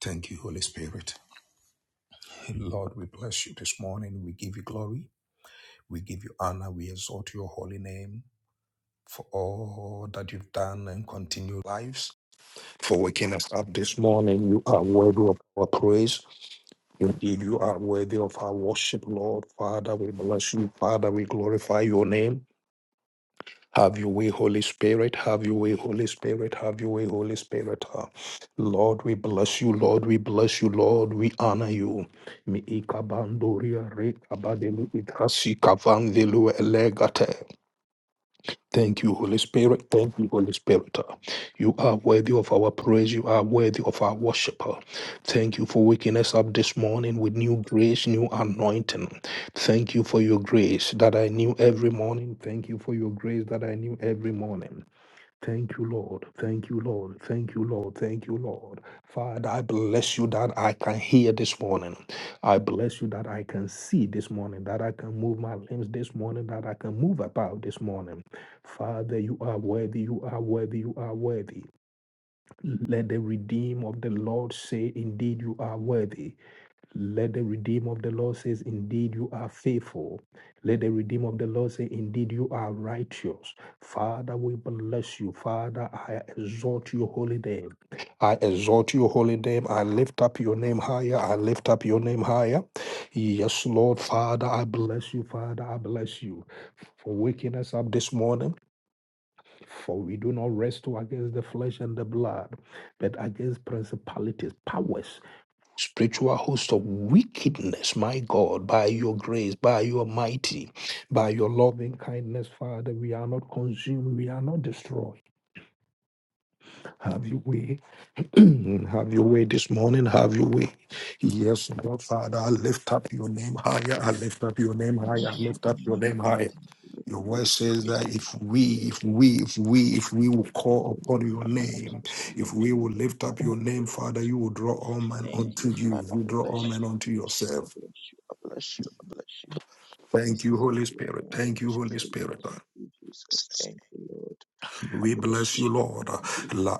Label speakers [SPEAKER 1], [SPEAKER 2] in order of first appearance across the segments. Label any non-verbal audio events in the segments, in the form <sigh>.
[SPEAKER 1] Thank you, Holy Spirit. Lord, we bless you this morning. We give you glory. We give you honor. We exalt your holy name for all that you've done and continued lives. For waking us up this morning, you are worthy of our praise. Indeed, you are worthy of our worship, Lord. Father, we bless you. Father, we glorify your name. Have your way, Holy Spirit. Have your way, Holy Spirit. Have your way, Holy Spirit. Uh, Lord, we bless you. Lord, we bless you. Lord, we honor you. Mi ikabandoria re kabadelu ikasi kavandelu elegate. Thank you, Holy Spirit. Thank you, Holy Spirit. You are worthy of our praise. You are worthy of our worship. Thank you for waking us up this morning with new grace, new anointing. Thank you for your grace that I knew every morning. Thank you for your grace that I knew every morning. Thank you, Lord. Thank you, Lord. Thank you, Lord. Thank you, Lord. Father, I bless you that I can hear this morning. I bless you that I can see this morning, that I can move my limbs this morning, that I can move about this morning. Father, you are worthy. You are worthy. You are worthy. Let the redeem of the Lord say, Indeed, you are worthy. Let the Redeemer of the Lord say, Indeed, you are faithful. Let the Redeemer of the Lord say, Indeed, you are righteous. Father, we bless you. Father, I exalt your holy name. I exalt your holy name. I lift up your name higher. I lift up your name higher. Yes, Lord, Father, I bless you. Father, I bless you for waking us up this morning. For we do not wrestle against the flesh and the blood, but against principalities, powers spiritual host of wickedness, my God, by your grace, by your mighty, by your loving kindness, Father, we are not consumed, we are not destroyed. Have your way <clears throat> Have your way this morning. Have your way. Yes, Lord Father, I lift up your name higher. I lift up your name
[SPEAKER 2] We
[SPEAKER 1] higher. I
[SPEAKER 2] should not
[SPEAKER 1] lift
[SPEAKER 2] be
[SPEAKER 1] up
[SPEAKER 2] in
[SPEAKER 1] your name
[SPEAKER 2] front like
[SPEAKER 1] higher.
[SPEAKER 2] that.
[SPEAKER 1] Your
[SPEAKER 2] We
[SPEAKER 1] word
[SPEAKER 2] pray
[SPEAKER 1] says
[SPEAKER 2] for
[SPEAKER 1] that
[SPEAKER 2] you.
[SPEAKER 1] if we, if we, if we, if we will call upon your
[SPEAKER 2] Father, and
[SPEAKER 1] name,
[SPEAKER 2] for
[SPEAKER 1] if we
[SPEAKER 2] everyone.
[SPEAKER 1] will lift up your name, Father,
[SPEAKER 2] Glorify.
[SPEAKER 1] you will draw all men
[SPEAKER 2] Thank
[SPEAKER 1] unto
[SPEAKER 2] you,
[SPEAKER 1] you.
[SPEAKER 2] Father.
[SPEAKER 1] You
[SPEAKER 2] I
[SPEAKER 1] draw all
[SPEAKER 2] bless
[SPEAKER 1] men
[SPEAKER 2] you. I
[SPEAKER 1] unto
[SPEAKER 2] bless you. I
[SPEAKER 1] yourself.
[SPEAKER 2] bless you. I bless you. I bless you. We
[SPEAKER 1] Thank you,
[SPEAKER 2] say, Lord,
[SPEAKER 1] Holy
[SPEAKER 2] we are
[SPEAKER 1] Spirit.
[SPEAKER 2] now
[SPEAKER 1] Thank you,
[SPEAKER 2] unto
[SPEAKER 1] Holy
[SPEAKER 2] you, Lord.
[SPEAKER 1] Spirit.
[SPEAKER 2] Thank you, Jesus. Thank you, Lord. I
[SPEAKER 1] We
[SPEAKER 2] bless
[SPEAKER 1] bless
[SPEAKER 2] you.
[SPEAKER 1] you,
[SPEAKER 2] I will
[SPEAKER 1] Lord.
[SPEAKER 2] never be
[SPEAKER 1] La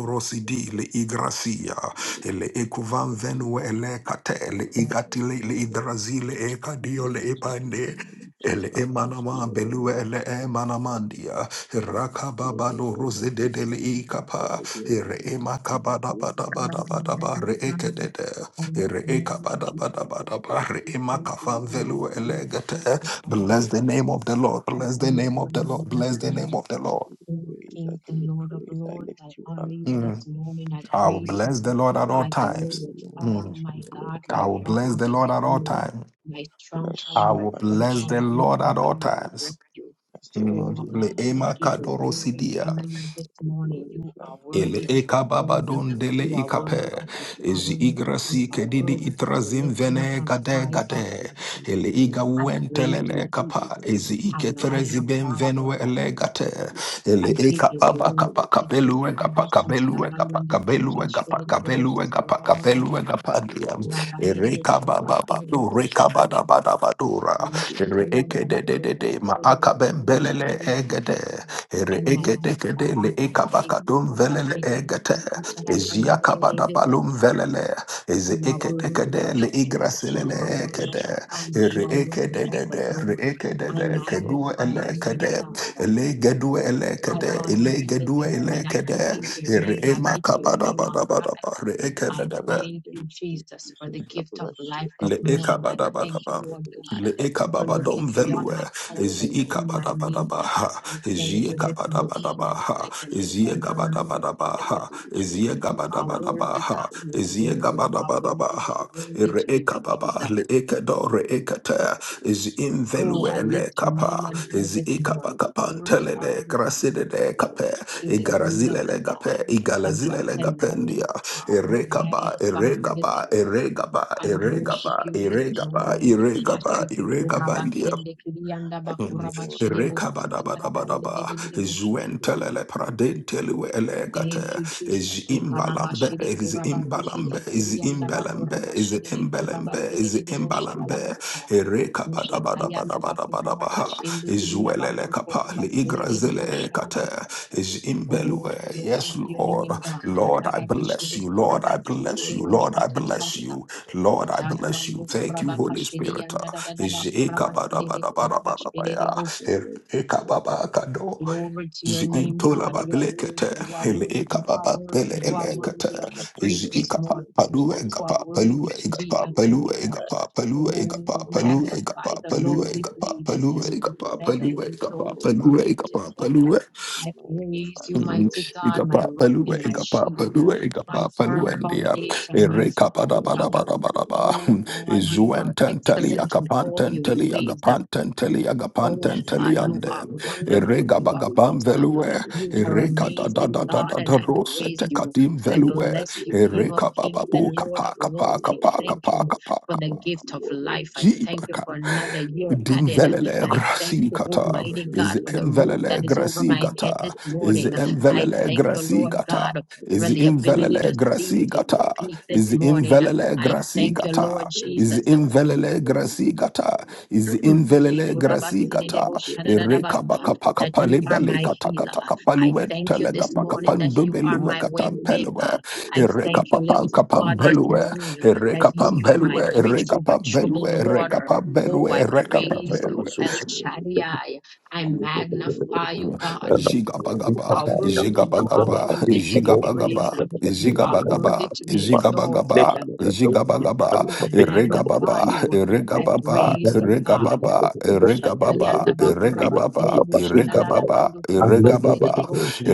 [SPEAKER 2] with you.
[SPEAKER 1] le igracia
[SPEAKER 2] You are
[SPEAKER 1] le
[SPEAKER 2] Lord of my
[SPEAKER 1] ekuvan
[SPEAKER 2] life. We
[SPEAKER 1] venue
[SPEAKER 2] Thank
[SPEAKER 1] ele
[SPEAKER 2] you.
[SPEAKER 1] kate
[SPEAKER 2] Thank you
[SPEAKER 1] le
[SPEAKER 2] for your
[SPEAKER 1] igatile le
[SPEAKER 2] word, Lord.
[SPEAKER 1] idrazile
[SPEAKER 2] I
[SPEAKER 1] ekadio
[SPEAKER 2] was
[SPEAKER 1] le
[SPEAKER 2] not to you.
[SPEAKER 1] epande
[SPEAKER 2] in. I want you.
[SPEAKER 1] ele
[SPEAKER 2] I want you
[SPEAKER 1] emanama belue ele
[SPEAKER 2] alone.
[SPEAKER 1] emanamandia
[SPEAKER 2] Lord of the
[SPEAKER 1] rakababado
[SPEAKER 2] glory, my
[SPEAKER 1] rosedede
[SPEAKER 2] beacon
[SPEAKER 1] le
[SPEAKER 2] of the Lord of
[SPEAKER 1] ikapa
[SPEAKER 2] the glory,
[SPEAKER 1] ere
[SPEAKER 2] we thank you, I
[SPEAKER 1] emakabada
[SPEAKER 2] pray in the
[SPEAKER 1] bada
[SPEAKER 3] I
[SPEAKER 2] name of the
[SPEAKER 3] lift the
[SPEAKER 1] bada bada ba re
[SPEAKER 2] Lord.
[SPEAKER 3] name
[SPEAKER 1] ekedede
[SPEAKER 3] of heaven,
[SPEAKER 1] ere
[SPEAKER 2] Thank
[SPEAKER 1] ekabada
[SPEAKER 2] you,
[SPEAKER 1] bada
[SPEAKER 3] I
[SPEAKER 2] Father.
[SPEAKER 1] bada
[SPEAKER 3] live
[SPEAKER 2] Thank
[SPEAKER 1] ba
[SPEAKER 3] to
[SPEAKER 1] re
[SPEAKER 3] be
[SPEAKER 2] you,
[SPEAKER 3] praised,
[SPEAKER 2] thank
[SPEAKER 3] and I
[SPEAKER 2] you,
[SPEAKER 1] emakavan
[SPEAKER 3] want
[SPEAKER 2] thank
[SPEAKER 3] to
[SPEAKER 1] velue
[SPEAKER 2] you,
[SPEAKER 3] be
[SPEAKER 1] ele
[SPEAKER 2] thank you,
[SPEAKER 1] gete
[SPEAKER 2] thank you.
[SPEAKER 3] multiplied.
[SPEAKER 1] bless
[SPEAKER 2] Lord.
[SPEAKER 1] the name of the Lord
[SPEAKER 3] I
[SPEAKER 2] You
[SPEAKER 1] bless the
[SPEAKER 3] praise
[SPEAKER 2] deserve
[SPEAKER 1] name
[SPEAKER 2] the
[SPEAKER 3] you
[SPEAKER 1] of the
[SPEAKER 2] Lord.
[SPEAKER 3] and
[SPEAKER 1] Lord
[SPEAKER 2] I
[SPEAKER 1] bless the
[SPEAKER 2] bless
[SPEAKER 3] magnify
[SPEAKER 1] name
[SPEAKER 3] you,
[SPEAKER 1] of the Lord
[SPEAKER 2] you with
[SPEAKER 3] King of
[SPEAKER 2] praise. I
[SPEAKER 3] kings
[SPEAKER 2] give
[SPEAKER 3] and
[SPEAKER 2] you
[SPEAKER 3] Lord of
[SPEAKER 2] praise. I
[SPEAKER 3] lords.
[SPEAKER 2] lift
[SPEAKER 3] I
[SPEAKER 2] you
[SPEAKER 3] honor
[SPEAKER 2] up,
[SPEAKER 3] you
[SPEAKER 2] King of
[SPEAKER 3] this
[SPEAKER 1] Mm.
[SPEAKER 2] Kings.
[SPEAKER 3] morning. I
[SPEAKER 1] I will
[SPEAKER 2] You
[SPEAKER 3] praise you.
[SPEAKER 1] bless
[SPEAKER 2] deserve
[SPEAKER 1] the
[SPEAKER 2] the
[SPEAKER 1] Lord at
[SPEAKER 2] glory.
[SPEAKER 1] all
[SPEAKER 3] I
[SPEAKER 2] and You
[SPEAKER 1] times.
[SPEAKER 2] alone,
[SPEAKER 3] glorify
[SPEAKER 2] not
[SPEAKER 1] Mm.
[SPEAKER 3] you,
[SPEAKER 2] you
[SPEAKER 3] my
[SPEAKER 2] alone,
[SPEAKER 3] God,
[SPEAKER 2] King
[SPEAKER 1] I
[SPEAKER 3] my
[SPEAKER 2] of
[SPEAKER 1] will
[SPEAKER 3] rock,
[SPEAKER 2] You
[SPEAKER 1] bless the
[SPEAKER 3] my
[SPEAKER 1] Lord
[SPEAKER 2] deserve the
[SPEAKER 1] at all
[SPEAKER 3] shield,
[SPEAKER 2] glory.
[SPEAKER 1] times.
[SPEAKER 3] my strong
[SPEAKER 2] Bless
[SPEAKER 3] tower,
[SPEAKER 1] I
[SPEAKER 3] my
[SPEAKER 1] will
[SPEAKER 2] I
[SPEAKER 3] firm
[SPEAKER 1] bless
[SPEAKER 2] worship
[SPEAKER 1] the
[SPEAKER 2] you.
[SPEAKER 3] foundation.
[SPEAKER 1] Lord at all
[SPEAKER 3] I
[SPEAKER 1] times.
[SPEAKER 3] bless you.
[SPEAKER 2] I stay
[SPEAKER 3] Oh
[SPEAKER 2] worthy
[SPEAKER 1] Mm.
[SPEAKER 2] and
[SPEAKER 3] God,
[SPEAKER 2] honor be
[SPEAKER 3] I
[SPEAKER 1] Leema
[SPEAKER 3] give
[SPEAKER 2] unto the
[SPEAKER 3] you
[SPEAKER 1] kadoro
[SPEAKER 2] glory. Be
[SPEAKER 3] glory,
[SPEAKER 1] sidia.
[SPEAKER 2] mad
[SPEAKER 3] honor you this morning. You are
[SPEAKER 1] Ele
[SPEAKER 3] worthy
[SPEAKER 1] eka
[SPEAKER 3] of the
[SPEAKER 2] Thank you
[SPEAKER 3] praise.
[SPEAKER 2] for
[SPEAKER 1] ekababadon
[SPEAKER 2] the
[SPEAKER 1] dele
[SPEAKER 3] You
[SPEAKER 2] fire
[SPEAKER 3] are
[SPEAKER 2] God
[SPEAKER 1] ikape.
[SPEAKER 3] worthy
[SPEAKER 2] and
[SPEAKER 3] of
[SPEAKER 2] the
[SPEAKER 3] my
[SPEAKER 2] Lord
[SPEAKER 1] Ezi
[SPEAKER 2] and to
[SPEAKER 3] honor.
[SPEAKER 2] you
[SPEAKER 3] You
[SPEAKER 1] igrasi
[SPEAKER 2] alone,
[SPEAKER 3] are
[SPEAKER 2] O
[SPEAKER 1] kedidi
[SPEAKER 2] God,
[SPEAKER 3] worthy to be
[SPEAKER 1] itrazim
[SPEAKER 3] lifted up
[SPEAKER 1] vene
[SPEAKER 3] on
[SPEAKER 1] gade
[SPEAKER 3] high,
[SPEAKER 2] to
[SPEAKER 3] God.
[SPEAKER 1] gade.
[SPEAKER 2] you all the
[SPEAKER 1] Ele
[SPEAKER 2] glory
[SPEAKER 1] iga
[SPEAKER 2] and to
[SPEAKER 3] I
[SPEAKER 2] you all the
[SPEAKER 3] praise you,
[SPEAKER 1] wentelele
[SPEAKER 2] praise,
[SPEAKER 1] kapa.
[SPEAKER 3] Jesus.
[SPEAKER 2] even and
[SPEAKER 1] Ezi
[SPEAKER 3] I
[SPEAKER 2] against your holy
[SPEAKER 1] iketrezi
[SPEAKER 2] name.
[SPEAKER 1] ben
[SPEAKER 3] magnify you. I
[SPEAKER 1] venwe ele
[SPEAKER 2] Thank
[SPEAKER 1] gate.
[SPEAKER 2] you, Jesus.
[SPEAKER 1] Ele
[SPEAKER 3] I
[SPEAKER 2] Thank you,
[SPEAKER 3] give
[SPEAKER 1] eka
[SPEAKER 3] you
[SPEAKER 2] Lord.
[SPEAKER 1] baba
[SPEAKER 2] I
[SPEAKER 1] kapa
[SPEAKER 2] bless
[SPEAKER 3] glory.
[SPEAKER 2] you. I
[SPEAKER 1] kapelue
[SPEAKER 2] bless
[SPEAKER 1] gapa
[SPEAKER 2] you. I
[SPEAKER 1] kabelue
[SPEAKER 2] bless you.
[SPEAKER 1] pa
[SPEAKER 2] I bless
[SPEAKER 1] kabelue
[SPEAKER 2] you. I
[SPEAKER 1] gapa
[SPEAKER 2] bless you.
[SPEAKER 1] kabelue gapa kabelue pa
[SPEAKER 2] Thank
[SPEAKER 1] kabelu
[SPEAKER 2] you,
[SPEAKER 1] ega
[SPEAKER 2] thank
[SPEAKER 1] pa
[SPEAKER 2] you, O
[SPEAKER 1] diam.
[SPEAKER 2] Lord. Thank
[SPEAKER 1] Ere
[SPEAKER 3] Rabayende
[SPEAKER 2] you, O Lord.
[SPEAKER 1] kabababa
[SPEAKER 3] Karabakere
[SPEAKER 2] I
[SPEAKER 1] tu
[SPEAKER 3] Western
[SPEAKER 2] bless you. I
[SPEAKER 1] rekabada
[SPEAKER 3] Kateraba,
[SPEAKER 2] love you.
[SPEAKER 1] badabadura.
[SPEAKER 2] I give
[SPEAKER 3] Rusha
[SPEAKER 2] you
[SPEAKER 1] Ere
[SPEAKER 2] all the
[SPEAKER 1] eke
[SPEAKER 3] Kayanda
[SPEAKER 1] de de
[SPEAKER 2] glory.
[SPEAKER 3] Bakura
[SPEAKER 1] de
[SPEAKER 2] I
[SPEAKER 1] de
[SPEAKER 2] give
[SPEAKER 1] ma
[SPEAKER 3] Bastere
[SPEAKER 2] you
[SPEAKER 3] de
[SPEAKER 2] all the glory.
[SPEAKER 1] akabem
[SPEAKER 2] Lord, I give you all the glory.
[SPEAKER 1] belele
[SPEAKER 3] Kurabashere Western,
[SPEAKER 2] I
[SPEAKER 1] egede.
[SPEAKER 2] give you all
[SPEAKER 1] Ere
[SPEAKER 3] I
[SPEAKER 2] the glory.
[SPEAKER 1] egedegede
[SPEAKER 3] magnify
[SPEAKER 1] le
[SPEAKER 3] you, God.
[SPEAKER 1] ekabakadum velele
[SPEAKER 3] Ekurabashere
[SPEAKER 1] egete.
[SPEAKER 3] Western
[SPEAKER 1] Ezia
[SPEAKER 3] Kutarabayede
[SPEAKER 2] Father,
[SPEAKER 3] de
[SPEAKER 2] in my
[SPEAKER 3] de
[SPEAKER 1] kabadabalum
[SPEAKER 2] name.
[SPEAKER 3] Western.
[SPEAKER 1] velele. Eze
[SPEAKER 2] Thank
[SPEAKER 3] You are
[SPEAKER 2] you, O
[SPEAKER 1] ekedekede
[SPEAKER 2] Lord.
[SPEAKER 3] worthy of
[SPEAKER 2] I
[SPEAKER 1] le
[SPEAKER 3] the praise,
[SPEAKER 2] bless
[SPEAKER 3] you are
[SPEAKER 2] you,
[SPEAKER 1] igrasilele
[SPEAKER 2] I
[SPEAKER 3] worthy
[SPEAKER 2] bless
[SPEAKER 3] of
[SPEAKER 1] ekede.
[SPEAKER 2] you,
[SPEAKER 3] the
[SPEAKER 2] I
[SPEAKER 3] honor,
[SPEAKER 2] bless
[SPEAKER 1] Ere
[SPEAKER 3] you
[SPEAKER 2] you,
[SPEAKER 3] are
[SPEAKER 2] I
[SPEAKER 3] worthy
[SPEAKER 2] bless
[SPEAKER 3] of
[SPEAKER 2] you.
[SPEAKER 3] the
[SPEAKER 1] ekededede re
[SPEAKER 3] glory.
[SPEAKER 2] Thank
[SPEAKER 3] I
[SPEAKER 1] ekedede
[SPEAKER 2] you, O Lord.
[SPEAKER 1] kedua
[SPEAKER 2] You
[SPEAKER 3] magnify
[SPEAKER 1] ele
[SPEAKER 2] must
[SPEAKER 3] you,
[SPEAKER 2] only
[SPEAKER 3] mighty
[SPEAKER 1] ekede.
[SPEAKER 2] deserve the
[SPEAKER 3] God.
[SPEAKER 1] Ele
[SPEAKER 2] glory,
[SPEAKER 1] gedue
[SPEAKER 2] deserve the
[SPEAKER 1] ele
[SPEAKER 3] I
[SPEAKER 2] glory,
[SPEAKER 1] ekede.
[SPEAKER 3] honor
[SPEAKER 2] deserve
[SPEAKER 1] Ele
[SPEAKER 3] you this
[SPEAKER 1] gedue ele
[SPEAKER 3] morning. I
[SPEAKER 1] ekede.
[SPEAKER 2] the glory,
[SPEAKER 3] praise
[SPEAKER 2] the
[SPEAKER 3] your
[SPEAKER 1] Ere
[SPEAKER 2] honor,
[SPEAKER 3] name.
[SPEAKER 2] and
[SPEAKER 3] I
[SPEAKER 1] ema
[SPEAKER 2] the
[SPEAKER 3] lift your
[SPEAKER 2] glory.
[SPEAKER 3] name on high.
[SPEAKER 1] kabadabadabadaba re
[SPEAKER 2] Thank you,
[SPEAKER 3] I
[SPEAKER 1] ekededebe.
[SPEAKER 2] Father.
[SPEAKER 3] thank you,
[SPEAKER 2] Thank you,
[SPEAKER 3] Jesus, for the
[SPEAKER 2] Jesus. I
[SPEAKER 3] gift of
[SPEAKER 2] bless you,
[SPEAKER 3] life
[SPEAKER 2] I
[SPEAKER 3] this
[SPEAKER 1] Le
[SPEAKER 2] bless
[SPEAKER 3] morning.
[SPEAKER 2] you,
[SPEAKER 3] I
[SPEAKER 2] I bless
[SPEAKER 3] thank you,
[SPEAKER 2] you,
[SPEAKER 1] ekabadabadaba.
[SPEAKER 2] I
[SPEAKER 3] Lord
[SPEAKER 2] bless
[SPEAKER 3] God,
[SPEAKER 1] Le
[SPEAKER 2] you, I bless
[SPEAKER 3] for
[SPEAKER 2] you.
[SPEAKER 3] looking
[SPEAKER 1] ekababadom
[SPEAKER 3] beyond
[SPEAKER 1] velue.
[SPEAKER 2] Thank
[SPEAKER 3] my
[SPEAKER 2] you, O
[SPEAKER 3] faults
[SPEAKER 1] Ezi
[SPEAKER 3] and
[SPEAKER 2] Lord.
[SPEAKER 3] seeing
[SPEAKER 2] I
[SPEAKER 3] my
[SPEAKER 2] thank
[SPEAKER 3] needs.
[SPEAKER 1] ikabadabadaba ha.
[SPEAKER 3] I
[SPEAKER 2] you, O
[SPEAKER 3] thank
[SPEAKER 1] Ezi
[SPEAKER 3] you
[SPEAKER 2] Lord.
[SPEAKER 3] this
[SPEAKER 2] I bless
[SPEAKER 3] morning
[SPEAKER 2] you,
[SPEAKER 1] ekabadabadaba
[SPEAKER 3] that
[SPEAKER 2] I
[SPEAKER 1] ha.
[SPEAKER 3] I
[SPEAKER 2] bless you.
[SPEAKER 3] can
[SPEAKER 2] Thank
[SPEAKER 1] Ezi
[SPEAKER 2] you, O
[SPEAKER 3] depend on
[SPEAKER 2] Lord.
[SPEAKER 3] you,
[SPEAKER 2] You
[SPEAKER 1] egabadabadaba
[SPEAKER 2] are
[SPEAKER 3] dependable
[SPEAKER 1] ha.
[SPEAKER 3] God.
[SPEAKER 1] Ezi
[SPEAKER 3] You are
[SPEAKER 2] the
[SPEAKER 1] egabadabadaba
[SPEAKER 3] worthy,
[SPEAKER 1] ha.
[SPEAKER 3] God.
[SPEAKER 2] Lord.
[SPEAKER 3] You are
[SPEAKER 2] You
[SPEAKER 1] Ezi
[SPEAKER 2] are the Lord. You are the Lord.
[SPEAKER 3] worthy. You are worthy.
[SPEAKER 2] You
[SPEAKER 1] egabadabadaba
[SPEAKER 2] are
[SPEAKER 3] You
[SPEAKER 1] ha.
[SPEAKER 3] are worthy
[SPEAKER 1] Ere
[SPEAKER 2] the
[SPEAKER 3] to be
[SPEAKER 2] Lord.
[SPEAKER 3] praised.
[SPEAKER 1] ekababa. Le
[SPEAKER 2] Thank
[SPEAKER 1] ekedo re
[SPEAKER 2] you,
[SPEAKER 1] ekete.
[SPEAKER 2] Lord. I bless
[SPEAKER 1] Ezi
[SPEAKER 2] you. I
[SPEAKER 3] Oh,
[SPEAKER 2] bless
[SPEAKER 3] I
[SPEAKER 1] invelue
[SPEAKER 2] you. I
[SPEAKER 1] le
[SPEAKER 3] lift your
[SPEAKER 2] give you
[SPEAKER 3] name
[SPEAKER 1] kapa.
[SPEAKER 3] on
[SPEAKER 2] praise.
[SPEAKER 3] high
[SPEAKER 1] Ezi
[SPEAKER 3] this
[SPEAKER 2] I give
[SPEAKER 3] morning.
[SPEAKER 2] you
[SPEAKER 1] ikabakapa.
[SPEAKER 2] all the
[SPEAKER 3] Worthy are
[SPEAKER 2] glory
[SPEAKER 1] Telele
[SPEAKER 2] and
[SPEAKER 3] you, God.
[SPEAKER 2] honor
[SPEAKER 1] graside
[SPEAKER 2] and
[SPEAKER 1] de
[SPEAKER 2] happiness.
[SPEAKER 1] kape.
[SPEAKER 2] You are
[SPEAKER 3] is
[SPEAKER 2] more
[SPEAKER 3] the
[SPEAKER 2] than
[SPEAKER 3] lily
[SPEAKER 2] enough.
[SPEAKER 3] of
[SPEAKER 1] Igarazile le
[SPEAKER 3] the
[SPEAKER 2] You
[SPEAKER 1] gape.
[SPEAKER 3] valley,
[SPEAKER 2] are not
[SPEAKER 3] the
[SPEAKER 2] enough.
[SPEAKER 1] Igalazile
[SPEAKER 2] I
[SPEAKER 3] bright
[SPEAKER 1] le
[SPEAKER 2] give
[SPEAKER 3] and
[SPEAKER 2] you all
[SPEAKER 3] morning
[SPEAKER 2] the
[SPEAKER 1] gapendia.
[SPEAKER 3] star,
[SPEAKER 2] thanks.
[SPEAKER 3] and
[SPEAKER 2] Thank
[SPEAKER 3] I
[SPEAKER 2] you,
[SPEAKER 1] Eregaba,
[SPEAKER 3] magnify
[SPEAKER 2] Jesus.
[SPEAKER 3] you this
[SPEAKER 2] Thank
[SPEAKER 1] Eregaba,
[SPEAKER 2] you, Lord.
[SPEAKER 3] morning.
[SPEAKER 1] Eregaba,
[SPEAKER 3] I
[SPEAKER 2] I bless
[SPEAKER 3] worship
[SPEAKER 1] Eregaba,
[SPEAKER 2] you.
[SPEAKER 3] you
[SPEAKER 2] I
[SPEAKER 3] this
[SPEAKER 2] bless you.
[SPEAKER 1] Eregaba,
[SPEAKER 2] I
[SPEAKER 3] morning.
[SPEAKER 2] bless you. I
[SPEAKER 1] Eregaba,
[SPEAKER 3] Ashiki
[SPEAKER 2] bless you. I
[SPEAKER 3] kuraba
[SPEAKER 1] Eregabandia,
[SPEAKER 2] bless
[SPEAKER 3] sende
[SPEAKER 2] you.
[SPEAKER 3] kirianda
[SPEAKER 2] I give
[SPEAKER 1] Mm.
[SPEAKER 2] you
[SPEAKER 3] bakuraba
[SPEAKER 2] all the
[SPEAKER 3] shedebo
[SPEAKER 2] honor. I
[SPEAKER 3] sata
[SPEAKER 2] give you
[SPEAKER 3] karaba
[SPEAKER 2] all the
[SPEAKER 3] yende
[SPEAKER 1] Rekabadabadabadaba.
[SPEAKER 3] dedede
[SPEAKER 2] praise.
[SPEAKER 3] busha.
[SPEAKER 2] Thank you.
[SPEAKER 1] Zuentelele
[SPEAKER 2] I give you to your
[SPEAKER 1] pradentelue
[SPEAKER 2] holy name. O
[SPEAKER 1] elegate.
[SPEAKER 3] Thank you,
[SPEAKER 2] God.
[SPEAKER 3] Jesus.
[SPEAKER 1] Is
[SPEAKER 2] I
[SPEAKER 3] E
[SPEAKER 2] bless
[SPEAKER 3] karaba
[SPEAKER 2] you. I
[SPEAKER 1] imbalambe,
[SPEAKER 3] shede
[SPEAKER 2] bless you.
[SPEAKER 1] is
[SPEAKER 2] I
[SPEAKER 3] kuraba
[SPEAKER 2] bless you. I
[SPEAKER 1] imbalambe,
[SPEAKER 3] sekete
[SPEAKER 1] is
[SPEAKER 3] kirianda
[SPEAKER 2] bless you.
[SPEAKER 1] imbalambe.
[SPEAKER 3] bakuraba
[SPEAKER 1] is
[SPEAKER 2] Thank
[SPEAKER 3] shedede
[SPEAKER 2] you.
[SPEAKER 3] kuraba
[SPEAKER 1] imbalambe. is
[SPEAKER 3] sedede busha
[SPEAKER 1] imbalambe.
[SPEAKER 3] dadabasa. Busha tayanda bakuraba
[SPEAKER 1] Rekabadabadabadabadabaha.
[SPEAKER 3] kashende kiriaba
[SPEAKER 1] Zuelele kapali
[SPEAKER 3] kuraba sedede
[SPEAKER 1] igrazele
[SPEAKER 3] busha
[SPEAKER 1] ekate.
[SPEAKER 3] dadabasa.
[SPEAKER 1] Is imbelue.
[SPEAKER 3] Oh,
[SPEAKER 1] Yes,
[SPEAKER 3] glory to your
[SPEAKER 1] Lord.
[SPEAKER 3] name, God.
[SPEAKER 1] Lord, I bless
[SPEAKER 3] Akarabashede
[SPEAKER 1] you. Lord, I
[SPEAKER 3] kurabasede de
[SPEAKER 1] bless you.
[SPEAKER 3] debo
[SPEAKER 1] Lord, I bless
[SPEAKER 3] shatanabasa.
[SPEAKER 1] you. Lord, I bless you.
[SPEAKER 3] Janabando
[SPEAKER 1] Thank you, Holy
[SPEAKER 3] kurabakashede
[SPEAKER 1] Spirit.
[SPEAKER 3] yanda da da da ba
[SPEAKER 1] Eka bara
[SPEAKER 3] kurabasede de
[SPEAKER 1] bara bara bara bara
[SPEAKER 3] kurabashede
[SPEAKER 1] ya. Eka bara kadu.
[SPEAKER 3] Glory to your name,
[SPEAKER 1] Eka
[SPEAKER 3] God.
[SPEAKER 1] bara
[SPEAKER 3] You are
[SPEAKER 1] bele
[SPEAKER 3] worthy.
[SPEAKER 1] kete.
[SPEAKER 3] You are worthy.
[SPEAKER 1] Eka
[SPEAKER 3] You are
[SPEAKER 1] bara
[SPEAKER 3] worthy.
[SPEAKER 1] bele
[SPEAKER 3] You are
[SPEAKER 1] ele kete.
[SPEAKER 3] worthy of the praise this
[SPEAKER 1] Eka papa
[SPEAKER 3] morning.
[SPEAKER 1] luwa.
[SPEAKER 3] You
[SPEAKER 1] Eka
[SPEAKER 3] are
[SPEAKER 1] papa
[SPEAKER 3] worthy
[SPEAKER 1] luwa.
[SPEAKER 3] to
[SPEAKER 1] Eka
[SPEAKER 3] be
[SPEAKER 1] papa luwa.
[SPEAKER 3] adored.
[SPEAKER 1] Eka papa luwa.
[SPEAKER 2] Thank
[SPEAKER 1] Eka
[SPEAKER 2] you
[SPEAKER 3] Oh,
[SPEAKER 2] for
[SPEAKER 1] papa
[SPEAKER 2] not playing
[SPEAKER 3] magnify
[SPEAKER 2] with
[SPEAKER 3] the
[SPEAKER 2] me,
[SPEAKER 3] Lord
[SPEAKER 1] luwa.
[SPEAKER 2] O
[SPEAKER 3] with
[SPEAKER 1] Eka
[SPEAKER 2] Lord.
[SPEAKER 3] me
[SPEAKER 1] papa
[SPEAKER 3] this
[SPEAKER 2] I
[SPEAKER 1] luwa.
[SPEAKER 2] give
[SPEAKER 1] Eka
[SPEAKER 3] morning.
[SPEAKER 2] you all the
[SPEAKER 3] Let us
[SPEAKER 2] glory,
[SPEAKER 3] exalt
[SPEAKER 2] all
[SPEAKER 1] papa
[SPEAKER 3] his
[SPEAKER 1] luwa.
[SPEAKER 2] honor,
[SPEAKER 3] name
[SPEAKER 1] Eka
[SPEAKER 2] glory,
[SPEAKER 1] papa
[SPEAKER 2] all
[SPEAKER 3] together.
[SPEAKER 1] luwa.
[SPEAKER 2] and you
[SPEAKER 3] I praise
[SPEAKER 2] magnify
[SPEAKER 3] you,
[SPEAKER 2] the
[SPEAKER 3] mighty
[SPEAKER 2] glory.
[SPEAKER 3] God, my rock
[SPEAKER 1] Igapapalua,
[SPEAKER 3] and
[SPEAKER 2] Thank
[SPEAKER 3] my
[SPEAKER 2] you,
[SPEAKER 3] shield,
[SPEAKER 2] thank
[SPEAKER 1] igapapalua,
[SPEAKER 2] you, thank
[SPEAKER 3] my
[SPEAKER 2] you,
[SPEAKER 1] igapapalua, Ereka Igapapaluwa, igapapaluwa, igapapaluwa,
[SPEAKER 3] firm
[SPEAKER 2] thank
[SPEAKER 1] ndia.
[SPEAKER 2] you, O
[SPEAKER 3] foundation,
[SPEAKER 2] Lord.
[SPEAKER 3] my
[SPEAKER 2] I
[SPEAKER 3] strong
[SPEAKER 2] bless
[SPEAKER 3] tower.
[SPEAKER 2] you, I bless
[SPEAKER 1] Erekabadabadabadabadaba.
[SPEAKER 2] you,
[SPEAKER 3] Oh
[SPEAKER 2] I bless
[SPEAKER 3] God,
[SPEAKER 2] you.
[SPEAKER 3] you are
[SPEAKER 1] Izuententeli,
[SPEAKER 3] excellent in all your
[SPEAKER 1] akapantenteli,
[SPEAKER 3] ways.
[SPEAKER 1] agapantenteli,
[SPEAKER 2] I
[SPEAKER 3] Oh
[SPEAKER 2] worship you,
[SPEAKER 3] God,
[SPEAKER 1] agapantenteli,
[SPEAKER 2] I
[SPEAKER 3] you
[SPEAKER 2] give
[SPEAKER 1] ande.
[SPEAKER 3] are
[SPEAKER 2] you all the praise,
[SPEAKER 3] wonderful.
[SPEAKER 2] I
[SPEAKER 3] You
[SPEAKER 2] give
[SPEAKER 3] are
[SPEAKER 2] you all the
[SPEAKER 3] awesome.
[SPEAKER 2] praise,
[SPEAKER 1] Eregabagabanvelue,
[SPEAKER 2] I
[SPEAKER 3] You are
[SPEAKER 2] give you
[SPEAKER 1] Ereka
[SPEAKER 2] all the
[SPEAKER 3] amazing,
[SPEAKER 2] glory, I
[SPEAKER 3] God,
[SPEAKER 2] give
[SPEAKER 3] and
[SPEAKER 2] you
[SPEAKER 3] I
[SPEAKER 2] all the glory, I
[SPEAKER 3] praise you. I
[SPEAKER 2] give you all the praise, I give you all the
[SPEAKER 3] bless you, King
[SPEAKER 2] glory,
[SPEAKER 3] of
[SPEAKER 2] and I
[SPEAKER 3] kings
[SPEAKER 1] erekabababu,
[SPEAKER 3] and
[SPEAKER 2] worship
[SPEAKER 3] Lord
[SPEAKER 1] kapa,
[SPEAKER 3] of
[SPEAKER 2] you, I give
[SPEAKER 1] kapa,
[SPEAKER 3] lords.
[SPEAKER 2] you
[SPEAKER 3] I
[SPEAKER 2] all
[SPEAKER 1] kapa,
[SPEAKER 2] the
[SPEAKER 3] thank
[SPEAKER 1] kapa,
[SPEAKER 3] you
[SPEAKER 2] honor.
[SPEAKER 1] kapa,
[SPEAKER 3] for the
[SPEAKER 1] kapa.
[SPEAKER 2] Unto
[SPEAKER 3] gift
[SPEAKER 2] you,
[SPEAKER 3] of
[SPEAKER 2] O Lord,
[SPEAKER 3] life.
[SPEAKER 2] can
[SPEAKER 3] I
[SPEAKER 2] I call
[SPEAKER 3] thank you
[SPEAKER 2] you
[SPEAKER 3] for
[SPEAKER 2] before the
[SPEAKER 3] another year
[SPEAKER 2] glory you
[SPEAKER 3] added.
[SPEAKER 2] deserve.
[SPEAKER 1] Dimvelele
[SPEAKER 3] I thank you,
[SPEAKER 2] praise
[SPEAKER 1] grasigata
[SPEAKER 2] and
[SPEAKER 3] Almighty
[SPEAKER 2] honor
[SPEAKER 1] is
[SPEAKER 3] God,
[SPEAKER 2] be unto
[SPEAKER 3] for
[SPEAKER 2] your
[SPEAKER 3] the roof
[SPEAKER 2] holy
[SPEAKER 1] envelele
[SPEAKER 3] that is
[SPEAKER 2] name. You
[SPEAKER 3] over my head
[SPEAKER 1] grasigata
[SPEAKER 3] this
[SPEAKER 2] are the Lord of
[SPEAKER 1] is
[SPEAKER 3] morning.
[SPEAKER 2] glory,
[SPEAKER 3] I
[SPEAKER 1] envelele
[SPEAKER 2] and
[SPEAKER 3] thank you,
[SPEAKER 2] you
[SPEAKER 3] Lord
[SPEAKER 1] grasigata
[SPEAKER 3] God,
[SPEAKER 2] are
[SPEAKER 1] is
[SPEAKER 3] for the
[SPEAKER 2] worship. You
[SPEAKER 3] ability
[SPEAKER 2] are
[SPEAKER 1] envelele
[SPEAKER 3] to
[SPEAKER 2] the
[SPEAKER 3] see,
[SPEAKER 1] grasi
[SPEAKER 2] Lord of
[SPEAKER 3] to
[SPEAKER 2] the world,
[SPEAKER 1] gata,
[SPEAKER 2] you are
[SPEAKER 3] speak
[SPEAKER 2] the
[SPEAKER 1] is
[SPEAKER 3] this
[SPEAKER 2] Lord of
[SPEAKER 3] morning.
[SPEAKER 2] the
[SPEAKER 1] envelele
[SPEAKER 2] man.
[SPEAKER 3] I thank you,
[SPEAKER 1] grasigata
[SPEAKER 3] Lord
[SPEAKER 2] Thank
[SPEAKER 1] is
[SPEAKER 2] you,
[SPEAKER 3] Jesus.
[SPEAKER 2] Father,
[SPEAKER 1] envelele
[SPEAKER 2] for the name of
[SPEAKER 1] grasigata
[SPEAKER 2] God.
[SPEAKER 1] is
[SPEAKER 3] <clears throat>
[SPEAKER 2] You
[SPEAKER 1] envelele
[SPEAKER 2] deserve the glory, you
[SPEAKER 1] grasigata
[SPEAKER 2] deserve the honor.
[SPEAKER 1] ereka
[SPEAKER 3] Shekurabasiridebo-shadadadabasa,
[SPEAKER 1] baka
[SPEAKER 2] Praise and
[SPEAKER 1] paka
[SPEAKER 3] that
[SPEAKER 2] honor
[SPEAKER 3] you
[SPEAKER 1] pale
[SPEAKER 2] be
[SPEAKER 3] are
[SPEAKER 2] unto
[SPEAKER 1] bele
[SPEAKER 3] my
[SPEAKER 2] your
[SPEAKER 1] kata
[SPEAKER 3] healer.
[SPEAKER 1] kata
[SPEAKER 2] holy name.
[SPEAKER 3] I
[SPEAKER 1] kapaluwe
[SPEAKER 3] thank you
[SPEAKER 2] Thank
[SPEAKER 1] telega
[SPEAKER 3] this
[SPEAKER 2] you, O
[SPEAKER 1] paka
[SPEAKER 3] morning
[SPEAKER 2] Lord,
[SPEAKER 3] that
[SPEAKER 2] for
[SPEAKER 1] pando
[SPEAKER 3] you are
[SPEAKER 2] and
[SPEAKER 1] beluwe
[SPEAKER 3] my
[SPEAKER 2] you
[SPEAKER 3] way
[SPEAKER 1] kata
[SPEAKER 2] deserve it. You
[SPEAKER 1] peluwe
[SPEAKER 3] maker.
[SPEAKER 2] deserve
[SPEAKER 3] I
[SPEAKER 2] it. You
[SPEAKER 1] ereka
[SPEAKER 3] thank you, Lord
[SPEAKER 2] deserve it. You
[SPEAKER 1] papa
[SPEAKER 3] God,
[SPEAKER 2] deserve
[SPEAKER 3] this
[SPEAKER 2] it. You
[SPEAKER 3] morning
[SPEAKER 2] deserve
[SPEAKER 3] that
[SPEAKER 2] it.
[SPEAKER 1] Ereka
[SPEAKER 3] you are my
[SPEAKER 1] pambelwe,
[SPEAKER 2] You
[SPEAKER 3] bridge
[SPEAKER 4] Thank
[SPEAKER 1] ereka
[SPEAKER 3] over
[SPEAKER 2] deserve it. You
[SPEAKER 1] pambelwe,
[SPEAKER 3] troubled
[SPEAKER 2] deserve it.
[SPEAKER 1] ereka
[SPEAKER 3] water.
[SPEAKER 2] You
[SPEAKER 1] pambelwe,
[SPEAKER 3] Oh,
[SPEAKER 1] Erekapambelwe, erekapambelwe, erekapambelwe,
[SPEAKER 2] deserve it. You deserve
[SPEAKER 3] I
[SPEAKER 2] it.
[SPEAKER 3] praise you,
[SPEAKER 1] erekapambelwe.
[SPEAKER 2] You
[SPEAKER 3] El
[SPEAKER 2] deserve it.
[SPEAKER 3] Shaddai. I
[SPEAKER 2] Thank you, O Lord,
[SPEAKER 3] magnify you,
[SPEAKER 2] O God.
[SPEAKER 3] God.
[SPEAKER 2] You
[SPEAKER 3] You
[SPEAKER 2] deserve it.
[SPEAKER 1] Zigabagaba,
[SPEAKER 3] are
[SPEAKER 2] you,
[SPEAKER 3] worthy.
[SPEAKER 2] O Lord,
[SPEAKER 3] You are
[SPEAKER 1] zigabagaba,
[SPEAKER 3] worthy to be
[SPEAKER 1] zigabagaba,
[SPEAKER 3] praised. You are
[SPEAKER 1] zigabagaba,
[SPEAKER 3] worthy to be
[SPEAKER 1] zigabagaba,
[SPEAKER 3] exalted.
[SPEAKER 1] zigabagaba,
[SPEAKER 3] Oh, I
[SPEAKER 1] eregababa,
[SPEAKER 3] magnify you. I
[SPEAKER 1] eregababa,
[SPEAKER 3] praise you, God.
[SPEAKER 1] eregababa,
[SPEAKER 3] Busha
[SPEAKER 1] eregababa,
[SPEAKER 3] tayanda bakura basede
[SPEAKER 1] eregababa, eregababa,
[SPEAKER 3] busha da da da bandu kura basede
[SPEAKER 1] eregababa,
[SPEAKER 3] de busha.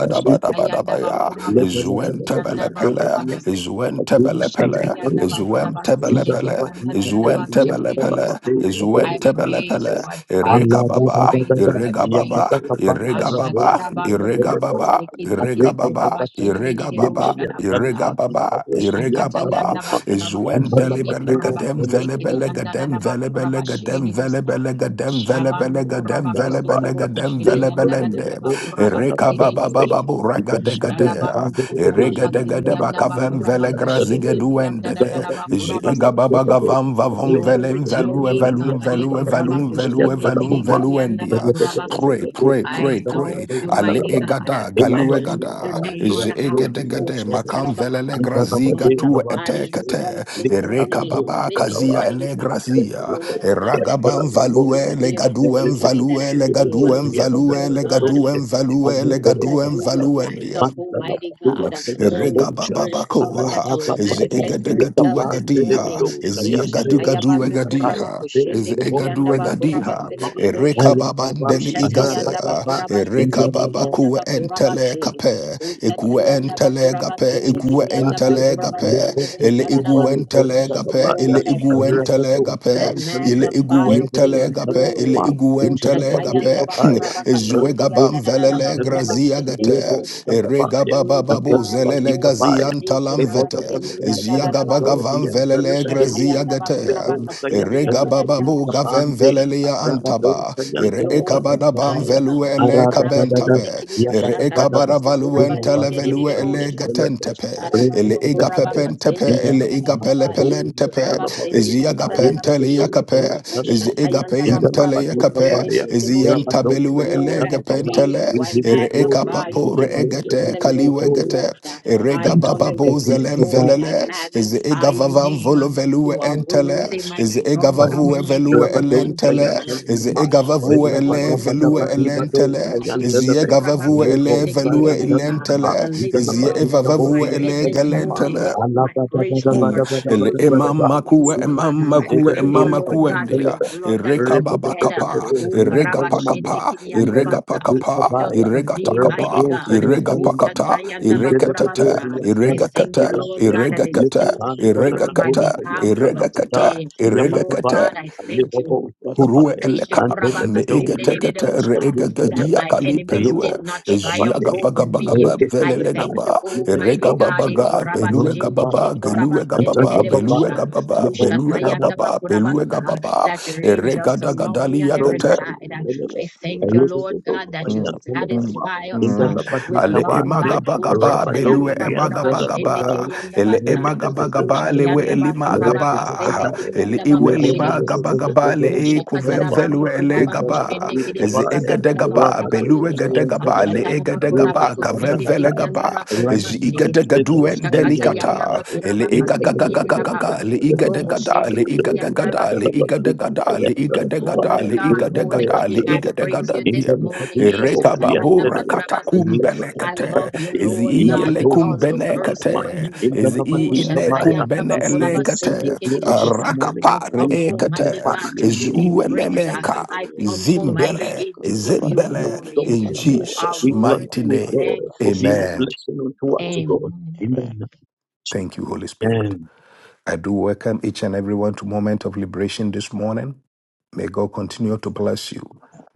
[SPEAKER 3] Busha tayanda bakura
[SPEAKER 1] Zuen
[SPEAKER 3] basende yanda
[SPEAKER 1] Tebelepele,
[SPEAKER 3] bakura basende.
[SPEAKER 1] Zuen
[SPEAKER 3] Busha
[SPEAKER 1] Tebelepele,
[SPEAKER 3] tayanda bakura
[SPEAKER 1] Zuen
[SPEAKER 3] basende kidi
[SPEAKER 1] Tebelepele,
[SPEAKER 3] yanda da da da
[SPEAKER 1] Zuen
[SPEAKER 3] bachede de de
[SPEAKER 1] Tebelepele,
[SPEAKER 3] busha.
[SPEAKER 1] Zuen
[SPEAKER 3] I praise
[SPEAKER 1] Tebelepele,
[SPEAKER 3] you, I
[SPEAKER 1] Ereka
[SPEAKER 3] praise you, I
[SPEAKER 1] Baba,
[SPEAKER 3] praise you, I
[SPEAKER 1] Erega
[SPEAKER 3] praise
[SPEAKER 1] Baba,
[SPEAKER 3] you.
[SPEAKER 1] Erega
[SPEAKER 3] Asha
[SPEAKER 1] Baba,
[SPEAKER 3] tarabando
[SPEAKER 1] Erega
[SPEAKER 3] kura
[SPEAKER 4] Thank
[SPEAKER 1] Baba,
[SPEAKER 3] basede kiti
[SPEAKER 1] Erega
[SPEAKER 3] kidi
[SPEAKER 1] Baba,
[SPEAKER 3] kura basede de de
[SPEAKER 1] Erega Baba, Erega
[SPEAKER 3] de busha da basa.
[SPEAKER 1] Baba, Erega
[SPEAKER 3] Ushakata
[SPEAKER 1] Baba,
[SPEAKER 3] yanda
[SPEAKER 1] Is
[SPEAKER 3] bakuraba
[SPEAKER 1] when Zuen
[SPEAKER 3] kushiride kuraba
[SPEAKER 1] Delibelegadem,
[SPEAKER 3] kusekiri yanda
[SPEAKER 1] Velebelegadem,
[SPEAKER 3] dada bakuraba
[SPEAKER 1] Velebelegadem,
[SPEAKER 3] shiride busta.
[SPEAKER 1] Velebelegadem,
[SPEAKER 3] Shabandu kuraba
[SPEAKER 1] Velebelegadem,
[SPEAKER 2] Thank you.
[SPEAKER 4] Thank
[SPEAKER 3] kusukuru
[SPEAKER 1] Velebelegadem,
[SPEAKER 3] kushiri
[SPEAKER 2] the mighty
[SPEAKER 3] yanda dada
[SPEAKER 2] name
[SPEAKER 1] Velebelende,
[SPEAKER 2] of
[SPEAKER 3] dada
[SPEAKER 2] Jesus,
[SPEAKER 3] kuraba
[SPEAKER 2] come
[SPEAKER 1] Ereka
[SPEAKER 2] to
[SPEAKER 3] seride
[SPEAKER 2] you,
[SPEAKER 1] Baba
[SPEAKER 2] Lord,
[SPEAKER 3] busha.
[SPEAKER 2] Lord, Lord. I
[SPEAKER 1] Babu
[SPEAKER 2] bless
[SPEAKER 3] Sharabandu
[SPEAKER 2] you, I
[SPEAKER 3] kuraba
[SPEAKER 2] worship you,
[SPEAKER 3] kasiri
[SPEAKER 1] Regedegede
[SPEAKER 2] I give
[SPEAKER 3] yanda
[SPEAKER 2] you
[SPEAKER 1] bakavem
[SPEAKER 2] praise,
[SPEAKER 3] bakuraba
[SPEAKER 2] I
[SPEAKER 1] vele
[SPEAKER 2] give you
[SPEAKER 1] grazige
[SPEAKER 3] kushiride
[SPEAKER 2] praise, I give
[SPEAKER 3] yanda
[SPEAKER 2] you
[SPEAKER 3] dada
[SPEAKER 1] duendede.
[SPEAKER 3] dada
[SPEAKER 2] praise.
[SPEAKER 3] bakuraba
[SPEAKER 1] Jiga
[SPEAKER 2] Well, the end of the earth,
[SPEAKER 1] vavam
[SPEAKER 2] you are the
[SPEAKER 3] Glory
[SPEAKER 1] velem
[SPEAKER 3] to
[SPEAKER 2] only
[SPEAKER 3] your
[SPEAKER 1] velue
[SPEAKER 2] king.
[SPEAKER 3] name, God.
[SPEAKER 1] velum
[SPEAKER 2] you
[SPEAKER 1] velue
[SPEAKER 2] deserve it, you
[SPEAKER 1] velum
[SPEAKER 2] are you
[SPEAKER 1] velue
[SPEAKER 2] deserve it.
[SPEAKER 1] velum
[SPEAKER 2] I
[SPEAKER 1] veluendia.
[SPEAKER 2] praise and I
[SPEAKER 1] Pray,
[SPEAKER 3] Ekurabakushendekirikiriandabakurabase.
[SPEAKER 2] give you
[SPEAKER 1] pray,
[SPEAKER 3] I
[SPEAKER 2] praise, and
[SPEAKER 1] pray,
[SPEAKER 2] I love you,
[SPEAKER 1] pray.
[SPEAKER 3] exalt
[SPEAKER 2] be
[SPEAKER 3] you,
[SPEAKER 1] Ale
[SPEAKER 2] magnified
[SPEAKER 4] you.
[SPEAKER 3] mighty
[SPEAKER 2] and I
[SPEAKER 3] God.
[SPEAKER 1] egada
[SPEAKER 3] I
[SPEAKER 4] Elaba
[SPEAKER 1] galue
[SPEAKER 2] praise.
[SPEAKER 3] lift
[SPEAKER 2] I
[SPEAKER 3] your
[SPEAKER 1] gada.
[SPEAKER 4] Sikaba,
[SPEAKER 2] bless
[SPEAKER 3] name
[SPEAKER 2] you,
[SPEAKER 3] on
[SPEAKER 2] I
[SPEAKER 4] Rapo,
[SPEAKER 3] high.
[SPEAKER 2] bless you,
[SPEAKER 1] Jegedegede
[SPEAKER 2] I bless
[SPEAKER 4] Yandaba,
[SPEAKER 1] makam
[SPEAKER 2] you,
[SPEAKER 3] Oshatarabasa.
[SPEAKER 2] I
[SPEAKER 1] velele
[SPEAKER 2] bless you.
[SPEAKER 4] Antanaba,
[SPEAKER 1] graziga tu
[SPEAKER 4] Devaba,
[SPEAKER 3] Magnify
[SPEAKER 2] Come to you, Lord,
[SPEAKER 3] yourself
[SPEAKER 1] etekete.
[SPEAKER 2] King
[SPEAKER 3] this
[SPEAKER 2] of Kings, you
[SPEAKER 3] morning
[SPEAKER 1] Ereka
[SPEAKER 3] in
[SPEAKER 4] Nikatakato,
[SPEAKER 3] our
[SPEAKER 2] deserve it,
[SPEAKER 1] baba
[SPEAKER 3] midst,
[SPEAKER 2] Lord, you
[SPEAKER 4] Shadaba,
[SPEAKER 1] kazia
[SPEAKER 3] Almighty
[SPEAKER 2] deserve
[SPEAKER 1] ele
[SPEAKER 3] God.
[SPEAKER 2] it. I
[SPEAKER 4] After the
[SPEAKER 1] grazia.
[SPEAKER 2] praise
[SPEAKER 4] boat,
[SPEAKER 3] Lord
[SPEAKER 2] and I
[SPEAKER 3] God,
[SPEAKER 2] be
[SPEAKER 3] I
[SPEAKER 2] unto you,
[SPEAKER 1] Eragabam
[SPEAKER 3] don't
[SPEAKER 4] Yantanaba,
[SPEAKER 2] Lord,
[SPEAKER 3] want to
[SPEAKER 4] boat,
[SPEAKER 1] value
[SPEAKER 3] leave here the
[SPEAKER 4] and
[SPEAKER 2] be
[SPEAKER 4] this
[SPEAKER 1] legaduem
[SPEAKER 3] same
[SPEAKER 4] is
[SPEAKER 3] way
[SPEAKER 4] the
[SPEAKER 3] that
[SPEAKER 1] value
[SPEAKER 3] I
[SPEAKER 2] magnified, be
[SPEAKER 3] came.
[SPEAKER 1] legaduem
[SPEAKER 2] glorified.
[SPEAKER 1] value
[SPEAKER 3] Oh
[SPEAKER 4] Yantanaba,
[SPEAKER 3] God,
[SPEAKER 1] legaduem
[SPEAKER 2] I bless
[SPEAKER 4] and
[SPEAKER 1] value
[SPEAKER 4] the
[SPEAKER 2] you.
[SPEAKER 3] that
[SPEAKER 2] I
[SPEAKER 1] legaduem
[SPEAKER 3] you
[SPEAKER 4] Berekaba,
[SPEAKER 3] would rise
[SPEAKER 1] valuendia.
[SPEAKER 3] up,
[SPEAKER 4] Mantanaba,
[SPEAKER 3] Almighty
[SPEAKER 4] Dua,
[SPEAKER 3] God,
[SPEAKER 4] and the
[SPEAKER 3] Holy
[SPEAKER 4] Babosha,
[SPEAKER 3] Spirit
[SPEAKER 2] bless
[SPEAKER 3] of
[SPEAKER 2] you. I
[SPEAKER 3] God, that
[SPEAKER 1] Regabababakoaha,
[SPEAKER 3] you
[SPEAKER 2] bless you.
[SPEAKER 4] Ayanaba,
[SPEAKER 3] will
[SPEAKER 2] I
[SPEAKER 1] is the
[SPEAKER 2] bless
[SPEAKER 3] manifest
[SPEAKER 2] you.
[SPEAKER 1] Egadagadu
[SPEAKER 3] yourself
[SPEAKER 2] I
[SPEAKER 4] Nikapa,
[SPEAKER 3] this
[SPEAKER 2] want you
[SPEAKER 4] the
[SPEAKER 2] all
[SPEAKER 3] morning.
[SPEAKER 1] Agadiha,
[SPEAKER 2] over.
[SPEAKER 4] Dosha,
[SPEAKER 1] is
[SPEAKER 2] I
[SPEAKER 1] the
[SPEAKER 3] In
[SPEAKER 2] want
[SPEAKER 4] Yante,
[SPEAKER 2] you
[SPEAKER 3] Shataya
[SPEAKER 2] all
[SPEAKER 1] Egadugadu
[SPEAKER 3] Bandu
[SPEAKER 2] over.
[SPEAKER 4] Nikapaya,
[SPEAKER 3] Kuraba
[SPEAKER 1] Agadiha,
[SPEAKER 4] the
[SPEAKER 1] is the
[SPEAKER 3] Pushende
[SPEAKER 2] I
[SPEAKER 1] Egadu
[SPEAKER 4] Lebosha,
[SPEAKER 2] give
[SPEAKER 3] Kirianda
[SPEAKER 2] you all the
[SPEAKER 3] Bakuraba
[SPEAKER 1] Agadiha,
[SPEAKER 2] glory.
[SPEAKER 4] Yantanaba,
[SPEAKER 2] I give you all
[SPEAKER 3] Sedebosha.
[SPEAKER 2] the
[SPEAKER 4] Ayababa,
[SPEAKER 2] praise.
[SPEAKER 1] Erekababandeli
[SPEAKER 2] Praise and
[SPEAKER 3] Ushatayanda
[SPEAKER 1] Igasea,
[SPEAKER 2] honor be
[SPEAKER 3] Bakuraba
[SPEAKER 2] unto you, Lord,
[SPEAKER 3] Sende
[SPEAKER 2] and be
[SPEAKER 4] Rabadaba,
[SPEAKER 3] Kirianda
[SPEAKER 1] Erekababaku
[SPEAKER 2] magnified.
[SPEAKER 3] Bakuraba
[SPEAKER 1] entele
[SPEAKER 3] She.
[SPEAKER 2] Thank
[SPEAKER 1] cape,
[SPEAKER 2] you, Father.
[SPEAKER 1] Equa
[SPEAKER 2] Thank
[SPEAKER 3] Ushatayanda
[SPEAKER 1] entele
[SPEAKER 2] you,
[SPEAKER 3] Bakuraba
[SPEAKER 2] Father.
[SPEAKER 1] gape,
[SPEAKER 3] Sende
[SPEAKER 1] Equa
[SPEAKER 3] Kirianda
[SPEAKER 4] Gigante,
[SPEAKER 1] entele
[SPEAKER 2] Thank you,
[SPEAKER 3] Bakuraba
[SPEAKER 1] gape,
[SPEAKER 3] Sende
[SPEAKER 2] Father. I
[SPEAKER 1] Ele
[SPEAKER 2] bless you. I
[SPEAKER 1] iguentele
[SPEAKER 2] bless you.
[SPEAKER 1] gape,
[SPEAKER 2] I
[SPEAKER 1] Ele
[SPEAKER 2] bless
[SPEAKER 3] Lord, I
[SPEAKER 2] you. I
[SPEAKER 3] praise
[SPEAKER 2] bless you.
[SPEAKER 1] iguentele
[SPEAKER 3] you. I
[SPEAKER 1] gape, Ele
[SPEAKER 3] magnify your King
[SPEAKER 1] iguentele
[SPEAKER 3] of
[SPEAKER 1] gape, Ele
[SPEAKER 3] glory.
[SPEAKER 2] Want
[SPEAKER 3] O
[SPEAKER 2] you, O
[SPEAKER 1] iguentele
[SPEAKER 2] Lord, King
[SPEAKER 3] Shatayanda
[SPEAKER 1] gape,
[SPEAKER 2] of Kings,
[SPEAKER 1] <laughs>
[SPEAKER 2] you
[SPEAKER 3] Bakuraba
[SPEAKER 2] deserve it.
[SPEAKER 3] Kasindi
[SPEAKER 2] King of
[SPEAKER 3] and
[SPEAKER 1] Zuegabam
[SPEAKER 2] Kings, I bless
[SPEAKER 3] Danada
[SPEAKER 1] velele
[SPEAKER 2] you. Yes,
[SPEAKER 3] Bakuraba
[SPEAKER 1] grazia
[SPEAKER 2] Lord, want
[SPEAKER 1] gete.
[SPEAKER 2] you, O Lord,
[SPEAKER 3] Shedidebusta.
[SPEAKER 2] I worship you.
[SPEAKER 1] eregabababu
[SPEAKER 2] I
[SPEAKER 1] baba
[SPEAKER 2] give
[SPEAKER 3] Worthy
[SPEAKER 2] you all
[SPEAKER 1] babu
[SPEAKER 2] the
[SPEAKER 3] are you,
[SPEAKER 2] glory.
[SPEAKER 1] zelele
[SPEAKER 3] Lord, the
[SPEAKER 1] gazian
[SPEAKER 2] I
[SPEAKER 3] great
[SPEAKER 2] give you
[SPEAKER 1] talam
[SPEAKER 2] all the
[SPEAKER 3] Kuraba
[SPEAKER 1] vete.
[SPEAKER 2] praise. I
[SPEAKER 3] Shindi and
[SPEAKER 2] give you all the honor.
[SPEAKER 3] Dadabasta.
[SPEAKER 1] Ziagabagavam
[SPEAKER 3] O
[SPEAKER 1] velele
[SPEAKER 2] we can
[SPEAKER 1] grazia
[SPEAKER 2] gonna
[SPEAKER 3] Shatayanda
[SPEAKER 1] gete.
[SPEAKER 2] lift you up
[SPEAKER 3] Bakuraba
[SPEAKER 2] and be
[SPEAKER 3] Kasindi and
[SPEAKER 1] Erega baba bu
[SPEAKER 3] Dadadabashi.
[SPEAKER 1] gavem
[SPEAKER 2] Thank you,
[SPEAKER 1] velelia
[SPEAKER 2] Father.
[SPEAKER 1] antaba.
[SPEAKER 2] Thank
[SPEAKER 3] We
[SPEAKER 1] Ere
[SPEAKER 2] you.
[SPEAKER 3] glorify
[SPEAKER 1] ekabadabam
[SPEAKER 3] you, God.
[SPEAKER 2] Most
[SPEAKER 3] E
[SPEAKER 1] veluele
[SPEAKER 3] Karaba
[SPEAKER 2] Jesus, what
[SPEAKER 4] Arabada,
[SPEAKER 3] Sindi
[SPEAKER 2] you
[SPEAKER 1] kabentabe.
[SPEAKER 3] Kidibu
[SPEAKER 2] deserve it.
[SPEAKER 1] Ere
[SPEAKER 4] Yabada,
[SPEAKER 2] You
[SPEAKER 4] Bada,
[SPEAKER 2] deserve
[SPEAKER 4] Bada,
[SPEAKER 2] the
[SPEAKER 3] Shatarabansu
[SPEAKER 2] glory. You
[SPEAKER 3] Kuraba
[SPEAKER 4] Bada,
[SPEAKER 2] deserve
[SPEAKER 1] ekabadavaluentele
[SPEAKER 2] the honor. The
[SPEAKER 4] Bada,
[SPEAKER 1] veluele
[SPEAKER 2] praise
[SPEAKER 3] Yenedebosha.
[SPEAKER 2] and the
[SPEAKER 4] Bada,
[SPEAKER 2] praise.
[SPEAKER 1] getentepe.
[SPEAKER 2] You all
[SPEAKER 4] we give
[SPEAKER 2] again,
[SPEAKER 3] Sharabando
[SPEAKER 1] Ele
[SPEAKER 2] one
[SPEAKER 4] you
[SPEAKER 2] God.
[SPEAKER 3] kuraba
[SPEAKER 1] egapepentepe.
[SPEAKER 2] I
[SPEAKER 3] kasendi
[SPEAKER 2] still
[SPEAKER 3] yanda
[SPEAKER 1] Ele
[SPEAKER 2] want to
[SPEAKER 3] da
[SPEAKER 2] you on
[SPEAKER 3] da
[SPEAKER 2] God.
[SPEAKER 3] ba hi
[SPEAKER 2] Unto you alone,
[SPEAKER 3] kuraba
[SPEAKER 2] unto
[SPEAKER 3] sendi
[SPEAKER 2] you
[SPEAKER 3] yanda da
[SPEAKER 2] alone,
[SPEAKER 3] da da
[SPEAKER 2] unto you
[SPEAKER 1] egapelepelentepe
[SPEAKER 2] alone,
[SPEAKER 1] yakape,
[SPEAKER 2] unto you
[SPEAKER 1] ezi
[SPEAKER 2] alone, oh
[SPEAKER 1] egape
[SPEAKER 2] God.
[SPEAKER 1] yentele
[SPEAKER 2] I give you
[SPEAKER 1] yakape,
[SPEAKER 2] praise. I give
[SPEAKER 1] ezi
[SPEAKER 2] you all
[SPEAKER 3] Oshatayandabakurabakutendekeredebosha.
[SPEAKER 2] the glory.
[SPEAKER 1] yentabelue
[SPEAKER 3] Lord, I
[SPEAKER 2] I give you all
[SPEAKER 3] praise
[SPEAKER 2] the
[SPEAKER 1] elegapentele,
[SPEAKER 3] you. I
[SPEAKER 2] honor.
[SPEAKER 1] ere
[SPEAKER 2] Praise and
[SPEAKER 4] glory,
[SPEAKER 2] honor be
[SPEAKER 3] magnify
[SPEAKER 4] we
[SPEAKER 3] you,
[SPEAKER 2] unto
[SPEAKER 1] ekapapo
[SPEAKER 4] give
[SPEAKER 2] you
[SPEAKER 1] re
[SPEAKER 4] you
[SPEAKER 3] King
[SPEAKER 2] all
[SPEAKER 3] of
[SPEAKER 4] glory,
[SPEAKER 2] again.
[SPEAKER 3] kings
[SPEAKER 1] egete,
[SPEAKER 4] we
[SPEAKER 2] Thank
[SPEAKER 3] and
[SPEAKER 4] give
[SPEAKER 2] you,
[SPEAKER 4] you
[SPEAKER 3] Lord of
[SPEAKER 2] Father.
[SPEAKER 3] lords.
[SPEAKER 1] kaliwegete, ere
[SPEAKER 2] Thank
[SPEAKER 3] I
[SPEAKER 2] you, Father.
[SPEAKER 3] honor
[SPEAKER 1] gabababo
[SPEAKER 3] you this
[SPEAKER 2] Thank
[SPEAKER 4] glory.
[SPEAKER 2] you.
[SPEAKER 3] morning. I
[SPEAKER 1] zelemvelele, ezi
[SPEAKER 3] magnify
[SPEAKER 2] Thank
[SPEAKER 3] your
[SPEAKER 2] you.
[SPEAKER 1] egavavam
[SPEAKER 3] name.
[SPEAKER 1] volovelue
[SPEAKER 3] You are
[SPEAKER 2] I
[SPEAKER 1] entele,
[SPEAKER 3] worthy,
[SPEAKER 2] bless
[SPEAKER 3] my
[SPEAKER 2] you,
[SPEAKER 1] ezi
[SPEAKER 2] Holy Name.
[SPEAKER 3] strong
[SPEAKER 4] <clears throat>
[SPEAKER 2] I
[SPEAKER 3] tower,
[SPEAKER 1] egavavue
[SPEAKER 2] bless
[SPEAKER 3] my
[SPEAKER 2] you. I
[SPEAKER 1] velue
[SPEAKER 3] firm
[SPEAKER 2] bless
[SPEAKER 4] Rabado
[SPEAKER 2] you. I
[SPEAKER 3] foundation,
[SPEAKER 1] elentele,
[SPEAKER 2] bless you. I
[SPEAKER 1] ezi
[SPEAKER 3] my
[SPEAKER 4] Sayantelema,
[SPEAKER 2] bless you.
[SPEAKER 3] all
[SPEAKER 1] egavavue
[SPEAKER 3] in
[SPEAKER 4] Redla
[SPEAKER 3] all
[SPEAKER 2] You
[SPEAKER 1] ele
[SPEAKER 4] Bada
[SPEAKER 3] this
[SPEAKER 2] deserve
[SPEAKER 4] Bada
[SPEAKER 2] the
[SPEAKER 1] velue
[SPEAKER 4] Badi
[SPEAKER 3] morning.
[SPEAKER 2] glory. You
[SPEAKER 4] Bado
[SPEAKER 2] deserve
[SPEAKER 1] elentele,
[SPEAKER 2] the
[SPEAKER 3] My
[SPEAKER 2] honor.
[SPEAKER 1] ezi
[SPEAKER 2] Praise
[SPEAKER 4] Sayanteleme,
[SPEAKER 2] and honor be
[SPEAKER 1] egavavue
[SPEAKER 2] to
[SPEAKER 4] Lebo
[SPEAKER 1] ele
[SPEAKER 2] your holy name.
[SPEAKER 1] velue
[SPEAKER 3] ishikurabakutendekeredebosha.
[SPEAKER 2] Be
[SPEAKER 4] Sayantelema,
[SPEAKER 3] The
[SPEAKER 1] elentele,
[SPEAKER 2] magnified,
[SPEAKER 4] Idala
[SPEAKER 2] be
[SPEAKER 1] ezi
[SPEAKER 3] lifter of
[SPEAKER 4] Badi
[SPEAKER 3] of
[SPEAKER 2] glorified
[SPEAKER 1] evavavue
[SPEAKER 3] my
[SPEAKER 4] Sabori and
[SPEAKER 3] head
[SPEAKER 1] ele
[SPEAKER 2] unto
[SPEAKER 3] this
[SPEAKER 2] you, O
[SPEAKER 4] Telemama,
[SPEAKER 2] Lord,
[SPEAKER 3] morning,
[SPEAKER 1] galentele,
[SPEAKER 2] King of
[SPEAKER 4] Allah
[SPEAKER 3] my
[SPEAKER 2] Kings.
[SPEAKER 4] Bada
[SPEAKER 3] bridge
[SPEAKER 4] Bada
[SPEAKER 2] I
[SPEAKER 1] Mm.
[SPEAKER 3] over
[SPEAKER 4] Bada
[SPEAKER 2] bless
[SPEAKER 4] Bada
[SPEAKER 2] you and
[SPEAKER 1] Ele
[SPEAKER 3] troubled
[SPEAKER 4] Bada
[SPEAKER 2] I give
[SPEAKER 4] Bada
[SPEAKER 2] you
[SPEAKER 3] water
[SPEAKER 4] Bada,
[SPEAKER 1] emama
[SPEAKER 3] this
[SPEAKER 2] praise.
[SPEAKER 1] kuwe
[SPEAKER 3] morning.
[SPEAKER 2] You
[SPEAKER 1] emama
[SPEAKER 4] Sikatum
[SPEAKER 3] I
[SPEAKER 2] deserve the
[SPEAKER 1] kuwe
[SPEAKER 4] Dede
[SPEAKER 3] thank
[SPEAKER 2] glory.
[SPEAKER 3] you,
[SPEAKER 4] Do
[SPEAKER 1] emama
[SPEAKER 3] Lord
[SPEAKER 2] Thank
[SPEAKER 3] God,
[SPEAKER 2] you,
[SPEAKER 3] for
[SPEAKER 1] kuendia
[SPEAKER 3] your
[SPEAKER 4] Sayanteleme,
[SPEAKER 2] Father.
[SPEAKER 3] blood that
[SPEAKER 2] Thank
[SPEAKER 1] ireka
[SPEAKER 3] you
[SPEAKER 2] you,
[SPEAKER 1] baba
[SPEAKER 3] shed.
[SPEAKER 2] Father.
[SPEAKER 3] um,
[SPEAKER 1] kapa
[SPEAKER 4] Repetepetepeto
[SPEAKER 3] Oh,
[SPEAKER 2] Thank you,
[SPEAKER 4] Rian
[SPEAKER 1] irega
[SPEAKER 2] Father.
[SPEAKER 4] Telemama,
[SPEAKER 1] pakapa
[SPEAKER 2] Thank you,
[SPEAKER 4] Indala
[SPEAKER 1] irega
[SPEAKER 2] King
[SPEAKER 3] Karabashindikiriandabasa,
[SPEAKER 2] of
[SPEAKER 4] Badi
[SPEAKER 2] Kings.
[SPEAKER 1] pakapa
[SPEAKER 3] just
[SPEAKER 2] Thank
[SPEAKER 4] Sabaya,
[SPEAKER 3] for
[SPEAKER 2] you,
[SPEAKER 1] irega
[SPEAKER 2] King of
[SPEAKER 3] me,
[SPEAKER 2] Kings. I
[SPEAKER 3] mighty
[SPEAKER 1] takapa
[SPEAKER 4] Rabado
[SPEAKER 2] bless
[SPEAKER 3] God.
[SPEAKER 2] you.
[SPEAKER 1] irega
[SPEAKER 3] Oh,
[SPEAKER 1] pakata
[SPEAKER 4] Sayantelemama,
[SPEAKER 2] I worship
[SPEAKER 1] irega
[SPEAKER 2] you,
[SPEAKER 1] tete
[SPEAKER 4] Indelepedo
[SPEAKER 3] Shatayandabakurabasa.
[SPEAKER 2] Father.
[SPEAKER 4] Rian
[SPEAKER 3] I
[SPEAKER 1] irega
[SPEAKER 2] I
[SPEAKER 3] thank
[SPEAKER 1] kete
[SPEAKER 3] you,
[SPEAKER 2] bless
[SPEAKER 4] Telemama,
[SPEAKER 3] Lord
[SPEAKER 2] you,
[SPEAKER 3] God, that
[SPEAKER 1] irega
[SPEAKER 2] Father.
[SPEAKER 3] is
[SPEAKER 2] I
[SPEAKER 1] kete
[SPEAKER 3] still
[SPEAKER 4] Likapan
[SPEAKER 2] worship
[SPEAKER 3] speaking
[SPEAKER 2] you,
[SPEAKER 1] irega
[SPEAKER 3] on
[SPEAKER 4] Bada
[SPEAKER 3] my
[SPEAKER 1] kete
[SPEAKER 2] Father.
[SPEAKER 4] Do
[SPEAKER 2] You
[SPEAKER 3] behalf
[SPEAKER 2] deserve the
[SPEAKER 1] irega
[SPEAKER 3] even
[SPEAKER 2] glory.
[SPEAKER 1] kete
[SPEAKER 3] today.
[SPEAKER 1] irega
[SPEAKER 2] Thank
[SPEAKER 3] Lord
[SPEAKER 4] Sayantelemama,
[SPEAKER 1] kete
[SPEAKER 3] God,
[SPEAKER 2] you
[SPEAKER 3] I
[SPEAKER 2] for
[SPEAKER 4] and and
[SPEAKER 2] how
[SPEAKER 3] thank
[SPEAKER 4] it
[SPEAKER 3] you.
[SPEAKER 2] far you brought me,
[SPEAKER 1] Hurue
[SPEAKER 2] O God.
[SPEAKER 1] eleka
[SPEAKER 4] it
[SPEAKER 2] Thank
[SPEAKER 1] meega
[SPEAKER 2] you, O Lord,
[SPEAKER 1] tekete
[SPEAKER 2] for
[SPEAKER 3] Ishikurabakasindedededebosha,
[SPEAKER 2] my
[SPEAKER 1] reega
[SPEAKER 2] life. Be
[SPEAKER 3] that
[SPEAKER 1] gadia
[SPEAKER 2] that
[SPEAKER 3] my
[SPEAKER 1] kali
[SPEAKER 2] blessed
[SPEAKER 3] enemies
[SPEAKER 1] pelue
[SPEAKER 3] did not triumph
[SPEAKER 1] eziaga
[SPEAKER 2] with the
[SPEAKER 3] over
[SPEAKER 1] baga
[SPEAKER 2] praise
[SPEAKER 1] baga
[SPEAKER 2] that
[SPEAKER 3] me.
[SPEAKER 1] ba
[SPEAKER 2] give you all
[SPEAKER 4] to
[SPEAKER 3] I
[SPEAKER 2] the
[SPEAKER 4] the
[SPEAKER 1] velele
[SPEAKER 3] thank
[SPEAKER 2] glory.
[SPEAKER 3] you,
[SPEAKER 1] gaba rega
[SPEAKER 2] Lord,
[SPEAKER 3] Almighty
[SPEAKER 2] I have
[SPEAKER 1] baba
[SPEAKER 3] God.
[SPEAKER 2] you
[SPEAKER 1] ga
[SPEAKER 2] unto your
[SPEAKER 1] belue
[SPEAKER 2] holy name. I
[SPEAKER 1] gababa ba
[SPEAKER 2] thank
[SPEAKER 1] gelue
[SPEAKER 2] you
[SPEAKER 1] gaba
[SPEAKER 2] that with
[SPEAKER 1] ba
[SPEAKER 4] time,
[SPEAKER 2] glory you
[SPEAKER 1] belue
[SPEAKER 3] Ikurabashindikidikurabaskindededebosha,
[SPEAKER 1] gaba
[SPEAKER 2] deserve. And I
[SPEAKER 1] belue
[SPEAKER 2] praise and
[SPEAKER 4] Until
[SPEAKER 1] gaba
[SPEAKER 2] I have you unto
[SPEAKER 1] belue
[SPEAKER 2] your
[SPEAKER 1] gaba
[SPEAKER 2] holy
[SPEAKER 3] ushatayandabakurabasa,
[SPEAKER 2] name. Thank
[SPEAKER 3] That
[SPEAKER 2] you
[SPEAKER 3] your
[SPEAKER 2] for the good
[SPEAKER 1] rega
[SPEAKER 3] angels
[SPEAKER 2] mother.
[SPEAKER 1] daga
[SPEAKER 3] surround me
[SPEAKER 1] dali
[SPEAKER 3] on every
[SPEAKER 1] yagate
[SPEAKER 2] Unto you, O
[SPEAKER 3] side.
[SPEAKER 2] Lord. Yes,
[SPEAKER 3] I
[SPEAKER 2] Lord.
[SPEAKER 3] thank you, Lord
[SPEAKER 2] Manasoto
[SPEAKER 3] God, that
[SPEAKER 2] kabanda
[SPEAKER 3] you
[SPEAKER 1] Mm, mm,
[SPEAKER 2] barabaya ta
[SPEAKER 3] satisfy us uh,
[SPEAKER 1] mm.
[SPEAKER 2] kabanda
[SPEAKER 3] with a
[SPEAKER 2] barabaya.
[SPEAKER 1] Ale
[SPEAKER 3] long life.
[SPEAKER 2] Ili
[SPEAKER 1] emagabagaba
[SPEAKER 2] kabandi
[SPEAKER 1] belue
[SPEAKER 2] kabanda barabaya. Happy
[SPEAKER 1] emagabagaba ele
[SPEAKER 2] barabaya
[SPEAKER 3] Ushatayandabakurabashindikidiyandabasa,
[SPEAKER 2] ta.
[SPEAKER 1] emagabagaba
[SPEAKER 2] Happy
[SPEAKER 1] lewe
[SPEAKER 2] kabanda
[SPEAKER 1] elima agaba ele iwe
[SPEAKER 2] barabaya.
[SPEAKER 1] lima
[SPEAKER 3] ushadyandabakurabakasindikidiyandabakoshidibusa.
[SPEAKER 1] agabagaba le e
[SPEAKER 3] Ushakatarabando
[SPEAKER 1] kuvenvelue ele
[SPEAKER 3] kuraba
[SPEAKER 1] gaba
[SPEAKER 3] kushende
[SPEAKER 2] Thank
[SPEAKER 3] kirebo
[SPEAKER 1] eze
[SPEAKER 3] sakataraba
[SPEAKER 1] egedegaba belue
[SPEAKER 3] karabate.
[SPEAKER 1] gedegaba le
[SPEAKER 3] Ashkataraba kuraba
[SPEAKER 1] egedegaba
[SPEAKER 3] kusende
[SPEAKER 1] kavenvele
[SPEAKER 3] kiriyanda
[SPEAKER 1] gaba
[SPEAKER 3] ba
[SPEAKER 1] ezi
[SPEAKER 3] kurabate.
[SPEAKER 1] igedegedu
[SPEAKER 3] Ushakata yanda ba
[SPEAKER 1] endelikata
[SPEAKER 3] kuraba
[SPEAKER 1] ele
[SPEAKER 3] kasende yanda ba.
[SPEAKER 1] egagagagagaga le
[SPEAKER 3] Robo
[SPEAKER 1] igedegada
[SPEAKER 3] shende
[SPEAKER 1] le
[SPEAKER 3] kiriyanda
[SPEAKER 1] gadali igadegadali
[SPEAKER 4] Rabba
[SPEAKER 3] Holy
[SPEAKER 1] igadegadali
[SPEAKER 3] God,
[SPEAKER 4] receive
[SPEAKER 3] Holy
[SPEAKER 4] your
[SPEAKER 1] igadegadali
[SPEAKER 3] King, I praise you this
[SPEAKER 1] igadegadandiam
[SPEAKER 3] morning. Eh, Shatayanda
[SPEAKER 1] rekababura
[SPEAKER 3] Bakurabasa. I
[SPEAKER 1] katakumbelekete
[SPEAKER 3] love you,
[SPEAKER 1] izi
[SPEAKER 3] Lord God, because you first
[SPEAKER 1] iyelekumbenekete
[SPEAKER 3] love me.
[SPEAKER 1] izi
[SPEAKER 3] Oh,
[SPEAKER 1] ine
[SPEAKER 3] Shatayanda Bakurabasa,
[SPEAKER 1] iinekumbenelekete
[SPEAKER 2] you.
[SPEAKER 4] glory this
[SPEAKER 2] Amen.
[SPEAKER 3] Nekerebusha.
[SPEAKER 4] morning.
[SPEAKER 3] I
[SPEAKER 1] rakapare
[SPEAKER 3] come,
[SPEAKER 4] We
[SPEAKER 1] ekete
[SPEAKER 3] Almighty
[SPEAKER 4] magnify
[SPEAKER 3] God,
[SPEAKER 4] your
[SPEAKER 3] to give you
[SPEAKER 4] name.
[SPEAKER 3] praise. Ah,
[SPEAKER 1] izueleleka
[SPEAKER 3] I come, Almighty
[SPEAKER 1] zimbele
[SPEAKER 3] God, to give you
[SPEAKER 1] zimbele
[SPEAKER 4] We exalt
[SPEAKER 3] glory.
[SPEAKER 1] in
[SPEAKER 4] your name.
[SPEAKER 3] You are
[SPEAKER 1] jesus
[SPEAKER 4] We bless
[SPEAKER 1] mighty
[SPEAKER 3] worthy.
[SPEAKER 4] you,
[SPEAKER 1] name
[SPEAKER 4] God,
[SPEAKER 3] Thank you,
[SPEAKER 4] for being a
[SPEAKER 3] Jesus.
[SPEAKER 1] amen
[SPEAKER 4] blessing unto us, O God.
[SPEAKER 3] Amen.
[SPEAKER 4] In the name of Jesus.
[SPEAKER 1] thank you holy spirit i do welcome each and everyone to moment of liberation this morning May God continue to bless you.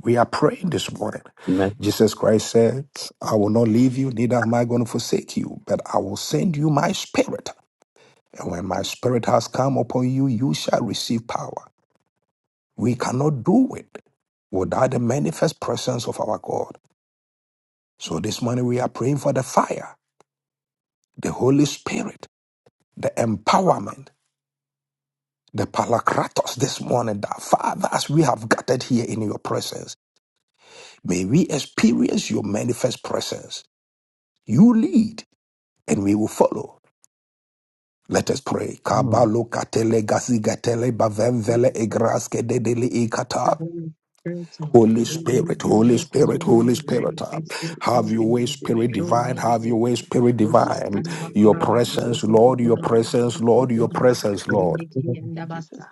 [SPEAKER 1] We are praying this morning.
[SPEAKER 4] Amen.
[SPEAKER 1] Jesus Christ said, I will not leave you, neither am I going to forsake you, but I will send you my spirit. And when my spirit has come upon you, you shall receive power. We cannot do it without the manifest presence of our God. So this morning we are praying for the fire, the Holy Spirit, the empowerment, the palakratos this morning that Father, as we have gathered here in your presence. May we experience your manifest presence. You lead and we will follow. Let us pray. Kabalo katele gazigatele bavemvele egraske dedele
[SPEAKER 3] the
[SPEAKER 1] ikata.
[SPEAKER 3] Holy Spirit,
[SPEAKER 2] I would pray
[SPEAKER 1] Holy
[SPEAKER 2] in the
[SPEAKER 3] we
[SPEAKER 2] mighty
[SPEAKER 3] need
[SPEAKER 1] Spirit,
[SPEAKER 2] name of
[SPEAKER 3] you
[SPEAKER 1] Holy
[SPEAKER 3] this
[SPEAKER 2] Jesus.
[SPEAKER 1] Spirit,
[SPEAKER 2] We
[SPEAKER 1] Holy
[SPEAKER 2] ask
[SPEAKER 3] morning.
[SPEAKER 2] for
[SPEAKER 1] Spirit.
[SPEAKER 2] your
[SPEAKER 1] uh,
[SPEAKER 3] Manifest
[SPEAKER 2] mercy and we
[SPEAKER 1] Have
[SPEAKER 3] yourself
[SPEAKER 1] your
[SPEAKER 2] pray
[SPEAKER 3] in
[SPEAKER 1] way,
[SPEAKER 3] a
[SPEAKER 2] for
[SPEAKER 1] Spirit
[SPEAKER 2] dominion
[SPEAKER 3] victor
[SPEAKER 2] this
[SPEAKER 1] divine.
[SPEAKER 3] mighty
[SPEAKER 2] morning,
[SPEAKER 1] Have
[SPEAKER 3] way.
[SPEAKER 1] your
[SPEAKER 2] O
[SPEAKER 1] way,
[SPEAKER 2] God.
[SPEAKER 1] Spirit
[SPEAKER 3] We
[SPEAKER 2] We
[SPEAKER 3] shall
[SPEAKER 2] still
[SPEAKER 1] divine.
[SPEAKER 3] talk about
[SPEAKER 1] Your
[SPEAKER 3] Koraba.
[SPEAKER 2] invite
[SPEAKER 3] about
[SPEAKER 2] you,
[SPEAKER 3] us to
[SPEAKER 1] presence,
[SPEAKER 2] O
[SPEAKER 3] keep
[SPEAKER 2] God,
[SPEAKER 3] it
[SPEAKER 1] Lord,
[SPEAKER 3] for
[SPEAKER 1] your
[SPEAKER 2] Father. We
[SPEAKER 3] about
[SPEAKER 1] presence,
[SPEAKER 2] invite
[SPEAKER 3] us
[SPEAKER 2] you
[SPEAKER 1] Lord,
[SPEAKER 2] this
[SPEAKER 1] your
[SPEAKER 3] about
[SPEAKER 2] morning in
[SPEAKER 3] us
[SPEAKER 1] presence,
[SPEAKER 2] the
[SPEAKER 1] Lord.
[SPEAKER 2] mighty name of Jesus.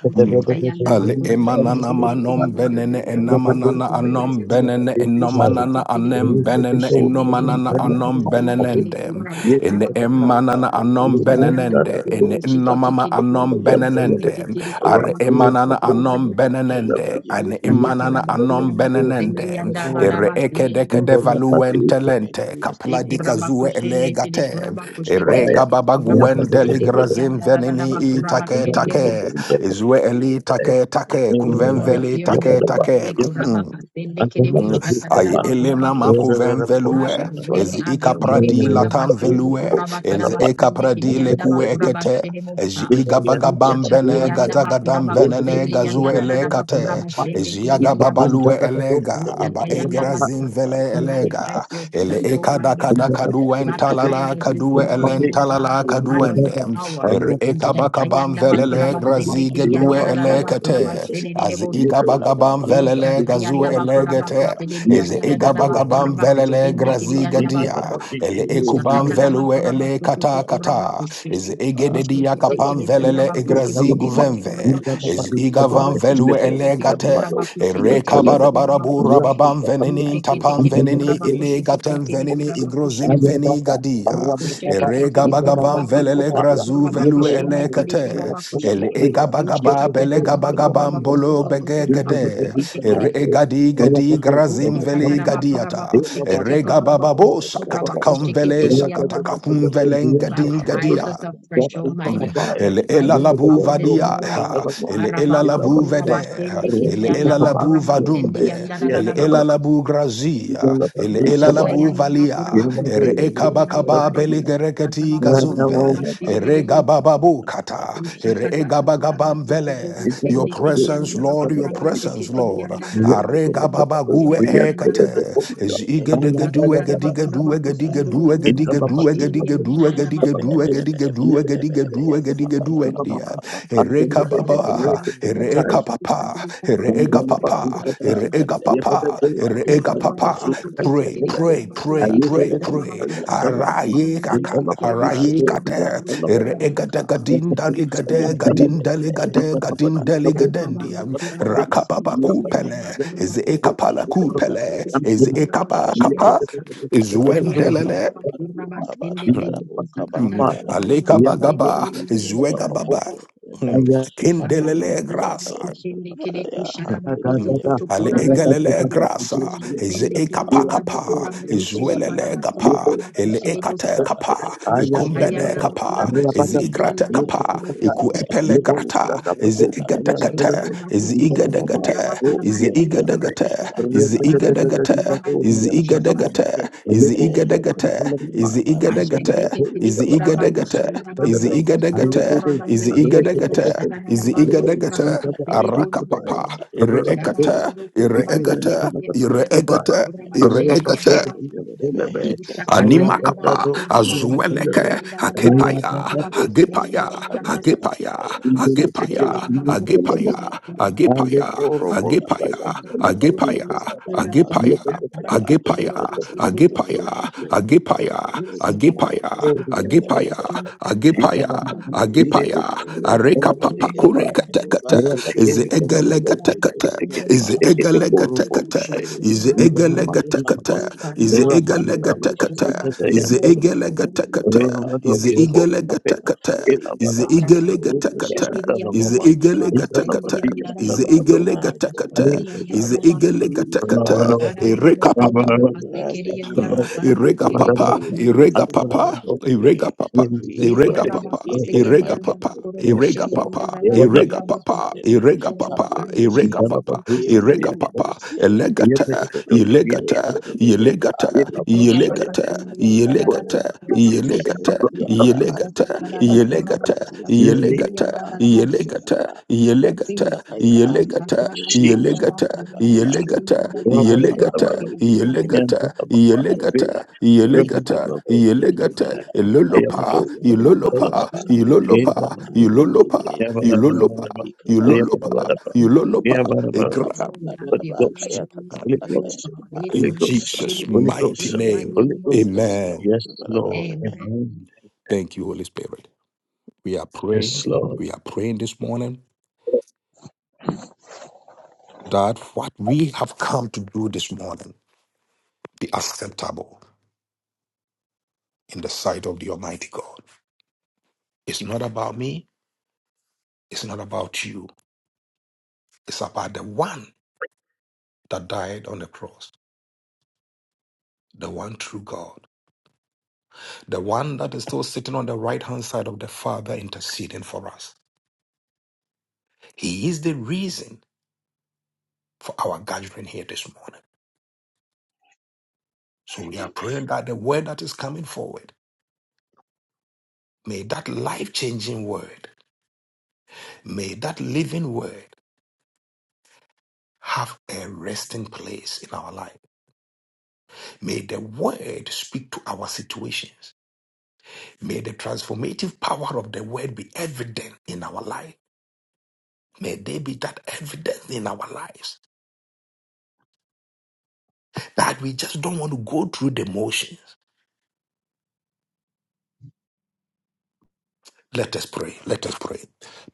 [SPEAKER 3] We
[SPEAKER 2] We
[SPEAKER 3] shall tie
[SPEAKER 2] invite
[SPEAKER 3] and
[SPEAKER 2] you
[SPEAKER 3] about
[SPEAKER 1] Ale
[SPEAKER 2] in
[SPEAKER 3] for
[SPEAKER 2] the mighty
[SPEAKER 3] about
[SPEAKER 2] name
[SPEAKER 3] us
[SPEAKER 1] emanana
[SPEAKER 2] of
[SPEAKER 3] to make
[SPEAKER 2] Jesus.
[SPEAKER 1] manom
[SPEAKER 2] Have your
[SPEAKER 1] benene
[SPEAKER 2] way. Take
[SPEAKER 3] about us
[SPEAKER 1] enamanana
[SPEAKER 2] dominion. Let
[SPEAKER 1] anom
[SPEAKER 2] your way go.
[SPEAKER 1] benene
[SPEAKER 3] We shall
[SPEAKER 4] Mm.
[SPEAKER 3] keep
[SPEAKER 1] enomanana
[SPEAKER 3] it
[SPEAKER 1] anem
[SPEAKER 3] for
[SPEAKER 4] ये तो
[SPEAKER 3] about
[SPEAKER 1] benene
[SPEAKER 3] Koraba.
[SPEAKER 4] देखो
[SPEAKER 3] to
[SPEAKER 4] उसने
[SPEAKER 3] make it
[SPEAKER 1] enomanana
[SPEAKER 3] for
[SPEAKER 4] internet
[SPEAKER 2] Take
[SPEAKER 3] about
[SPEAKER 2] the
[SPEAKER 1] anom
[SPEAKER 3] us
[SPEAKER 2] wheel,
[SPEAKER 4] पर
[SPEAKER 2] take
[SPEAKER 3] to
[SPEAKER 2] care
[SPEAKER 3] make
[SPEAKER 2] of
[SPEAKER 3] it
[SPEAKER 4] update
[SPEAKER 1] benenende
[SPEAKER 2] things in your
[SPEAKER 4] ये
[SPEAKER 1] ene
[SPEAKER 3] about
[SPEAKER 4] तो
[SPEAKER 2] Have
[SPEAKER 3] us.
[SPEAKER 2] your
[SPEAKER 4] पता
[SPEAKER 2] way,
[SPEAKER 4] है
[SPEAKER 2] have
[SPEAKER 1] emanana
[SPEAKER 2] your way
[SPEAKER 1] anom
[SPEAKER 4] ये
[SPEAKER 2] this morning,
[SPEAKER 4] कौन
[SPEAKER 3] Ushadanda
[SPEAKER 2] Lord
[SPEAKER 1] benenende
[SPEAKER 4] ज्यादा
[SPEAKER 2] God.
[SPEAKER 3] bakuru
[SPEAKER 4] तो
[SPEAKER 1] ene
[SPEAKER 2] Have your way.
[SPEAKER 4] बड़ा
[SPEAKER 3] kushikete
[SPEAKER 1] enomama
[SPEAKER 3] kiri
[SPEAKER 2] We
[SPEAKER 1] anom
[SPEAKER 3] kuraba
[SPEAKER 2] say,
[SPEAKER 4] तैयार
[SPEAKER 2] have your
[SPEAKER 4] चले गए
[SPEAKER 1] benenende
[SPEAKER 2] way
[SPEAKER 3] kushikete
[SPEAKER 2] in the
[SPEAKER 3] kiri
[SPEAKER 2] night,
[SPEAKER 4] और
[SPEAKER 1] are
[SPEAKER 3] kuraba
[SPEAKER 2] Lord. In
[SPEAKER 4] पूरा
[SPEAKER 1] emanana
[SPEAKER 3] kushikete
[SPEAKER 2] Jesus'
[SPEAKER 4] तो
[SPEAKER 1] anom
[SPEAKER 2] name.
[SPEAKER 3] kuraba kusa.
[SPEAKER 4] चले
[SPEAKER 1] benenende
[SPEAKER 2] Have
[SPEAKER 4] गए
[SPEAKER 2] your way,
[SPEAKER 1] an
[SPEAKER 4] ये
[SPEAKER 2] yes,
[SPEAKER 4] है
[SPEAKER 2] Lord.
[SPEAKER 3] Ushakatara
[SPEAKER 1] imanana
[SPEAKER 2] Have your
[SPEAKER 4] जैसे
[SPEAKER 3] bakura
[SPEAKER 1] anom
[SPEAKER 2] way
[SPEAKER 4] तो
[SPEAKER 2] in the
[SPEAKER 4] ये
[SPEAKER 3] makatendi
[SPEAKER 1] benenende
[SPEAKER 4] तो
[SPEAKER 2] people's
[SPEAKER 3] yanda
[SPEAKER 2] name.
[SPEAKER 4] मामला
[SPEAKER 1] ere
[SPEAKER 3] baraba
[SPEAKER 2] Have your
[SPEAKER 3] shiri
[SPEAKER 2] way.
[SPEAKER 1] ekedeke de
[SPEAKER 3] bosu.
[SPEAKER 4] Internet पर
[SPEAKER 2] We say,
[SPEAKER 4] भी
[SPEAKER 2] take dominion,
[SPEAKER 1] valuentelente
[SPEAKER 2] yes,
[SPEAKER 3] E
[SPEAKER 1] kapla
[SPEAKER 2] Lord.
[SPEAKER 3] kuraba
[SPEAKER 1] dikazue
[SPEAKER 2] Take
[SPEAKER 3] kushende
[SPEAKER 2] dominion,
[SPEAKER 3] kiri
[SPEAKER 2] take
[SPEAKER 1] elegate
[SPEAKER 3] kuraba
[SPEAKER 2] dominion. Let
[SPEAKER 4] सब
[SPEAKER 2] your
[SPEAKER 1] ere
[SPEAKER 3] kushikete
[SPEAKER 4] आया
[SPEAKER 2] will be
[SPEAKER 3] kiri
[SPEAKER 2] done this
[SPEAKER 3] kuraba
[SPEAKER 4] यहाँ पर
[SPEAKER 1] gababaguen
[SPEAKER 2] morning,
[SPEAKER 4] तो
[SPEAKER 3] kasendi
[SPEAKER 2] Lord
[SPEAKER 3] kiri
[SPEAKER 4] तो
[SPEAKER 2] God.
[SPEAKER 1] deligrazim
[SPEAKER 3] yanda
[SPEAKER 2] Let
[SPEAKER 3] rada
[SPEAKER 1] venini
[SPEAKER 2] your
[SPEAKER 3] bakura
[SPEAKER 2] will be
[SPEAKER 1] itake
[SPEAKER 2] done
[SPEAKER 3] bakiri
[SPEAKER 4] internet
[SPEAKER 3] de
[SPEAKER 2] this
[SPEAKER 4] पर
[SPEAKER 1] take
[SPEAKER 4] तो
[SPEAKER 2] morning
[SPEAKER 3] bosa.
[SPEAKER 2] in the
[SPEAKER 1] izue
[SPEAKER 2] mighty name of
[SPEAKER 1] eli
[SPEAKER 4] internet है
[SPEAKER 2] Jesus.
[SPEAKER 1] take take
[SPEAKER 3] Glory
[SPEAKER 4] ये
[SPEAKER 2] Father,
[SPEAKER 1] kumvenveli
[SPEAKER 3] to
[SPEAKER 2] we
[SPEAKER 3] your
[SPEAKER 2] say,
[SPEAKER 4] ये
[SPEAKER 2] have
[SPEAKER 1] take
[SPEAKER 3] name,
[SPEAKER 2] your
[SPEAKER 4] पता
[SPEAKER 1] take
[SPEAKER 3] God.
[SPEAKER 2] way,
[SPEAKER 4] ये
[SPEAKER 2] yes,
[SPEAKER 1] Hmm.
[SPEAKER 2] Lord.
[SPEAKER 3] Ekurabaka,
[SPEAKER 2] We say, have your
[SPEAKER 3] sendekidebo,
[SPEAKER 1] Mm,
[SPEAKER 2] way.
[SPEAKER 4] अंतर्गत भी सब
[SPEAKER 1] ai-
[SPEAKER 4] आया
[SPEAKER 3] shatadadaba,
[SPEAKER 4] ये
[SPEAKER 2] Have your
[SPEAKER 1] Elena
[SPEAKER 2] way,
[SPEAKER 3] kurabakusa.
[SPEAKER 2] have your
[SPEAKER 1] Makoven
[SPEAKER 2] way, have
[SPEAKER 3] Have
[SPEAKER 1] Velue,
[SPEAKER 3] your
[SPEAKER 2] your way,
[SPEAKER 4] Thank
[SPEAKER 3] way,
[SPEAKER 1] is
[SPEAKER 2] have your
[SPEAKER 3] have your
[SPEAKER 2] way.
[SPEAKER 3] way.
[SPEAKER 1] Ikapradi
[SPEAKER 2] In the
[SPEAKER 1] Latam
[SPEAKER 3] Karabasendu,
[SPEAKER 2] name
[SPEAKER 1] Velue,
[SPEAKER 2] of
[SPEAKER 1] is
[SPEAKER 2] Jesus, have
[SPEAKER 3] kurabakarabasende,
[SPEAKER 2] your
[SPEAKER 1] Ikapradi
[SPEAKER 2] way,
[SPEAKER 3] kidiyandaba,
[SPEAKER 4] you.
[SPEAKER 1] Lekue Ekete, is
[SPEAKER 3] kurabastedebosa.
[SPEAKER 1] Igabagabam
[SPEAKER 2] have
[SPEAKER 3] Uchakata
[SPEAKER 2] your
[SPEAKER 1] Bene
[SPEAKER 2] way, can
[SPEAKER 3] yandaba,
[SPEAKER 1] Gazagadam
[SPEAKER 2] you have your
[SPEAKER 1] Venene
[SPEAKER 2] way?
[SPEAKER 3] kurabakusende,
[SPEAKER 1] Gazue
[SPEAKER 2] Lord,
[SPEAKER 3] yandadadadaba,
[SPEAKER 2] I
[SPEAKER 1] Elekate,
[SPEAKER 2] pray that
[SPEAKER 1] is
[SPEAKER 3] kurabasende,
[SPEAKER 2] you have your way,
[SPEAKER 3] kidiyandabasa.
[SPEAKER 1] Yagababalue Elega,
[SPEAKER 2] have your
[SPEAKER 1] Aba
[SPEAKER 3] Uchata
[SPEAKER 2] way, mighty
[SPEAKER 1] Egrazin
[SPEAKER 3] yandabasa.
[SPEAKER 2] Lord, have
[SPEAKER 1] Vele
[SPEAKER 2] your way,
[SPEAKER 1] Elega,
[SPEAKER 3] Manifest
[SPEAKER 1] Ele
[SPEAKER 2] have
[SPEAKER 3] yourself,
[SPEAKER 2] your way,
[SPEAKER 3] Almighty
[SPEAKER 2] can you
[SPEAKER 3] God.
[SPEAKER 2] get my
[SPEAKER 1] Ekadakadakaduen
[SPEAKER 2] prayer to?
[SPEAKER 3] Baptize
[SPEAKER 1] Talala
[SPEAKER 3] us
[SPEAKER 2] Have
[SPEAKER 3] this
[SPEAKER 2] your
[SPEAKER 1] Kadue
[SPEAKER 2] way,
[SPEAKER 3] morning,
[SPEAKER 1] Elen
[SPEAKER 3] O God,
[SPEAKER 1] Talala
[SPEAKER 2] Jesus,
[SPEAKER 3] with
[SPEAKER 2] in
[SPEAKER 3] fire,
[SPEAKER 2] the
[SPEAKER 3] with
[SPEAKER 1] Kaduende,
[SPEAKER 2] name
[SPEAKER 3] power.
[SPEAKER 2] of the way,
[SPEAKER 1] Ekabakabam
[SPEAKER 3] Ushatayanda
[SPEAKER 2] so
[SPEAKER 3] bakura
[SPEAKER 1] velele
[SPEAKER 2] push it
[SPEAKER 3] basende
[SPEAKER 1] grazige
[SPEAKER 2] up,
[SPEAKER 3] kiriyanda
[SPEAKER 1] due
[SPEAKER 2] the
[SPEAKER 3] radada
[SPEAKER 2] children
[SPEAKER 3] bakura
[SPEAKER 1] elekete.
[SPEAKER 2] push.
[SPEAKER 3] bashere de de
[SPEAKER 1] As
[SPEAKER 3] bosa.
[SPEAKER 2] Can't stop the
[SPEAKER 1] igabagabam
[SPEAKER 2] laughter, brother,
[SPEAKER 1] velele
[SPEAKER 2] to the
[SPEAKER 3] Ishatayanda
[SPEAKER 1] gazue
[SPEAKER 3] bakuraba
[SPEAKER 1] elegete.
[SPEAKER 2] laughter,
[SPEAKER 1] Is
[SPEAKER 2] brother,
[SPEAKER 3] kusediyanda
[SPEAKER 2] have the
[SPEAKER 3] dada
[SPEAKER 2] children.
[SPEAKER 1] igabagabam
[SPEAKER 3] bakuraba
[SPEAKER 1] velele
[SPEAKER 2] I pray
[SPEAKER 3] kashende
[SPEAKER 2] that you
[SPEAKER 1] graziga
[SPEAKER 3] kiriyanda
[SPEAKER 2] have
[SPEAKER 3] basa.
[SPEAKER 1] dia. Ele
[SPEAKER 3] Ushta
[SPEAKER 4] Thank
[SPEAKER 1] ekubam
[SPEAKER 3] katara
[SPEAKER 1] velue
[SPEAKER 3] bakuraba
[SPEAKER 1] ele kata
[SPEAKER 3] sukutu kuraba
[SPEAKER 1] kata. Is
[SPEAKER 3] kushi. Ushte
[SPEAKER 1] igededia
[SPEAKER 4] Thank
[SPEAKER 3] kete
[SPEAKER 1] kapam
[SPEAKER 3] kiri
[SPEAKER 1] velele
[SPEAKER 3] kuraba kushi
[SPEAKER 1] igrazi
[SPEAKER 3] kete kiri kuraba
[SPEAKER 1] guvemve. Is
[SPEAKER 3] kushi.
[SPEAKER 1] igavam
[SPEAKER 3] Kuro kushi
[SPEAKER 1] velue
[SPEAKER 3] kete kiri
[SPEAKER 1] elegate.
[SPEAKER 3] kuraba kushi kete
[SPEAKER 1] Ereka
[SPEAKER 3] kiri kuraba
[SPEAKER 1] barabarabu
[SPEAKER 3] kushi.
[SPEAKER 1] rababam veneni
[SPEAKER 3] Ushte kete
[SPEAKER 1] tapam
[SPEAKER 3] kiri
[SPEAKER 1] veneni
[SPEAKER 2] your
[SPEAKER 3] kuraba
[SPEAKER 2] way,
[SPEAKER 3] kushi
[SPEAKER 2] my
[SPEAKER 3] kete
[SPEAKER 1] ilegatem
[SPEAKER 2] leader,
[SPEAKER 3] kiri
[SPEAKER 2] this
[SPEAKER 1] veneni
[SPEAKER 3] kuraba
[SPEAKER 2] morning.
[SPEAKER 3] kushi
[SPEAKER 1] igrozim
[SPEAKER 2] Yes,
[SPEAKER 3] basa.
[SPEAKER 1] veni
[SPEAKER 2] Lord. Have
[SPEAKER 1] gadia.
[SPEAKER 2] your
[SPEAKER 3] Ushte
[SPEAKER 2] way,
[SPEAKER 3] kete
[SPEAKER 2] have your
[SPEAKER 1] Erega
[SPEAKER 2] way,
[SPEAKER 3] kiri kuraba
[SPEAKER 1] bagabam
[SPEAKER 3] kushi
[SPEAKER 1] velele
[SPEAKER 2] have
[SPEAKER 3] kutu
[SPEAKER 2] your
[SPEAKER 1] grazu
[SPEAKER 2] way,
[SPEAKER 3] kuraba
[SPEAKER 1] velu
[SPEAKER 3] kushende
[SPEAKER 2] have your way. Yes, Lord, have your way.
[SPEAKER 3] kiri
[SPEAKER 1] elekate.
[SPEAKER 3] kuraba
[SPEAKER 1] Ele
[SPEAKER 3] kushi.
[SPEAKER 1] ega
[SPEAKER 2] Ekaya,
[SPEAKER 3] Baptize
[SPEAKER 1] bagaba
[SPEAKER 2] Takayaka,
[SPEAKER 3] us
[SPEAKER 1] belega
[SPEAKER 2] have the way, have
[SPEAKER 1] bagabam
[SPEAKER 2] the way,
[SPEAKER 1] bolo
[SPEAKER 2] have the way,
[SPEAKER 1] begegede.
[SPEAKER 2] have the way.
[SPEAKER 1] Erega di gadi gadi grazim veli gadiata. Erega bababo shakata kam vele
[SPEAKER 2] Kebelebelebelebeyata
[SPEAKER 1] shakata
[SPEAKER 2] hadi
[SPEAKER 1] kakum velen
[SPEAKER 2] kebelebos
[SPEAKER 1] gadin
[SPEAKER 4] you.
[SPEAKER 2] matondo
[SPEAKER 1] gadia.
[SPEAKER 2] kabanda
[SPEAKER 3] afresh,
[SPEAKER 4] Justin
[SPEAKER 2] balaba
[SPEAKER 3] Almighty God,
[SPEAKER 4] Papaya,
[SPEAKER 3] with
[SPEAKER 1] Ele
[SPEAKER 3] fire
[SPEAKER 1] ela
[SPEAKER 2] ika
[SPEAKER 1] la
[SPEAKER 3] with
[SPEAKER 2] paya
[SPEAKER 1] bu
[SPEAKER 4] Yedada
[SPEAKER 3] power this
[SPEAKER 2] paya
[SPEAKER 4] Sovia,
[SPEAKER 3] morning.
[SPEAKER 2] tarapaya
[SPEAKER 4] Elamon,
[SPEAKER 1] ele ela
[SPEAKER 2] matondo
[SPEAKER 1] la
[SPEAKER 3] Arabasto
[SPEAKER 1] bu
[SPEAKER 2] balabos
[SPEAKER 4] Ilamasa,
[SPEAKER 3] kurabashende
[SPEAKER 1] ele
[SPEAKER 4] Resti
[SPEAKER 2] ika
[SPEAKER 3] kiriyanda
[SPEAKER 1] ela
[SPEAKER 2] paya
[SPEAKER 1] la
[SPEAKER 4] Papaya,
[SPEAKER 1] bu
[SPEAKER 2] paya
[SPEAKER 3] bakurabasende
[SPEAKER 4] Yedada,
[SPEAKER 2] hadi
[SPEAKER 3] yanda da da
[SPEAKER 4] Yedada,
[SPEAKER 1] ele
[SPEAKER 3] da
[SPEAKER 1] ela
[SPEAKER 4] Yedada,
[SPEAKER 1] la
[SPEAKER 3] basha.
[SPEAKER 1] bu
[SPEAKER 2] kebelebelebelebe
[SPEAKER 4] Yedada, Yedada, Yedada, Yedada,
[SPEAKER 1] ele
[SPEAKER 2] ika
[SPEAKER 4] Yedada,
[SPEAKER 1] ela la
[SPEAKER 2] paya paya
[SPEAKER 4] Soviya,
[SPEAKER 1] bu
[SPEAKER 3] Ushatayanda
[SPEAKER 2] paya
[SPEAKER 4] Elamon,
[SPEAKER 2] hadi
[SPEAKER 1] ere
[SPEAKER 3] bakurabakusende
[SPEAKER 1] ekaba
[SPEAKER 3] kiriyanda
[SPEAKER 4] Ilamasha,
[SPEAKER 3] barebosa.
[SPEAKER 2] kebelebelebelebe
[SPEAKER 1] beligereketi
[SPEAKER 3] Katarabando
[SPEAKER 2] ika
[SPEAKER 1] gazumbe,
[SPEAKER 2] paya paya
[SPEAKER 1] ere
[SPEAKER 2] hadi
[SPEAKER 3] kurabashiri
[SPEAKER 1] gabababu
[SPEAKER 2] kabanda
[SPEAKER 1] kata,
[SPEAKER 2] balaba
[SPEAKER 3] Thank
[SPEAKER 1] ere
[SPEAKER 2] hadi
[SPEAKER 1] egaba
[SPEAKER 2] kabanda
[SPEAKER 1] vele. Your
[SPEAKER 2] matondo
[SPEAKER 4] Kakabaya,
[SPEAKER 2] siya
[SPEAKER 1] presence, Lord, your
[SPEAKER 2] hadi
[SPEAKER 1] presence,
[SPEAKER 2] kebelebe
[SPEAKER 1] Lord.
[SPEAKER 2] ika
[SPEAKER 1] Are
[SPEAKER 2] pelebe ika pelebe ika
[SPEAKER 1] gababagu
[SPEAKER 4] Yedada,
[SPEAKER 1] ekate,
[SPEAKER 4] Soviya,
[SPEAKER 1] is
[SPEAKER 2] pelebe ika
[SPEAKER 4] Ala
[SPEAKER 1] igedegedu
[SPEAKER 4] ala
[SPEAKER 2] pelebe
[SPEAKER 4] ala,
[SPEAKER 2] ya
[SPEAKER 1] egedigedu
[SPEAKER 2] tarapaya
[SPEAKER 1] egedigedu
[SPEAKER 2] matondo
[SPEAKER 4] inka
[SPEAKER 1] egedigedu
[SPEAKER 2] balabos
[SPEAKER 4] bapati
[SPEAKER 1] egadiga
[SPEAKER 4] sabo,
[SPEAKER 1] do egadiga
[SPEAKER 2] Thank
[SPEAKER 1] do
[SPEAKER 4] bapati.
[SPEAKER 1] egadiga
[SPEAKER 4] Ini
[SPEAKER 1] do
[SPEAKER 4] kita kita
[SPEAKER 1] egadiga do
[SPEAKER 4] kita ini
[SPEAKER 1] egadiga do
[SPEAKER 4] kita makan.
[SPEAKER 1] endia
[SPEAKER 4] Anjing
[SPEAKER 1] ereka
[SPEAKER 4] kita kita
[SPEAKER 1] baba
[SPEAKER 2] you.
[SPEAKER 4] kita kita
[SPEAKER 1] ereka papa
[SPEAKER 4] Thank
[SPEAKER 1] erega
[SPEAKER 2] Kabanda
[SPEAKER 1] papa erega papa erega papa pray pray pray pray pray araye kaka araye kate
[SPEAKER 3] you.
[SPEAKER 1] erega gadinda ligade gadinda ligade gadinda
[SPEAKER 3] Ayanda
[SPEAKER 1] ligadendia
[SPEAKER 3] makura
[SPEAKER 1] rakababa
[SPEAKER 3] mashendekiri yanda
[SPEAKER 1] kupele
[SPEAKER 3] makura
[SPEAKER 1] is
[SPEAKER 3] kese
[SPEAKER 1] ekapala kupele is ekapa kapa is wendelele
[SPEAKER 2] balabu, kabanda
[SPEAKER 1] Mm.
[SPEAKER 2] balabu,
[SPEAKER 1] Aleka bagaba,
[SPEAKER 2] ikepele pele pele
[SPEAKER 1] zuega baba.
[SPEAKER 2] ikepele pele
[SPEAKER 1] Mm.
[SPEAKER 4] you.
[SPEAKER 1] Kendelele
[SPEAKER 2] Matondosia
[SPEAKER 1] grasa.
[SPEAKER 2] Kayanta Kabaraya
[SPEAKER 1] Mm.
[SPEAKER 2] Handebo
[SPEAKER 1] Ale
[SPEAKER 2] Kabanda
[SPEAKER 1] egalele
[SPEAKER 2] Baraba
[SPEAKER 1] grasa.
[SPEAKER 2] Mato
[SPEAKER 1] Eze
[SPEAKER 2] Kayata
[SPEAKER 1] ekapa
[SPEAKER 2] Branda
[SPEAKER 1] kapa.
[SPEAKER 2] Barabe
[SPEAKER 4] Thank
[SPEAKER 2] Kabana
[SPEAKER 1] Ezuelele
[SPEAKER 2] Barabara
[SPEAKER 1] gapa. Ele
[SPEAKER 2] Kabana Barabara
[SPEAKER 1] ekate
[SPEAKER 2] Kabana
[SPEAKER 1] kapa.
[SPEAKER 4] Aya
[SPEAKER 2] Barabara
[SPEAKER 4] da
[SPEAKER 2] Heka
[SPEAKER 4] da
[SPEAKER 1] Ekumbene
[SPEAKER 4] da,
[SPEAKER 1] kapa.
[SPEAKER 2] Barabara
[SPEAKER 4] arra ba
[SPEAKER 1] Ezi
[SPEAKER 4] da da,
[SPEAKER 1] igrate
[SPEAKER 4] ye
[SPEAKER 2] Handike
[SPEAKER 4] kutu
[SPEAKER 1] kapa.
[SPEAKER 2] Berebo
[SPEAKER 4] kata ya,
[SPEAKER 1] Eku
[SPEAKER 3] kito
[SPEAKER 2] Kabaya
[SPEAKER 1] epele
[SPEAKER 4] le
[SPEAKER 3] kura
[SPEAKER 4] bo
[SPEAKER 3] masi.
[SPEAKER 4] sa
[SPEAKER 1] krata.
[SPEAKER 4] da
[SPEAKER 2] Berebo
[SPEAKER 4] ba
[SPEAKER 1] Eze
[SPEAKER 4] do,
[SPEAKER 2] Kabana
[SPEAKER 4] le ya
[SPEAKER 2] Barabara
[SPEAKER 4] se da
[SPEAKER 1] igedekete.
[SPEAKER 4] be,
[SPEAKER 1] Eze
[SPEAKER 4] i da ma
[SPEAKER 2] Matondo
[SPEAKER 4] ma ma, ba
[SPEAKER 1] igedegete.
[SPEAKER 4] do,
[SPEAKER 2] Barabosia
[SPEAKER 4] si
[SPEAKER 1] Eze
[SPEAKER 4] ya se
[SPEAKER 2] Kayanta
[SPEAKER 4] da be,
[SPEAKER 2] Kabaya
[SPEAKER 1] igedegete.
[SPEAKER 2] Barabe
[SPEAKER 4] re se da da
[SPEAKER 1] Eze
[SPEAKER 2] Kabaya
[SPEAKER 4] da da di ba
[SPEAKER 1] igadagata,
[SPEAKER 2] Kayanta
[SPEAKER 4] do, di
[SPEAKER 1] is
[SPEAKER 4] ya
[SPEAKER 2] Kabana
[SPEAKER 4] sa
[SPEAKER 2] Barabara
[SPEAKER 4] da ma ma,
[SPEAKER 1] igadagata,
[SPEAKER 2] Hende
[SPEAKER 4] le
[SPEAKER 1] is
[SPEAKER 2] Berebe
[SPEAKER 4] bo sa ya
[SPEAKER 2] Hende
[SPEAKER 4] sa
[SPEAKER 1] igadagata,
[SPEAKER 4] da ma
[SPEAKER 2] Berebe
[SPEAKER 4] ma,
[SPEAKER 1] is
[SPEAKER 4] i
[SPEAKER 2] Kabana
[SPEAKER 4] da ma ba
[SPEAKER 1] igadagata,
[SPEAKER 2] Barabara
[SPEAKER 4] do,
[SPEAKER 1] is
[SPEAKER 4] sa da ba do,
[SPEAKER 2] Yatando
[SPEAKER 4] sa
[SPEAKER 1] igadagata,
[SPEAKER 4] ya
[SPEAKER 2] Kayanta
[SPEAKER 4] se da
[SPEAKER 1] is
[SPEAKER 2] Kabana
[SPEAKER 4] be, aye
[SPEAKER 2] Barabara
[SPEAKER 4] de
[SPEAKER 1] igadagata,
[SPEAKER 4] de,
[SPEAKER 2] Kabana
[SPEAKER 1] is
[SPEAKER 4] arre ke te
[SPEAKER 2] Barabara
[SPEAKER 4] te
[SPEAKER 1] igadagata,
[SPEAKER 4] te,
[SPEAKER 1] is
[SPEAKER 2] Thank
[SPEAKER 4] le bo sa
[SPEAKER 1] igadagata,
[SPEAKER 4] da ba ba si ku ba
[SPEAKER 1] arakapapa,
[SPEAKER 4] ya, arra ba do,
[SPEAKER 1] ireegata,
[SPEAKER 4] si, di ka ya sa
[SPEAKER 1] ireegata,
[SPEAKER 4] da ba si ku ba
[SPEAKER 1] ireegata, ireegata,
[SPEAKER 4] Rapato via Telebe,
[SPEAKER 1] Animakapa,
[SPEAKER 4] Ayatatato via Telebe,
[SPEAKER 1] Azueleke, Akepaya,
[SPEAKER 4] Ayatatato via
[SPEAKER 1] Agepaya, Agepaya,
[SPEAKER 3] Shakata yanda
[SPEAKER 1] Agepaya,
[SPEAKER 3] bakura
[SPEAKER 4] Telebe,
[SPEAKER 3] bosi
[SPEAKER 1] Agepaya,
[SPEAKER 3] bakura basi.
[SPEAKER 1] Agepaya,
[SPEAKER 4] Aleporobo
[SPEAKER 3] And
[SPEAKER 1] Agepaya,
[SPEAKER 3] thank you,
[SPEAKER 4] Sayantelebe,
[SPEAKER 3] Holy
[SPEAKER 1] Agepaya, Agepaya,
[SPEAKER 3] Spirit of God.
[SPEAKER 1] Agepaya, Agepaya,
[SPEAKER 4] Yepetepetepetepetepet,
[SPEAKER 1] Agepaya,
[SPEAKER 3] Akarabasindekishikutukurabakasi.
[SPEAKER 1] Agepaya, Agepaya,
[SPEAKER 4] Orient
[SPEAKER 2] you.
[SPEAKER 4] Telebe,
[SPEAKER 2] Father,
[SPEAKER 1] Agepaya,
[SPEAKER 2] have
[SPEAKER 4] Intamamata,
[SPEAKER 2] your way,
[SPEAKER 3] Ishikarabakusukurabakasindekirabakasi.
[SPEAKER 2] yes,
[SPEAKER 1] Agepaya,
[SPEAKER 4] Indebo
[SPEAKER 2] Lord.
[SPEAKER 3] You
[SPEAKER 2] Have
[SPEAKER 3] are
[SPEAKER 1] Areka
[SPEAKER 2] your
[SPEAKER 4] Sayantelebe,
[SPEAKER 2] way
[SPEAKER 3] lifting
[SPEAKER 1] Papa
[SPEAKER 2] this
[SPEAKER 3] my
[SPEAKER 4] Dikaba,
[SPEAKER 2] morning. Oh
[SPEAKER 3] garments
[SPEAKER 2] God,
[SPEAKER 1] kurekata
[SPEAKER 3] now,
[SPEAKER 2] take
[SPEAKER 3] Lord.
[SPEAKER 1] Is
[SPEAKER 4] Rapato,
[SPEAKER 1] the
[SPEAKER 2] dominion, yes,
[SPEAKER 4] Teketeketo,
[SPEAKER 2] Lord. Take
[SPEAKER 1] egalegatakata
[SPEAKER 2] dominion,
[SPEAKER 1] Is
[SPEAKER 2] Lord.
[SPEAKER 1] the
[SPEAKER 4] Teketeketekete,
[SPEAKER 2] That
[SPEAKER 3] Ishikurabakusindekishakayo.
[SPEAKER 2] your name
[SPEAKER 3] You
[SPEAKER 4] Korobo
[SPEAKER 2] will be
[SPEAKER 1] egalegatakata
[SPEAKER 3] have your
[SPEAKER 4] Saya,
[SPEAKER 3] way,
[SPEAKER 1] Is
[SPEAKER 2] glorified.
[SPEAKER 1] the
[SPEAKER 3] have
[SPEAKER 2] That your
[SPEAKER 3] your
[SPEAKER 2] name will be
[SPEAKER 3] way.
[SPEAKER 4] Intamamata,
[SPEAKER 1] egalegatakata
[SPEAKER 2] magnified.
[SPEAKER 1] is the
[SPEAKER 2] Have your
[SPEAKER 4] Ramanta,
[SPEAKER 2] way, show
[SPEAKER 1] egalegatakata
[SPEAKER 2] us,
[SPEAKER 1] is
[SPEAKER 2] oh
[SPEAKER 1] the
[SPEAKER 4] Rapasita,
[SPEAKER 2] God, your glory, oh
[SPEAKER 3] Ikarabasindekirikurabasinimosakaturimosa.
[SPEAKER 1] egalegatakata
[SPEAKER 4] Jesus.
[SPEAKER 2] God,
[SPEAKER 1] Is the
[SPEAKER 2] Master Tokarata.
[SPEAKER 1] egalagatakata
[SPEAKER 2] We
[SPEAKER 1] ize
[SPEAKER 2] invite your glory. We
[SPEAKER 1] egalagatakata
[SPEAKER 2] invite your
[SPEAKER 1] ize
[SPEAKER 2] spirit. We invite your
[SPEAKER 1] egalagatakata
[SPEAKER 2] spirit,
[SPEAKER 1] ize egalagatakata ize
[SPEAKER 2] spirit divine, fall
[SPEAKER 1] egalagatakata
[SPEAKER 2] afresh on us.
[SPEAKER 1] ize egalagatakata ize egalagatakata Is the ize egalagatakata ize
[SPEAKER 3] Arabakukushikiriyandabakurabasindiyandarabakurabakasindiyandarabakurabakasi.
[SPEAKER 2] Breathe over
[SPEAKER 1] egalagatakata
[SPEAKER 2] us again.
[SPEAKER 3] Sharamando
[SPEAKER 1] ereka
[SPEAKER 2] Breathe
[SPEAKER 3] Kuraba
[SPEAKER 2] over us
[SPEAKER 3] Kasekeri
[SPEAKER 2] again.
[SPEAKER 3] and
[SPEAKER 1] Mm.
[SPEAKER 3] Nava Karaba
[SPEAKER 2] We
[SPEAKER 1] Irega
[SPEAKER 2] pray
[SPEAKER 3] Shiri
[SPEAKER 2] that
[SPEAKER 1] papa,
[SPEAKER 3] de
[SPEAKER 2] you will breathe
[SPEAKER 1] irega
[SPEAKER 3] Kurabasa.
[SPEAKER 2] over us
[SPEAKER 1] papa,
[SPEAKER 2] again
[SPEAKER 1] irega papa,
[SPEAKER 2] pray
[SPEAKER 3] Shri
[SPEAKER 1] irega
[SPEAKER 2] over us
[SPEAKER 3] Kuraba
[SPEAKER 1] papa,
[SPEAKER 2] again in the
[SPEAKER 3] Kusekeri
[SPEAKER 2] mighty
[SPEAKER 1] irega
[SPEAKER 3] and
[SPEAKER 2] name
[SPEAKER 3] Nava
[SPEAKER 1] papa,
[SPEAKER 2] of King
[SPEAKER 3] Kuruku
[SPEAKER 1] irega
[SPEAKER 2] Jesus.
[SPEAKER 3] Shiri
[SPEAKER 2] We
[SPEAKER 3] and
[SPEAKER 2] say,
[SPEAKER 1] papa,
[SPEAKER 3] Dara
[SPEAKER 2] have your way
[SPEAKER 1] irega
[SPEAKER 3] Kuraba
[SPEAKER 2] this
[SPEAKER 1] papa,
[SPEAKER 2] morning.
[SPEAKER 3] Kusuku
[SPEAKER 2] and
[SPEAKER 1] irega
[SPEAKER 2] Have
[SPEAKER 3] Kuraba
[SPEAKER 1] papa,
[SPEAKER 2] your way
[SPEAKER 3] Karama
[SPEAKER 2] this
[SPEAKER 1] irega
[SPEAKER 3] Shiri
[SPEAKER 2] morning.
[SPEAKER 1] papa,
[SPEAKER 3] Kurabas.
[SPEAKER 1] irega
[SPEAKER 2] Keburu
[SPEAKER 1] papa,
[SPEAKER 2] busia ya
[SPEAKER 1] elegata,
[SPEAKER 2] mtapayaka.
[SPEAKER 1] ilegata,
[SPEAKER 2] Endebelebeka
[SPEAKER 1] ilegata,
[SPEAKER 2] The kasia
[SPEAKER 3] Kuraba
[SPEAKER 1] ilegata,
[SPEAKER 3] Kaseri
[SPEAKER 2] tapamanda
[SPEAKER 3] and
[SPEAKER 2] badabo.
[SPEAKER 1] ilegata,
[SPEAKER 3] Dara Kuraba
[SPEAKER 2] Matombo
[SPEAKER 3] Kushiri
[SPEAKER 1] ilegata,
[SPEAKER 3] Kuraba
[SPEAKER 2] siaka ande
[SPEAKER 3] Kusaka
[SPEAKER 1] ilegata,
[SPEAKER 2] kia
[SPEAKER 3] Taraba Kuraba
[SPEAKER 1] ilegata,
[SPEAKER 3] Kusama
[SPEAKER 2] matundururu
[SPEAKER 3] Sendi
[SPEAKER 1] yelegata
[SPEAKER 3] and
[SPEAKER 2] ka
[SPEAKER 3] Dara
[SPEAKER 2] andi
[SPEAKER 3] shu.
[SPEAKER 2] matundoroboka
[SPEAKER 1] yelegata
[SPEAKER 2] andikabanaba
[SPEAKER 1] yelegata
[SPEAKER 3] Jesus,
[SPEAKER 2] yantanakaya
[SPEAKER 1] yelegata
[SPEAKER 3] Mashatraba
[SPEAKER 2] andikibiriye
[SPEAKER 3] Sandaba
[SPEAKER 1] yelegata
[SPEAKER 3] Kuraba
[SPEAKER 2] kabanabanaba
[SPEAKER 3] Shiri and
[SPEAKER 1] yelegata
[SPEAKER 3] Dara
[SPEAKER 2] ekapa
[SPEAKER 3] Sekiri
[SPEAKER 1] yelegata
[SPEAKER 4] Holy Ghost,
[SPEAKER 2] andibirimu
[SPEAKER 3] Kuraba
[SPEAKER 1] yelegata
[SPEAKER 3] Kusama.
[SPEAKER 4] Holy
[SPEAKER 2] indikayata
[SPEAKER 1] yelegata yelegata
[SPEAKER 2] ekapa
[SPEAKER 1] yelegata
[SPEAKER 2] andikirikiya
[SPEAKER 3] About
[SPEAKER 1] ilolopa
[SPEAKER 3] the
[SPEAKER 2] andi
[SPEAKER 3] Kuraba
[SPEAKER 1] Elolopa,
[SPEAKER 2] andikaba
[SPEAKER 3] Shiri and
[SPEAKER 2] ma
[SPEAKER 1] elolopa,
[SPEAKER 2] andi
[SPEAKER 3] Dava
[SPEAKER 1] elolopa,
[SPEAKER 2] andikibirendesi
[SPEAKER 1] elolopa, elolopa,
[SPEAKER 2] indikabandasiya
[SPEAKER 3] the way
[SPEAKER 1] elolopa,
[SPEAKER 3] of
[SPEAKER 1] a
[SPEAKER 2] matondo
[SPEAKER 3] God, the
[SPEAKER 1] grab
[SPEAKER 3] way you have the
[SPEAKER 2] kabandabirabakaya
[SPEAKER 3] way,
[SPEAKER 2] kaya
[SPEAKER 3] Holy
[SPEAKER 2] takanda
[SPEAKER 3] Spirit
[SPEAKER 2] kaya
[SPEAKER 3] of
[SPEAKER 4] Ghost,
[SPEAKER 3] God.
[SPEAKER 2] kaba
[SPEAKER 3] Eh,
[SPEAKER 4] Holy
[SPEAKER 1] in
[SPEAKER 3] kuraba
[SPEAKER 4] Ghost,
[SPEAKER 1] Jesus
[SPEAKER 3] shirubu,
[SPEAKER 4] Holy
[SPEAKER 1] mighty
[SPEAKER 4] Ghost,
[SPEAKER 3] kuraba
[SPEAKER 1] name
[SPEAKER 4] Holy
[SPEAKER 3] yeribu.
[SPEAKER 4] Ghost.
[SPEAKER 2] masotokerebendeberebesiya
[SPEAKER 1] amen
[SPEAKER 4] Yes,
[SPEAKER 2] kabanabaraba
[SPEAKER 4] Lord.
[SPEAKER 2] amen
[SPEAKER 3] Amen.
[SPEAKER 4] Amen.
[SPEAKER 1] thank you holy spirit we are
[SPEAKER 4] Yes,
[SPEAKER 1] praying
[SPEAKER 4] Lord.
[SPEAKER 1] we are praying this morning that what we have come to do this morning be acceptable in the sight of the Almighty God. It's not about me, it's not about you, it's about the one that died on the cross, the one true God, the one that is still sitting on the right hand side of the Father interceding for us. He is the reason for our gathering here this morning. So we are praying that the word that is coming forward, may that life changing word, may that living word have a resting place in our life May the word speak to our situations. May the transformative power of the word be evident in our life. May there be that evidence in our lives that we just don't want to go through the motions. Let us pray. Let us pray.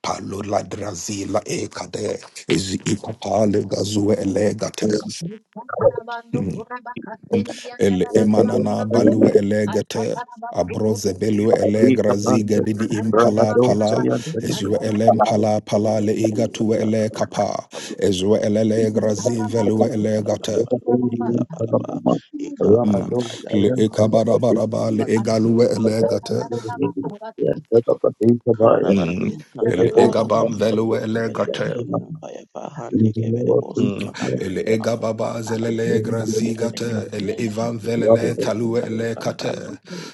[SPEAKER 1] Palola drazila ekade ezi ikopale gazue elegate
[SPEAKER 3] Ukatarabando kuraba katendi
[SPEAKER 1] El
[SPEAKER 3] yandararaba
[SPEAKER 1] emanana
[SPEAKER 3] kuraba.
[SPEAKER 1] balue elegete.
[SPEAKER 3] Atataraba suku,
[SPEAKER 1] Abroze belue elegra ziga didi impala
[SPEAKER 3] tanandaba kuraba
[SPEAKER 1] pala.
[SPEAKER 3] suku,
[SPEAKER 1] Ezue
[SPEAKER 3] ataraba
[SPEAKER 1] elem
[SPEAKER 4] Amen.
[SPEAKER 1] pala pala
[SPEAKER 2] Kabara
[SPEAKER 1] le iga tue
[SPEAKER 2] Father,
[SPEAKER 1] ele kapa. Ezue elele
[SPEAKER 4] Amen.
[SPEAKER 1] grazi
[SPEAKER 3] taraba
[SPEAKER 1] velue
[SPEAKER 3] suku,
[SPEAKER 1] elegate.
[SPEAKER 3] kuraba.
[SPEAKER 1] Mm. Le ekabarabaraba le egalue
[SPEAKER 3] Asuku,
[SPEAKER 1] elegate.
[SPEAKER 3] tatataraba kuraba.
[SPEAKER 1] Mm.
[SPEAKER 3] Jesus,
[SPEAKER 1] El
[SPEAKER 3] you are
[SPEAKER 1] egabam
[SPEAKER 3] worthy,
[SPEAKER 1] velue elegate.
[SPEAKER 3] the
[SPEAKER 1] Mm. Ele ega baba zelele
[SPEAKER 3] Open
[SPEAKER 1] egra ele ivan velele talue ele kate,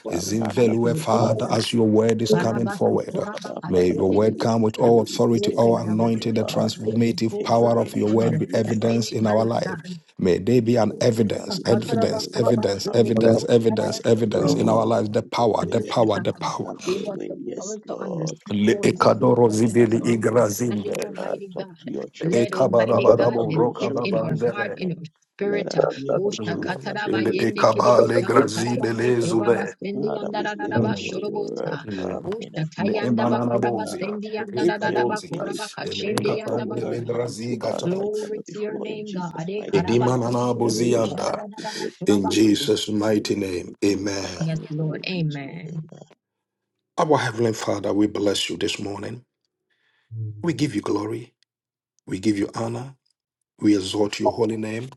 [SPEAKER 1] izin velue father as your word is coming forward. May your word
[SPEAKER 2] we
[SPEAKER 1] come with
[SPEAKER 2] pray
[SPEAKER 1] all
[SPEAKER 2] we
[SPEAKER 1] authority,
[SPEAKER 2] take
[SPEAKER 1] all
[SPEAKER 3] the
[SPEAKER 2] dominion
[SPEAKER 3] mind
[SPEAKER 1] anointing, the
[SPEAKER 2] over
[SPEAKER 3] and ask the
[SPEAKER 1] transformative
[SPEAKER 3] full
[SPEAKER 2] Take
[SPEAKER 1] power
[SPEAKER 3] heart
[SPEAKER 1] of
[SPEAKER 3] of
[SPEAKER 1] your
[SPEAKER 2] dominion as
[SPEAKER 1] word be
[SPEAKER 2] we are about
[SPEAKER 3] understanding, O
[SPEAKER 1] evidence in
[SPEAKER 2] to
[SPEAKER 1] our
[SPEAKER 2] pray.
[SPEAKER 3] mighty
[SPEAKER 1] life.
[SPEAKER 3] God.
[SPEAKER 1] May they
[SPEAKER 2] Read
[SPEAKER 1] be
[SPEAKER 2] your
[SPEAKER 1] an
[SPEAKER 2] word, oh God.
[SPEAKER 1] evidence,
[SPEAKER 2] We say,
[SPEAKER 3] Kata
[SPEAKER 2] have
[SPEAKER 3] raba
[SPEAKER 1] evidence,
[SPEAKER 2] your
[SPEAKER 3] kuraba
[SPEAKER 2] way,
[SPEAKER 1] evidence,
[SPEAKER 2] have
[SPEAKER 3] sende
[SPEAKER 2] your
[SPEAKER 1] evidence,
[SPEAKER 2] way,
[SPEAKER 3] kutubu
[SPEAKER 1] evidence,
[SPEAKER 2] have
[SPEAKER 3] karara
[SPEAKER 2] your way,
[SPEAKER 1] evidence in
[SPEAKER 2] oh
[SPEAKER 1] our
[SPEAKER 2] God,
[SPEAKER 1] lives. The
[SPEAKER 2] have your
[SPEAKER 1] power, the
[SPEAKER 2] way,
[SPEAKER 3] Glory to
[SPEAKER 1] power, the
[SPEAKER 3] God,
[SPEAKER 1] power.
[SPEAKER 2] have your
[SPEAKER 3] give us
[SPEAKER 2] way.
[SPEAKER 3] the
[SPEAKER 2] Yes,
[SPEAKER 3] power to
[SPEAKER 2] Lord,
[SPEAKER 3] understand,
[SPEAKER 1] Le
[SPEAKER 3] Holy
[SPEAKER 2] have your
[SPEAKER 3] Spirit,
[SPEAKER 1] ekadoro
[SPEAKER 2] way
[SPEAKER 3] open
[SPEAKER 2] as
[SPEAKER 1] zibili
[SPEAKER 3] up our
[SPEAKER 2] your word comes,
[SPEAKER 3] understanding,
[SPEAKER 2] oh
[SPEAKER 1] igrazinde,
[SPEAKER 2] God.
[SPEAKER 3] Almighty
[SPEAKER 2] Talk
[SPEAKER 3] God.
[SPEAKER 2] to your
[SPEAKER 1] le
[SPEAKER 3] Let
[SPEAKER 2] children.
[SPEAKER 3] Almighty
[SPEAKER 2] Speak
[SPEAKER 3] God
[SPEAKER 1] ekabarabarabu
[SPEAKER 2] to
[SPEAKER 3] let
[SPEAKER 2] your
[SPEAKER 3] sit in
[SPEAKER 2] children
[SPEAKER 3] your
[SPEAKER 2] this
[SPEAKER 3] heart,
[SPEAKER 1] rokababandele.
[SPEAKER 3] in
[SPEAKER 2] morning.
[SPEAKER 3] your
[SPEAKER 2] Let
[SPEAKER 3] spirit.
[SPEAKER 2] us hear what
[SPEAKER 3] Busha
[SPEAKER 2] you
[SPEAKER 1] Mm.
[SPEAKER 2] want us to
[SPEAKER 3] kataraba
[SPEAKER 1] Ele
[SPEAKER 2] hear
[SPEAKER 3] yende
[SPEAKER 2] in the
[SPEAKER 3] kiri
[SPEAKER 1] ekaba
[SPEAKER 2] mighty
[SPEAKER 1] le
[SPEAKER 3] busha
[SPEAKER 2] name of
[SPEAKER 1] grazi
[SPEAKER 3] kataraba nde
[SPEAKER 2] Jesus.
[SPEAKER 1] bele
[SPEAKER 3] kuraba
[SPEAKER 1] zube.
[SPEAKER 3] sendi
[SPEAKER 2] Father, we say,
[SPEAKER 3] yandarararaba
[SPEAKER 2] let
[SPEAKER 1] Mm.
[SPEAKER 2] your word
[SPEAKER 3] shurubusa.
[SPEAKER 1] Mm.
[SPEAKER 2] come in a
[SPEAKER 3] Busha
[SPEAKER 1] Ne
[SPEAKER 2] form of
[SPEAKER 3] tayandaba
[SPEAKER 2] healing,
[SPEAKER 1] emanana
[SPEAKER 2] oh
[SPEAKER 3] kuraba
[SPEAKER 2] God.
[SPEAKER 1] bozia.
[SPEAKER 3] sendi
[SPEAKER 1] Ne
[SPEAKER 2] We pray, we
[SPEAKER 3] yandarararaba
[SPEAKER 1] ekabozia.
[SPEAKER 2] say,
[SPEAKER 3] kuraba
[SPEAKER 1] Ele
[SPEAKER 2] let
[SPEAKER 3] kashende
[SPEAKER 2] your
[SPEAKER 1] ekapande le
[SPEAKER 2] word
[SPEAKER 3] yandabasa.
[SPEAKER 2] come to
[SPEAKER 1] grazi
[SPEAKER 2] us
[SPEAKER 1] gata.
[SPEAKER 2] like never
[SPEAKER 3] Glory to your
[SPEAKER 2] before in
[SPEAKER 3] name, God.
[SPEAKER 2] Jesus'
[SPEAKER 3] Eh,
[SPEAKER 2] mighty
[SPEAKER 3] karaba
[SPEAKER 2] name.
[SPEAKER 3] sendi
[SPEAKER 1] Edimanana
[SPEAKER 2] Whatever
[SPEAKER 3] kiri
[SPEAKER 2] you want
[SPEAKER 3] busha
[SPEAKER 2] us
[SPEAKER 1] bozianda.
[SPEAKER 2] to
[SPEAKER 3] rarararaba
[SPEAKER 2] hear
[SPEAKER 1] In
[SPEAKER 3] kuraba
[SPEAKER 2] today,
[SPEAKER 3] se.
[SPEAKER 1] Jesus'
[SPEAKER 2] may the
[SPEAKER 1] mighty
[SPEAKER 2] name
[SPEAKER 1] name.
[SPEAKER 2] be glorified
[SPEAKER 1] Amen.
[SPEAKER 3] Yes,
[SPEAKER 2] and
[SPEAKER 3] Lord.
[SPEAKER 2] glory be to you. Amen.
[SPEAKER 3] Amen.
[SPEAKER 1] Our Heavenly Father, we bless you this morning. We give you glory. We give you honor. We exalt your holy name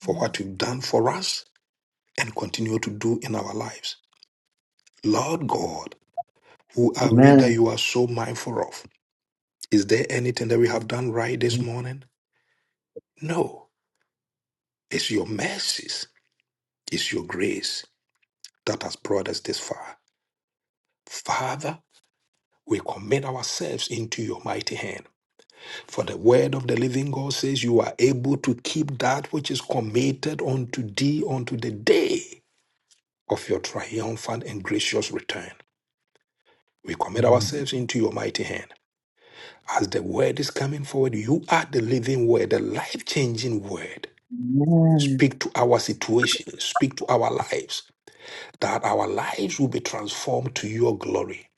[SPEAKER 1] for what you've done for us and continue to do in our lives. Lord God, who are we that
[SPEAKER 4] Amen.
[SPEAKER 1] you are so mindful of? Is there anything that we have done right this morning? No. It's your mercies, it's your grace that has brought us this far. Father, we commit ourselves into your mighty hand. For the word of the living God says, You are able to keep that which is committed unto thee unto the day of your triumphant and gracious return. We commit ourselves into your mighty hand. As the word is coming forward, you are the living word, the life changing word. Speak to our situation. Speak to our lives. That our lives will be transformed to your glory.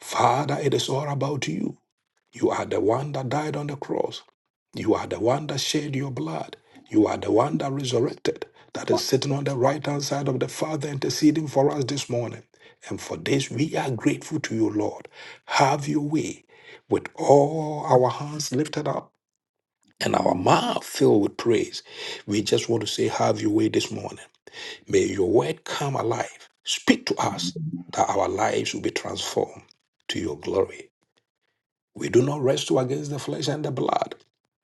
[SPEAKER 1] Father, it is all about you. You are the one that died on the cross. You are the one that shed your blood. You are the one that resurrected, that is sitting on the right hand side of the Father interceding for us this morning. And for this, we are grateful to you, Lord. Have your way with all our hands lifted up and our mouth filled with praise. We just want to say, Have your way this morning. May your word come alive. Speak to us
[SPEAKER 4] Amen.
[SPEAKER 1] that our lives will be transformed to your glory. We do not wrestle against the flesh and the blood,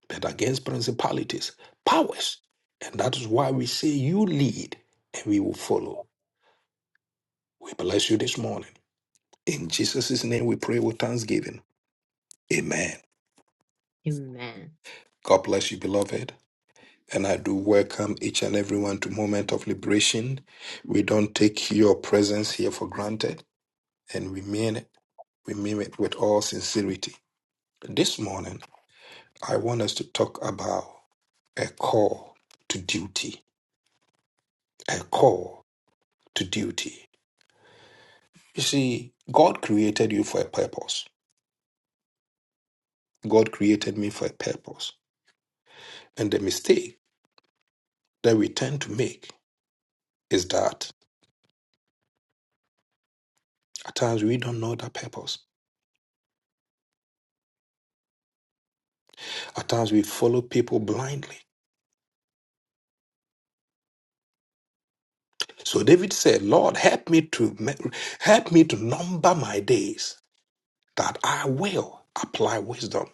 [SPEAKER 1] but against principalities, powers. And that is why we say, You lead, and we will follow. We bless you this morning. In Jesus' name we pray with thanksgiving. Amen.
[SPEAKER 3] Amen.
[SPEAKER 1] God bless you, beloved. And I do welcome each and everyone to Moment of Liberation. We don't take your presence here for granted and remain we mean it with all sincerity. This morning, I want us to talk about a call to duty. A call to duty. You see, God created you for a purpose. God created me for a purpose. And the mistake that we tend to make is that at times we don't know that purpose. At times we follow people blindly. So David said, Lord, help me to me- help me to number my days that I will apply wisdom.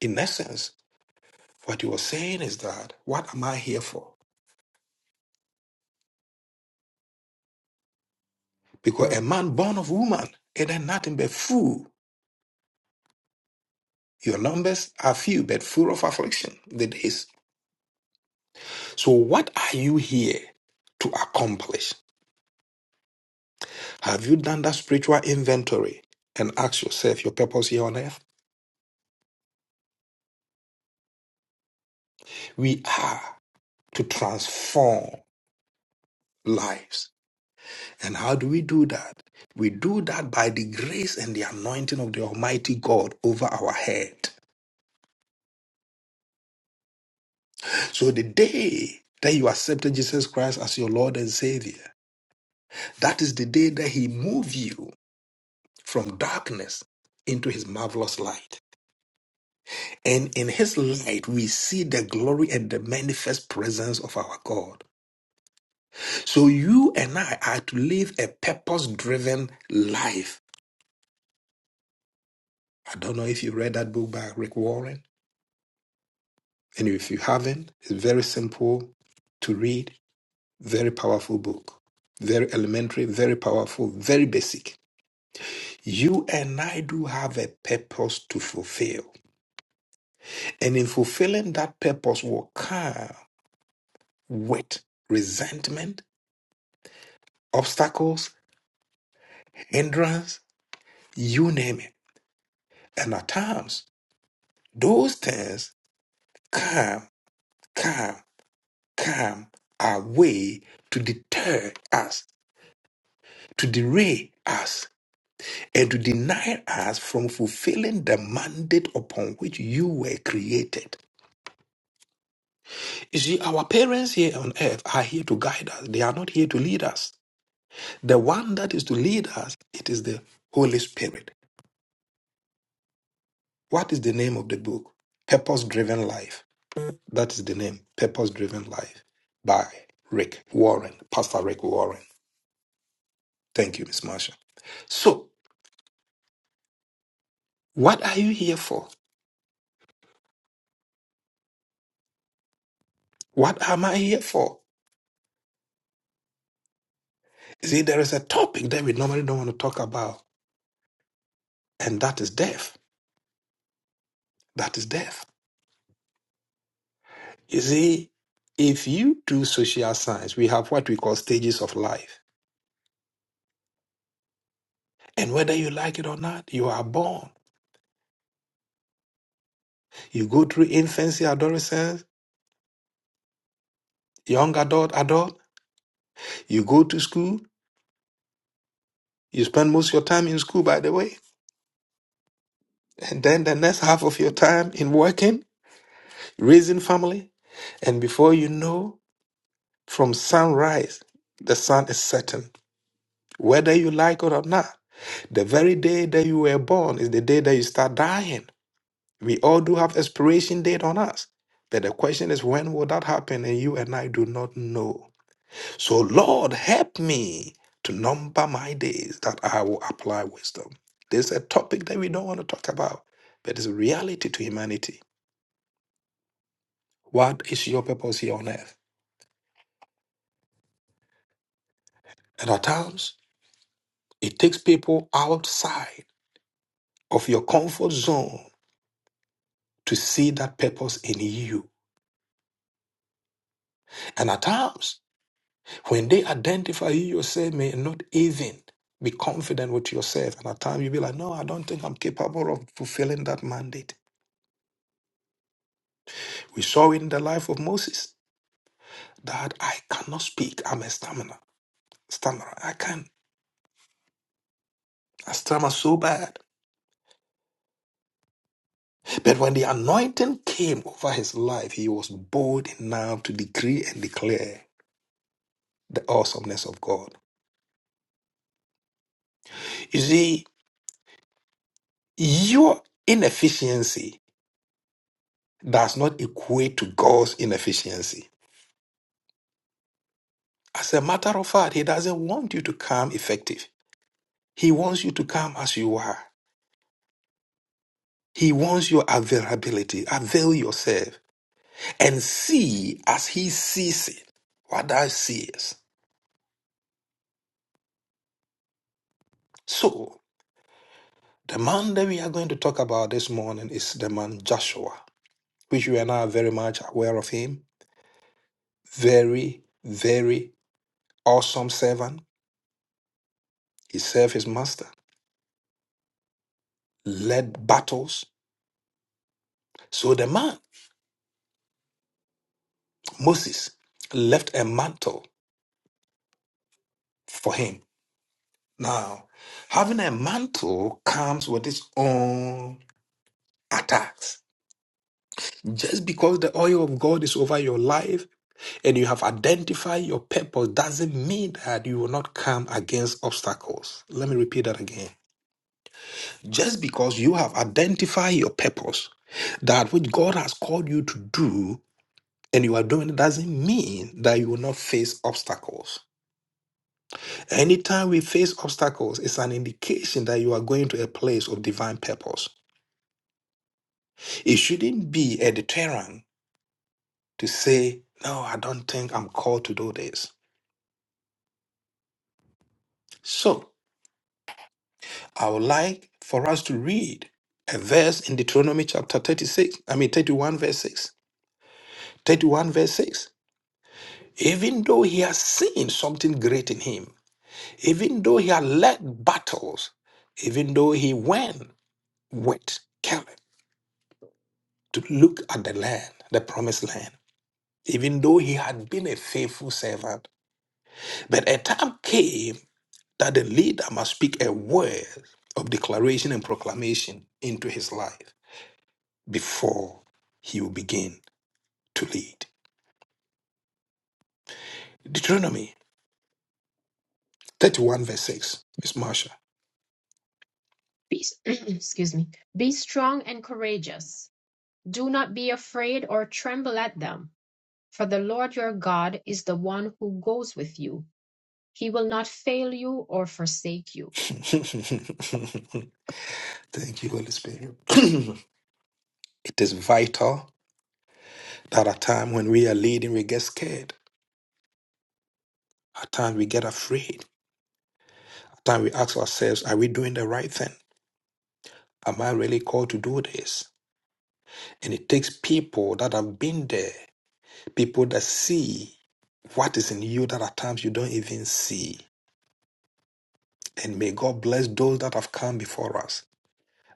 [SPEAKER 1] In essence, What he was saying is that, what am I here for? Because a man born of woman is nothing but fool. Your numbers are few, but full of affliction. The days. So, what are you here to accomplish? Have you done that spiritual inventory and ask yourself your purpose here on earth? We are to transform lives. And how do we do that? We do that by the grace and the anointing of the Almighty God over our head. So the day that you accepted Jesus Christ as your Lord and Savior, that is the day that He moved you from darkness into His marvelous light. And in His light, we see the glory and the manifest presence of our God. So you and I are to live a purpose driven life. I don't know if you read that book by Rick Warren. And if you haven't, it's very simple to read, very powerful book. Very elementary, very powerful, very basic. You and I do have a purpose to fulfill. And in fulfilling that purpose will come with resentment, obstacles, hindrance, you name it. And at times, those things come, come, come our way to deter us, to derail us, and to deny us from fulfilling the mandate upon which you were created. You see, our parents here on earth are here to guide us. They are not here to lead us. The one that is to lead us, it is the Holy Spirit. What is the name of the book? Purpose Driven Life. That is the name. Purpose Driven Life by Rick Warren, Pastor Rick Warren. Thank you, Miss Marsha. So, what are you here for? What am I here for? You see, there is a topic that we normally don't want to talk about, and that is death. That is death. You see, if you do social science, we have what we call stages of life. And whether you like it or not, you are born. You go through infancy, adolescence, young adult, adult. You go to school. You spend most of your time in school, by the way. And then the next half of your time in working, raising family. And before you know, from sunrise, the sun is setting. Whether you like it or not, the very day that you were born is the day that you start dying. We all do have expiration date on us. But the question is, when will that happen? And you and I do not know. So, Lord, help me to number my days that I will apply wisdom. This is a topic that we don't want to talk about, but it's a reality to humanity. What is your purpose here on earth? And at times, it takes people outside of your comfort zone to see that purpose in you. And at times, When they identify you yourself may not even be confident with yourself. And at times you'll be like, no, I don't think I'm capable of fulfilling that mandate. We saw in the life of Moses that I cannot speak. I'm a stammerer. Stammerer. I can't. I stammer so bad. But when the anointing came over his life, he was bold enough to decree and declare the awesomeness of God. You see, your inefficiency does not equate to God's inefficiency. As a matter of fact, He doesn't want you to come effective. He wants you to come as you are. He wants your availability. Avail yourself and see as He sees it. What thou seest. So, the man that we are going to talk about this morning is the man Joshua, which you and I are very much aware of him. Very, very awesome servant. He served his master, led battles. So, the man, Moses, left a mantle for him Now, having a mantle comes with its own attacks. Just because the oil of God is over your life and you have identified your purpose doesn't mean that you will not come against obstacles. Let me repeat that again. Just because you have identified your purpose, that which God has called you to do, and you are doing it doesn't mean that you will not face obstacles. Anytime we face obstacles, it's an indication that you are going to a place of divine purpose. It shouldn't be a deterrent to say, no, I don't think I'm called to do this. So I would like for us to read a verse in Deuteronomy chapter 36, I mean 31 verse 6. 31 verse 6. Even though he has seen something great in him, even though he had led battles, even though he went with Caleb to look at the land, the promised land, even though he had been a faithful servant, but a time came that the leader must speak a word of declaration and proclamation into his life before he will begin to lead. Deuteronomy 31, verse 6. Miss Marsha.
[SPEAKER 3] Be, <clears throat> excuse me. Be strong and courageous. Do not be afraid or tremble at them, for the Lord your God is the one who goes with you. He will not fail you or forsake you.
[SPEAKER 1] <laughs> Thank you, Holy Spirit. <clears throat> it is vital that at time when we are leading, we get scared. At times we get afraid. At times we ask ourselves, are we doing the right thing? Am I really called to do this? And it takes people that have been there, people that see what is in you that at times you don't even see. And may God bless those that have come before us,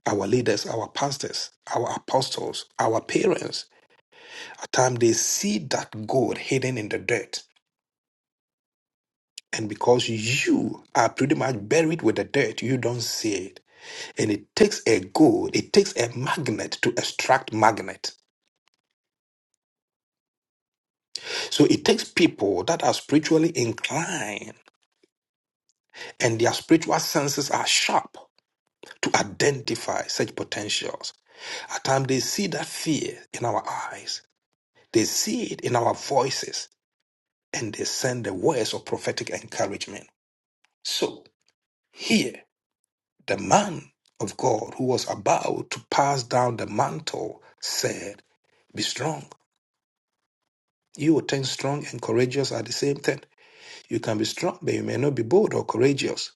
[SPEAKER 1] our leaders, our pastors, our apostles, our parents. At times they see that gold hidden in the dirt. And because you are pretty much buried with the dirt, you don't see it. And it takes a gold, it takes a magnet to extract magnet. So it takes people that are spiritually inclined and their spiritual senses are sharp to identify such potentials. At times they see that fear in our eyes, they see it in our voices, and they send the words of prophetic encouragement. So here, the man of God who was about to pass down the mantle said, Be strong. You will turn strong and courageous at the same time. You can be strong, but you may not be bold or courageous.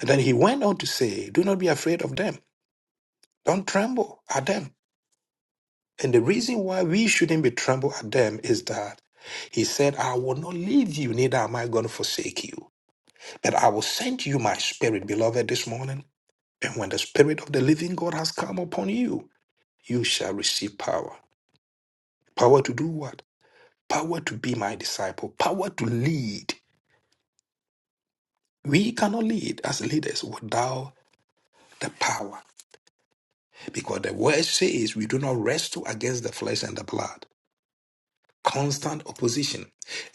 [SPEAKER 1] And then he went on to say, Do not be afraid of them. Don't tremble at them. And the reason why we shouldn't be trembled at them is that he said, I will not leave you, neither am I going to forsake you, but I will send you my spirit, beloved, this morning. And when the spirit of the living God has come upon you, you shall receive power. Power to do what? Power to be my disciple, power to lead. We cannot lead as leaders without the power because the word says we do not wrestle against the flesh and the blood constant opposition.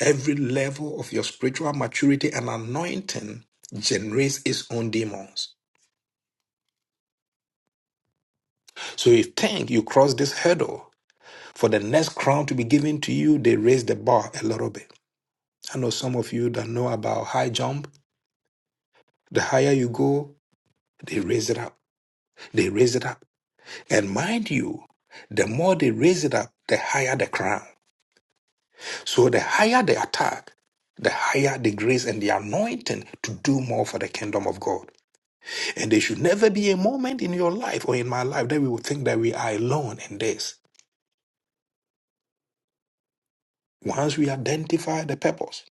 [SPEAKER 1] Every level of your spiritual maturity and anointing generates its own demons. So if you think you cross this hurdle, for the next crown to be given to you, they raise the bar a little bit. I know some of you that know about high jump. The higher you go, they raise it up. They raise it up. And mind you, the more they raise it up, the higher the crown. So the higher the attack, the higher the grace and the anointing to do more for the kingdom of God. And there should never be a moment in your life or in my life that we would think that we are alone in this. Once we identify the purpose,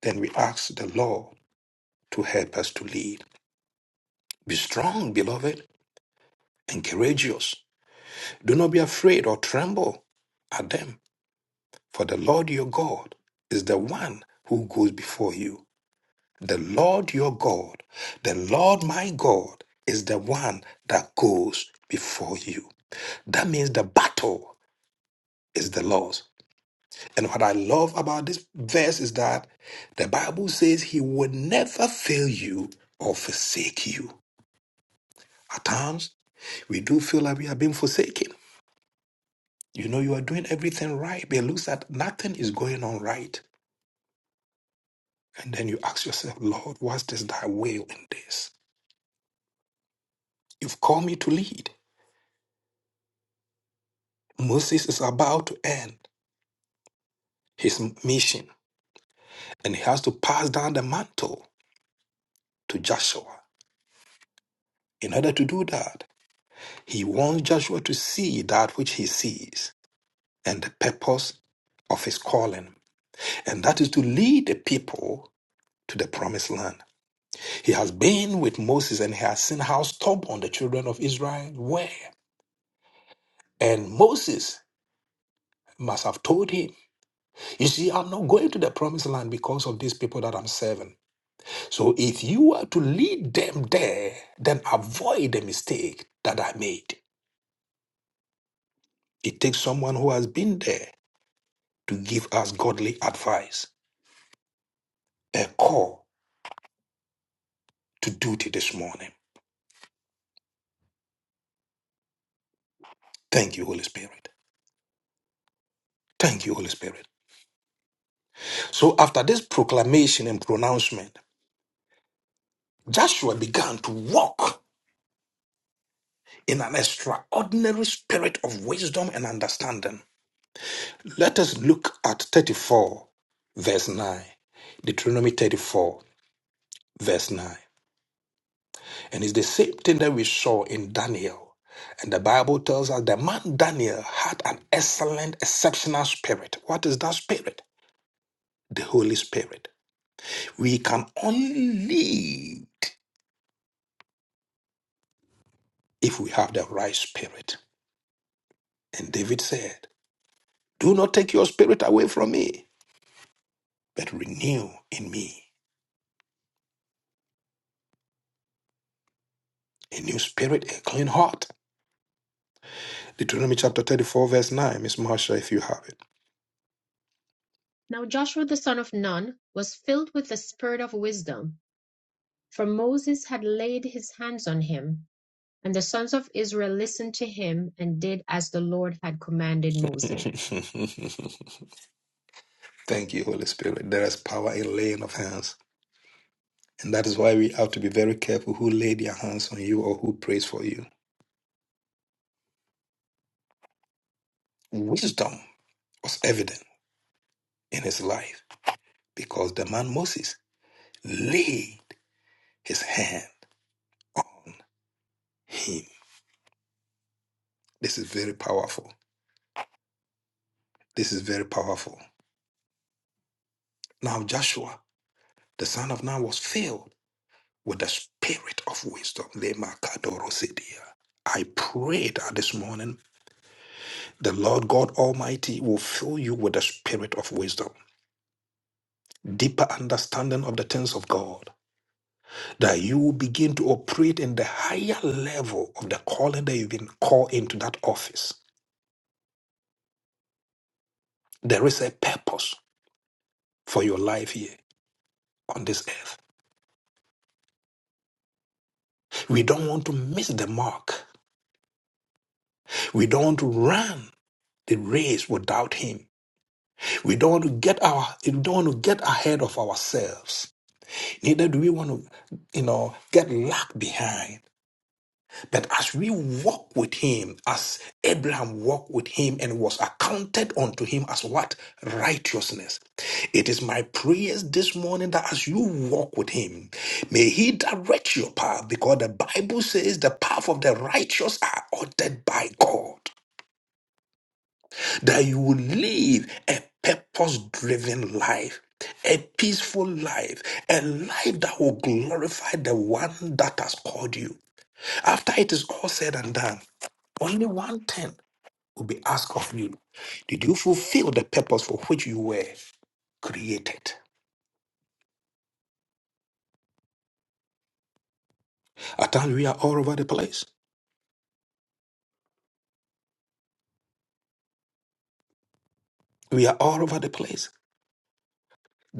[SPEAKER 1] then we ask the Lord to help us to lead. Be strong, beloved, and courageous. Do not be afraid or tremble at them, for the Lord your God is the one who goes before you. The Lord your God, the Lord my God, is the one that goes before you. That means the battle is the Lord's. And what I love about this verse is that the Bible says he would never fail you or forsake you. At times, we do feel like we are being forsaken. You know, you are doing everything right, but it looks like nothing is going on right. And then you ask yourself, Lord, what's this thy will in this? You've called me to lead. Moses is about to end his mission, and he has to pass down the mantle to Joshua. In order to do that, he wants Joshua to see that which he sees. and the purpose of his calling, and that is to lead the people to the promised land. He has been with Moses and he has seen how stubborn the children of Israel were. And Moses must have told him, You see, I'm not going to the promised land because of these people that I'm serving. So if you are to lead them there, then avoid the mistake that I made. It takes someone who has been there to give us godly advice, a call to duty this morning. Thank you, Holy Spirit. Thank you, Holy Spirit. So after this proclamation and pronouncement, Joshua began to walk in an extraordinary spirit of wisdom and understanding. Let us look at 34, verse 9. Deuteronomy 34, verse 9. And it's the same thing that we saw in Daniel. And the Bible tells us the man Daniel had an excellent, exceptional spirit. What is that spirit? The Holy Spirit. We can only lead. if we have the right spirit. And David said, Do not take your spirit away from me, but renew in me a new spirit, a clean heart. Deuteronomy chapter 34, verse 9. Miss Marsha, if you have
[SPEAKER 3] Now Joshua the son of Nun was filled with the spirit of wisdom, for Moses had laid his hands on him, and the sons of Israel listened to him and did as the Lord had commanded Moses.
[SPEAKER 1] it. <laughs> Thank you, Holy Spirit. There is power in laying of hands. And that is why we have to be very careful who lay their hands on you or who prays for you. Wisdom was evident in his life because the man Moses laid his hand on him. This is very powerful. This is very powerful. Now Joshua, the son of Nun, was filled with the spirit of wisdom. Lema kadorosidia. I pray that this morning the Lord God Almighty will fill you with the spirit of wisdom, deeper understanding of the things of God, that you will begin to operate in the higher level of the calling that you've been called into that office. There is a purpose for your life here on this earth. We don't want to miss the mark. We don't want to run the race without him. We don't want to get our we don't want to get ahead of ourselves. Neither do we want to, you know, get lagged behind. But as we walk with him, as Abraham walked with him and was accounted unto him as what? Righteousness. It is my prayers this morning that as you walk with him, may he direct your path because the Bible says the path of the righteous are ordered by God. that you will live a purpose driven life, a peaceful life, a life that will glorify the one that has called you. After it is all said and done, only one thing will be asked of you Did you fulfill the purpose for which you were created? At times we are all over the place. We are all over the place.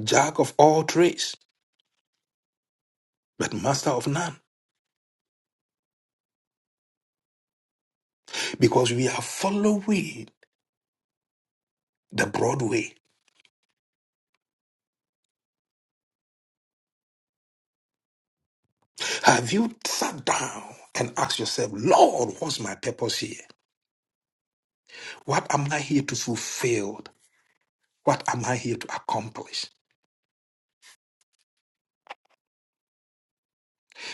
[SPEAKER 1] Jack of all trades, but master of none. Because we are following the broad way. Have you sat down and asked yourself, Lord, what's my purpose here? What am I here to fulfill? What am I here to accomplish?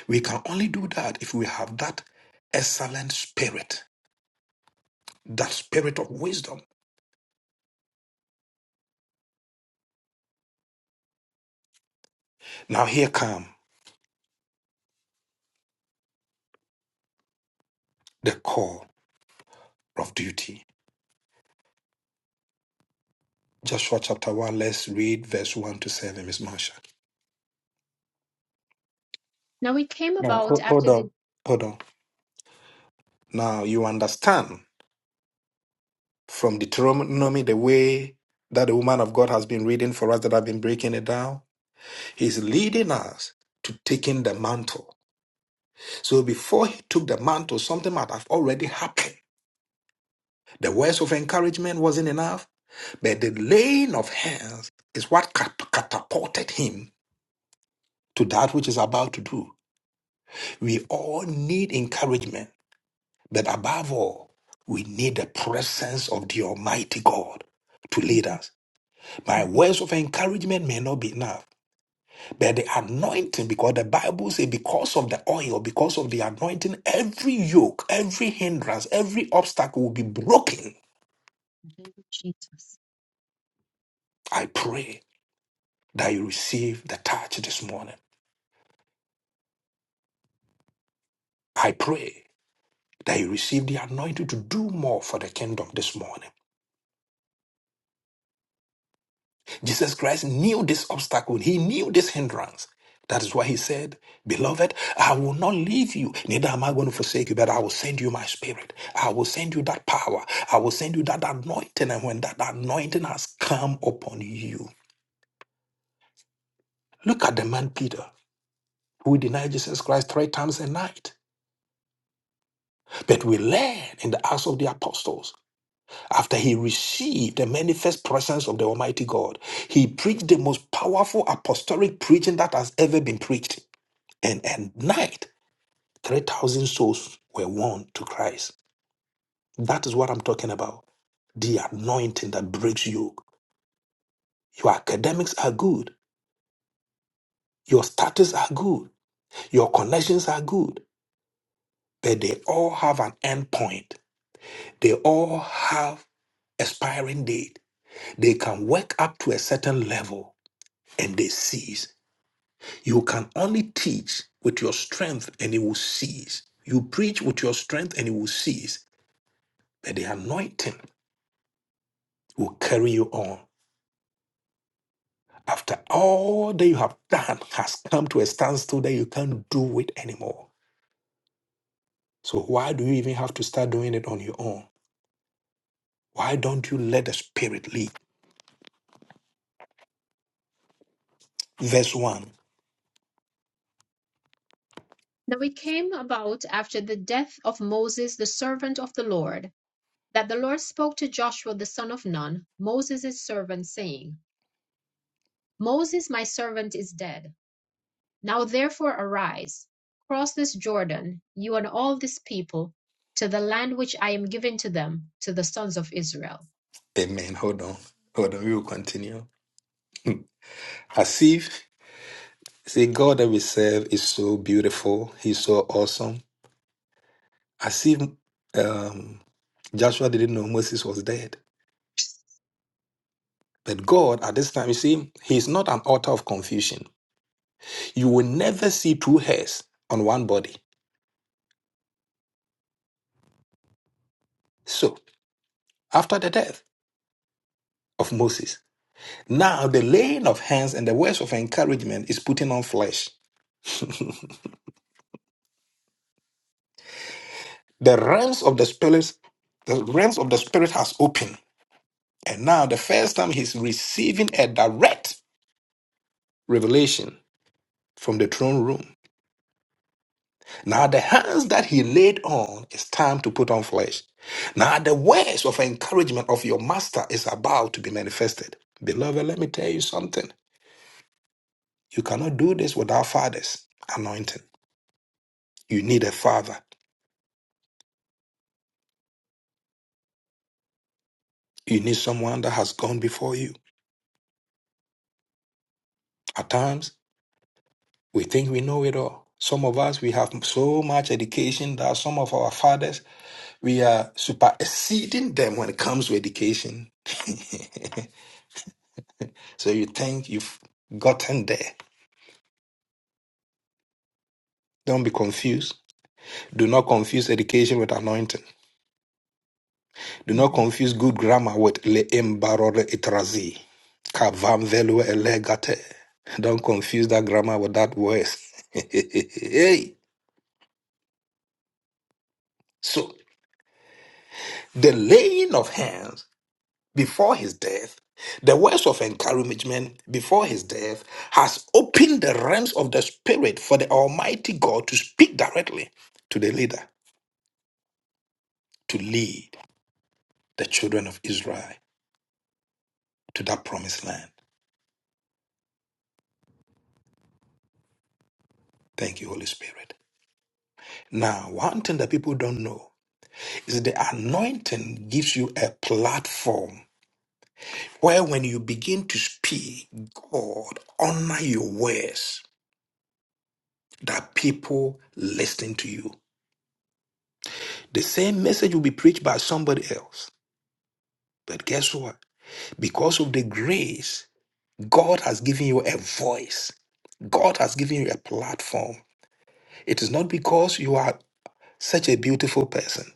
[SPEAKER 1] We can only do that if we have that excellent spirit, that spirit of wisdom. Now, here come the call of duty. Joshua chapter 1, let's read verse 1 to 7, Miss Marsha.
[SPEAKER 3] Now it came
[SPEAKER 1] Now,
[SPEAKER 3] about
[SPEAKER 1] ho- hold
[SPEAKER 3] after
[SPEAKER 1] on,
[SPEAKER 3] the
[SPEAKER 1] hold on. Now, you understand from Deuteronomy the way that the woman of God has been reading for us that I've been breaking it down? He's leading us to taking the mantle. So before he took the mantle, something might have already happened. The words of encouragement wasn't enough, but the laying of hands is what cat- catapulted him to that which is about to do. We all need encouragement, but above all, we need the presence of the Almighty God to lead us.
[SPEAKER 3] <laughs>
[SPEAKER 1] My
[SPEAKER 3] name
[SPEAKER 1] words of encouragement may not be enough. But the anointing, because the Bible says, because of the oil, because of the anointing, every yoke, every hindrance, every obstacle will be broken.
[SPEAKER 3] of Jesus.
[SPEAKER 1] I pray that you receive the touch this morning. I pray that you receive the anointing to do more for the kingdom this morning. Jesus Christ knew this obstacle, he knew this hindrance. That is why he said, Beloved, I will not leave you, neither am I going to forsake you, but I will send you my spirit. I will send you that power. I will send you that anointing. And when that anointing has come upon you, look at the man Peter, who denied Jesus Christ three times a night. But we learn in the Acts of the Apostles, after he received the manifest presence of the Almighty God, he preached the most powerful apostolic preaching that has ever been preached. And at night, 3,000 souls were won to Christ. That is what I'm talking about. The anointing that breaks yoke. Your academics are good. Your status are good. Your connections are good. But they all have an end point. They all have expiring date. They can work up to a certain level and they cease. You can only teach with your strength and it will cease. You preach with your strength and it will cease. But the anointing will carry you on. After all that you have done has come to a standstill that you can't do it anymore. So why do you even have to start doing it on your own? Why don't you let the Spirit lead? Verse 1.
[SPEAKER 3] Now it came about after the death of Moses the servant of the Lord, that the Lord spoke to Joshua the son of Nun, Moses' servant, saying, Moses my servant is dead. Now therefore arise, cross this Jordan, you and all this people, to the land which I am giving to them, to the sons of Israel.
[SPEAKER 1] Amen. Hold on. Hold on. We will continue. As if the God that we serve is so beautiful, he's so awesome. As if um, Joshua didn't know Moses was dead. But God, at this time, you see, he's not an author of confusion. You will never see two hairs on one body. So, after the death of Moses, now the laying of hands and the words of encouragement is putting on flesh. The realms of the spirit, the realms of the spirit has opened, and now the first time he's receiving a direct revelation from the throne room. Now the hands that he laid on is time to put on flesh. Now the words of encouragement of your master is about to be manifested. Beloved, let me tell you something. You cannot do this without fathers anointing. You need a father. You need someone that has gone before you. At times, we think we know it all. Some of us, we have so much education that some of our fathers, we are superseding them when it comes to education. So you think you've gotten there. Don't be confused. Do not confuse education with anointing. Do
[SPEAKER 3] Mm,
[SPEAKER 1] not confuse good grammar with le imbarore itrazi. Kavam velue elegate. Don't confuse that grammar with that word. <laughs> hey. So, the laying of hands before his death, the words of encouragement before his death, has opened the realms of the Spirit for the Almighty God to speak directly to the leader, to lead the children of Israel to that promised land. Thank you, Holy Spirit. Now, one thing that people don't know is the anointing gives you a platform where when you begin to speak, God honor your words that people listen to you. The same message will be preached by somebody else. But guess what? Because of the grace, God has given you a voice. God has given you a platform. It is not because you are such a beautiful person.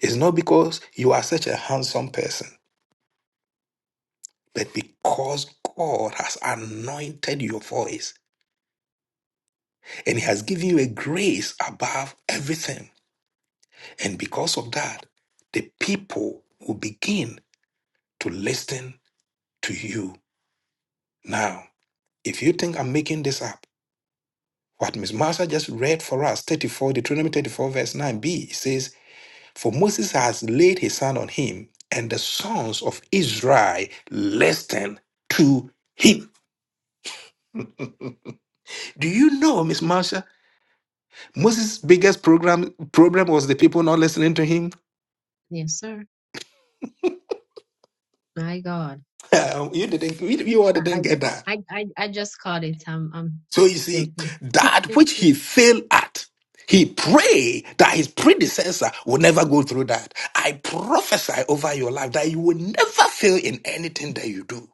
[SPEAKER 1] It's not because you are such a handsome person. But because God has anointed your voice and He has given you a grace above everything, and because of that, the people will begin to listen to you. Now, if you think I'm making this up, what Miss Marsha just read for us, 34, Deuteronomy 34, verse 9b, says, For Moses has laid his hand on him, and the sons of Israel listened to him. Do you know, Miss Marsha? Moses' biggest program problem was the people not listening to him.
[SPEAKER 3] Yes, sir. My God.
[SPEAKER 1] <laughs> you didn't, you, you all
[SPEAKER 3] I
[SPEAKER 1] didn't
[SPEAKER 3] I
[SPEAKER 1] get that.
[SPEAKER 3] I, I I just caught it. I'm I'm
[SPEAKER 1] So you
[SPEAKER 3] still
[SPEAKER 1] see, that
[SPEAKER 3] <laughs>
[SPEAKER 1] which he failed at, he prayed that his predecessor will never go through that. I prophesy over your life that you will never fail in anything that you do.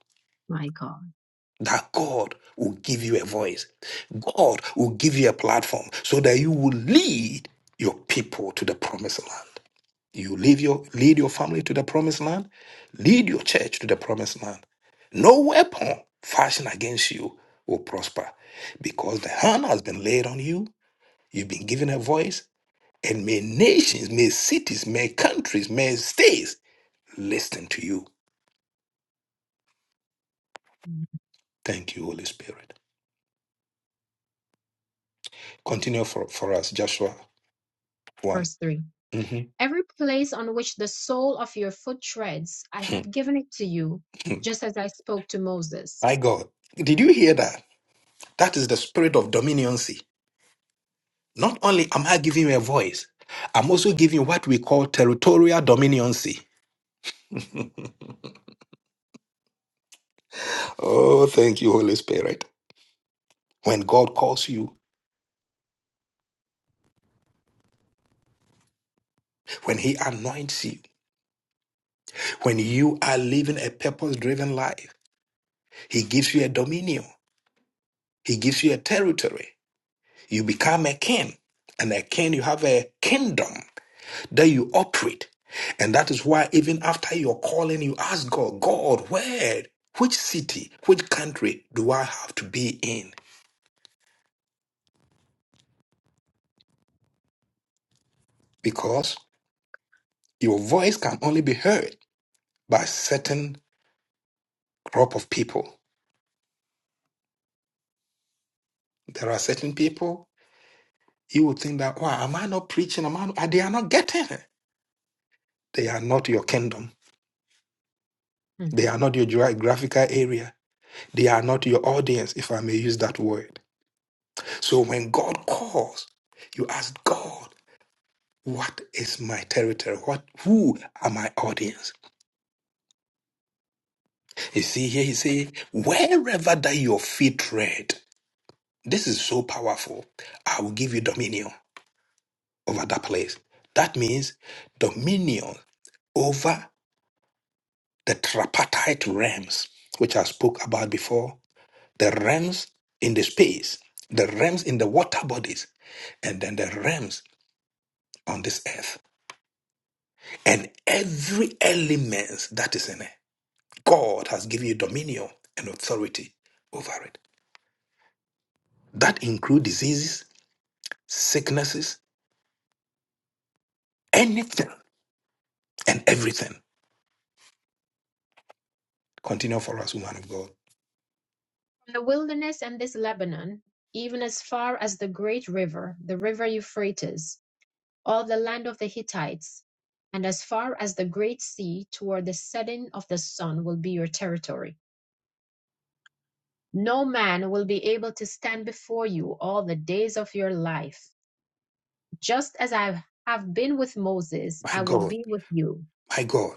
[SPEAKER 3] my God.
[SPEAKER 1] That God will give you a voice. God will give you a platform so that you will lead your people to the promised land. You leave your lead your family to the promised land, lead your church to the promised land. No weapon fashioned against you will prosper, because the hand has been laid on you, you've been given a voice, and may nations, may cities, may countries, may states listen to you.
[SPEAKER 3] Mm.
[SPEAKER 1] Thank you, Holy Spirit. Continue for, for us, Joshua 1.
[SPEAKER 3] Verse three.
[SPEAKER 1] Mhm.
[SPEAKER 3] Every place on which the sole of your foot treads, I have
[SPEAKER 1] <laughs>
[SPEAKER 3] given it to you, just as I spoke to Moses.
[SPEAKER 1] My God, did you hear that? That is the spirit of dominioncy. Not only am I giving you a voice, I'm also giving you what we call territorial dominancy. Oh, thank you, Holy Spirit. When God calls you, when He anoints you, when you are living a purpose driven life, He gives you a dominion, He gives you a territory. You become a king, and a king, you have a kingdom that you operate. And that is why, even after your calling, you ask God, God, where, which city, which country do I have to be in? Because Your voice can only be heard by certain group of people. There are certain people you would think that, wow, am I not preaching? Am I not? They are not getting it. They are not your kingdom.
[SPEAKER 3] Hmm.
[SPEAKER 1] They are not your geographical area. They are not your audience, if I may use that word. So when God calls, you ask God, what is my territory? What who are my audience? You see here, he say, wherever that your feet tread, this is so powerful. I will give you dominion. over that place. That means dominion over the tripartite realms, which I spoke about before, the realms in the space, the realms in the water bodies, and then the realms on this earth, and every element that is in it. God has given you dominion and authority over it. That include diseases, sicknesses, anything and everything. Continue for us, woman of God.
[SPEAKER 3] From the wilderness and this Lebanon, even as far as the great river, the river Euphrates, all the land of the Hittites, and as far as the great sea toward the setting of the sun will be your territory. No man will be able to stand before you all the days of your life. Just as I have been with Moses,
[SPEAKER 1] My
[SPEAKER 3] I will
[SPEAKER 1] God,
[SPEAKER 3] be with you
[SPEAKER 1] my God.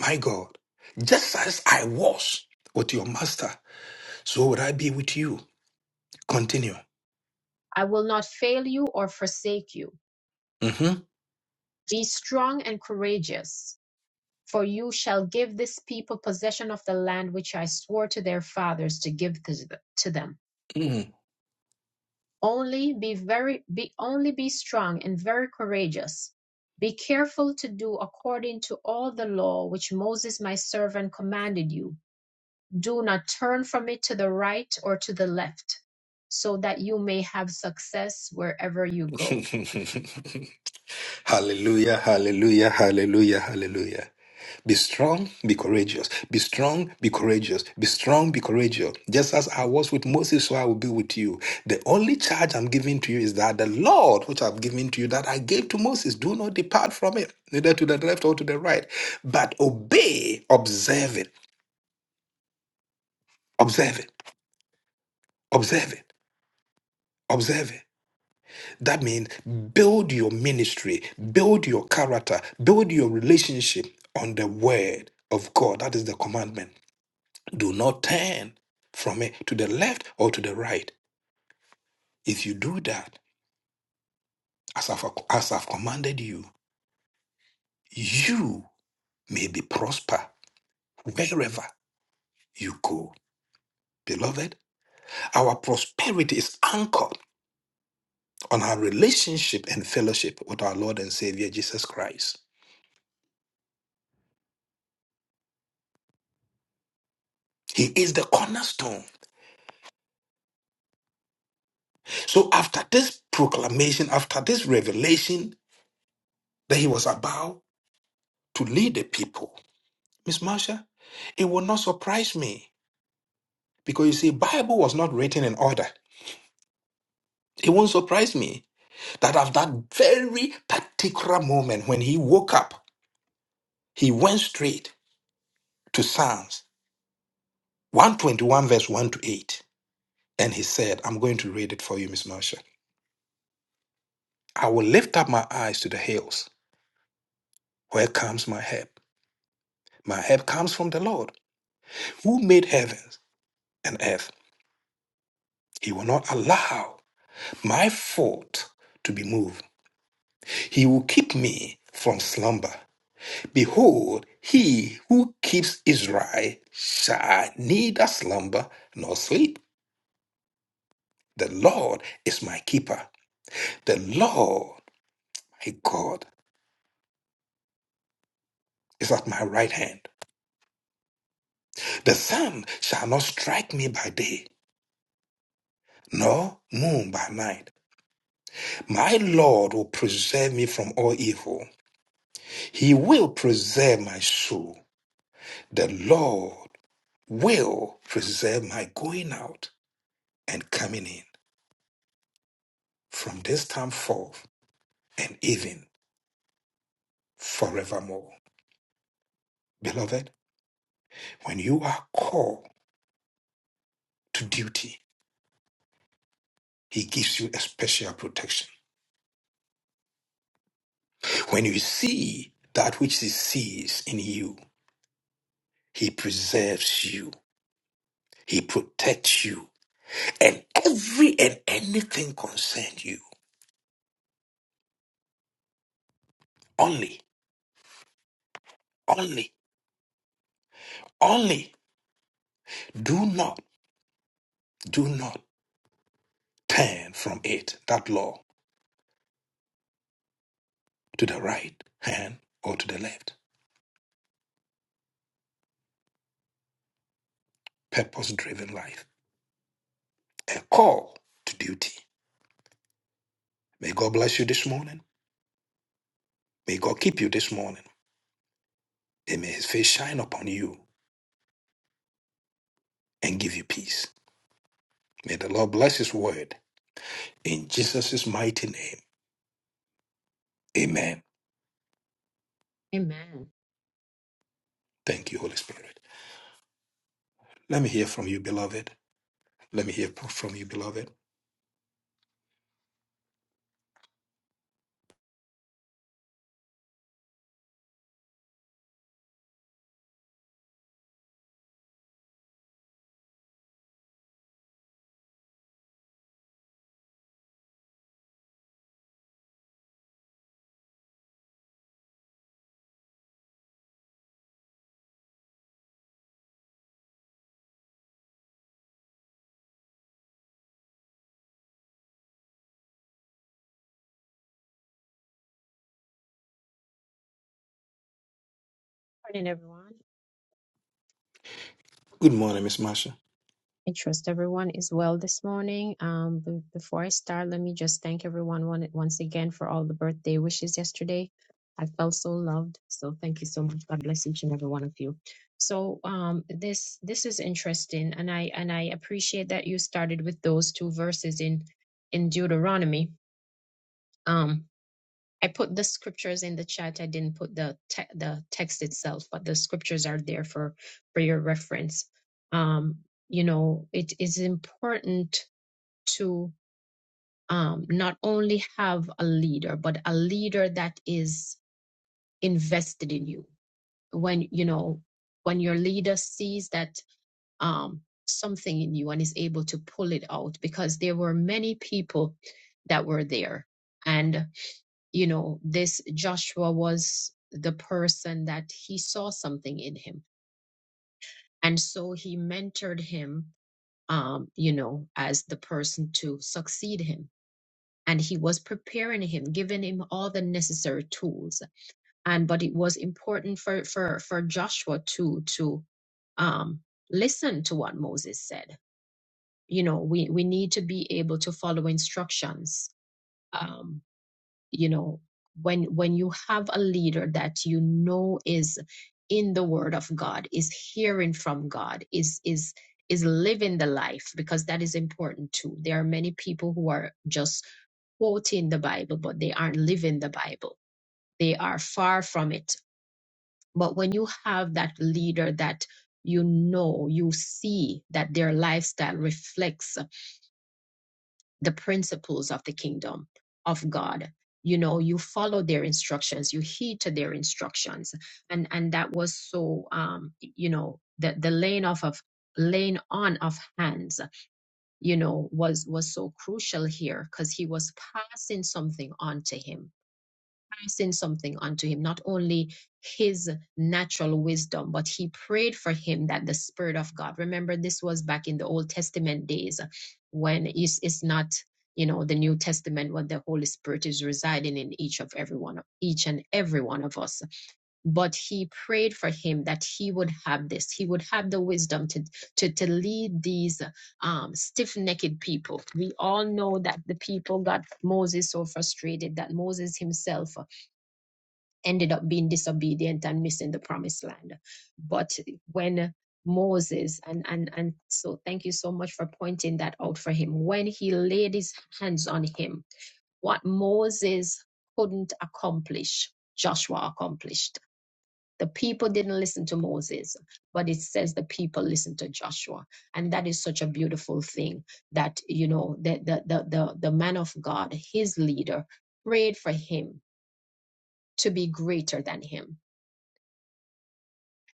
[SPEAKER 1] My God, just as I was with your master, so would I be with you. Continue.
[SPEAKER 3] I will not fail you or forsake you.
[SPEAKER 1] Mhm.
[SPEAKER 3] Be strong and courageous, for you shall give this people possession of the land which I swore to their fathers to give to them.
[SPEAKER 1] Mm.
[SPEAKER 3] Only be very be only be strong and very courageous. Be careful to do according to all the law which Moses my servant commanded you. Do not turn from it to the right or to the left, so that you may have success wherever you go.
[SPEAKER 1] <laughs> hallelujah, hallelujah, hallelujah, hallelujah. Be strong, be courageous. Be strong, be courageous. Be strong, be courageous. Just as I was with Moses, so I will be with you. The only charge I'm giving to you is that the Lord, which I've given to you, that I gave to Moses, do not depart from it, neither to the left or to the right, but obey, observe it, observe it. Observe it. Observe it. That means build your ministry, build your character, build your relationship on the word of God. That is the commandment. Do not turn from it to the left or to the right. If you do that, as I've, as I've commanded you, you may be prosper wherever you go. Beloved, our prosperity is anchored on our relationship and fellowship with our Lord and Savior Jesus Christ. He is the cornerstone. So after this proclamation, after this revelation that he was about to lead the people, Miss Marsha, it will not surprise me because you see, Bible was not written in order. It won't surprise me that at that very particular moment when he woke up, he went straight to Psalms 121 verse 1 to 8. And he said, I'm going to read it for you, Miss Marsha. I will lift up my eyes to the hills. Where comes my help? My help comes from the Lord who made heavens and earth. He will not allow my foot to be moved. He will keep me from slumber. Behold, he who keeps Israel shall neither slumber nor sleep. The Lord is my keeper. The Lord, my God, is at my right hand. The sun shall not strike me by day, nor moon by night. My Lord will preserve me from all evil. He will preserve my soul. The Lord will preserve my going out and coming in from this time forth and even forevermore. Beloved, when you are called to duty, He gives you a special protection. When you see that which He sees in you, He preserves you, He protects you, and every and anything concerns you. Only, only, only do not, do not turn from it, that law. to the right hand or to the left. Purpose driven life. A call to duty. May God bless you this morning. May God keep you this morning. And may his face shine upon you and give you peace. May the Lord bless his word in Jesus' mighty name. Amen.
[SPEAKER 3] Amen. Good
[SPEAKER 1] Thank you, Holy Spirit. Let me hear from you, beloved. Let me hear from you, beloved.
[SPEAKER 3] Morning, everyone.
[SPEAKER 1] Good morning, Miss Marsha.
[SPEAKER 3] I trust everyone is well this morning. Um, b- before I start, let me just thank everyone one, once again for all the birthday wishes yesterday. I felt so loved. So thank you so much. God bless each and every one of you. So um, this this is interesting, and I and I appreciate that you started with those two verses in in Deuteronomy. Um, I put the scriptures in the chat. I didn't put the te- the text itself, but the scriptures are there for for your reference. Um, you know, it is important to um, not only have a leader, but a leader that is invested in you. When you know, when your leader sees that um, something in you and is able to pull it out, because there were many people that were there, and you know, this Joshua was the person that he saw something in him. And so he mentored him, um, you know, as the person to succeed him. And he was preparing him, giving him all the necessary tools. And but it was important for for for Joshua to to um, listen to what Moses said. You know, we we need to be able to follow instructions. Um, you know when when you have a leader that you know is in the word of god is hearing from god is is is living the life because that is important too there are many people who are just quoting the bible but they aren't living the bible they are far from it but when you have that leader that you know you see that their lifestyle reflects the principles of the kingdom of God. You know, you follow their instructions, you heed to their instructions, and and that was so. Um, you know, the the laying off of laying on of hands, you know, was was so crucial here because he was passing something on to him pressing something onto him, not only his natural wisdom, but he prayed for him that the Spirit of God, remember, this was back in the Old Testament days when it's, it's not, you know, the New Testament when the Holy Spirit is residing in each of every one of each and every one of us. But he prayed for him that he would have this, he would have the wisdom to to, to lead these um, stiff-necked people. We all know that the people got Moses so frustrated that Moses himself ended up being disobedient and missing the promised land. But when Moses and and and so thank you so much for pointing that out for him. When he laid his hands on him, what Moses couldn't accomplish, Joshua accomplished. The people didn't listen to Moses, but it says the people listened to Joshua. And that is such a beautiful thing that, you know, the, the, the, the, the man of God, his leader, prayed for him to be greater than him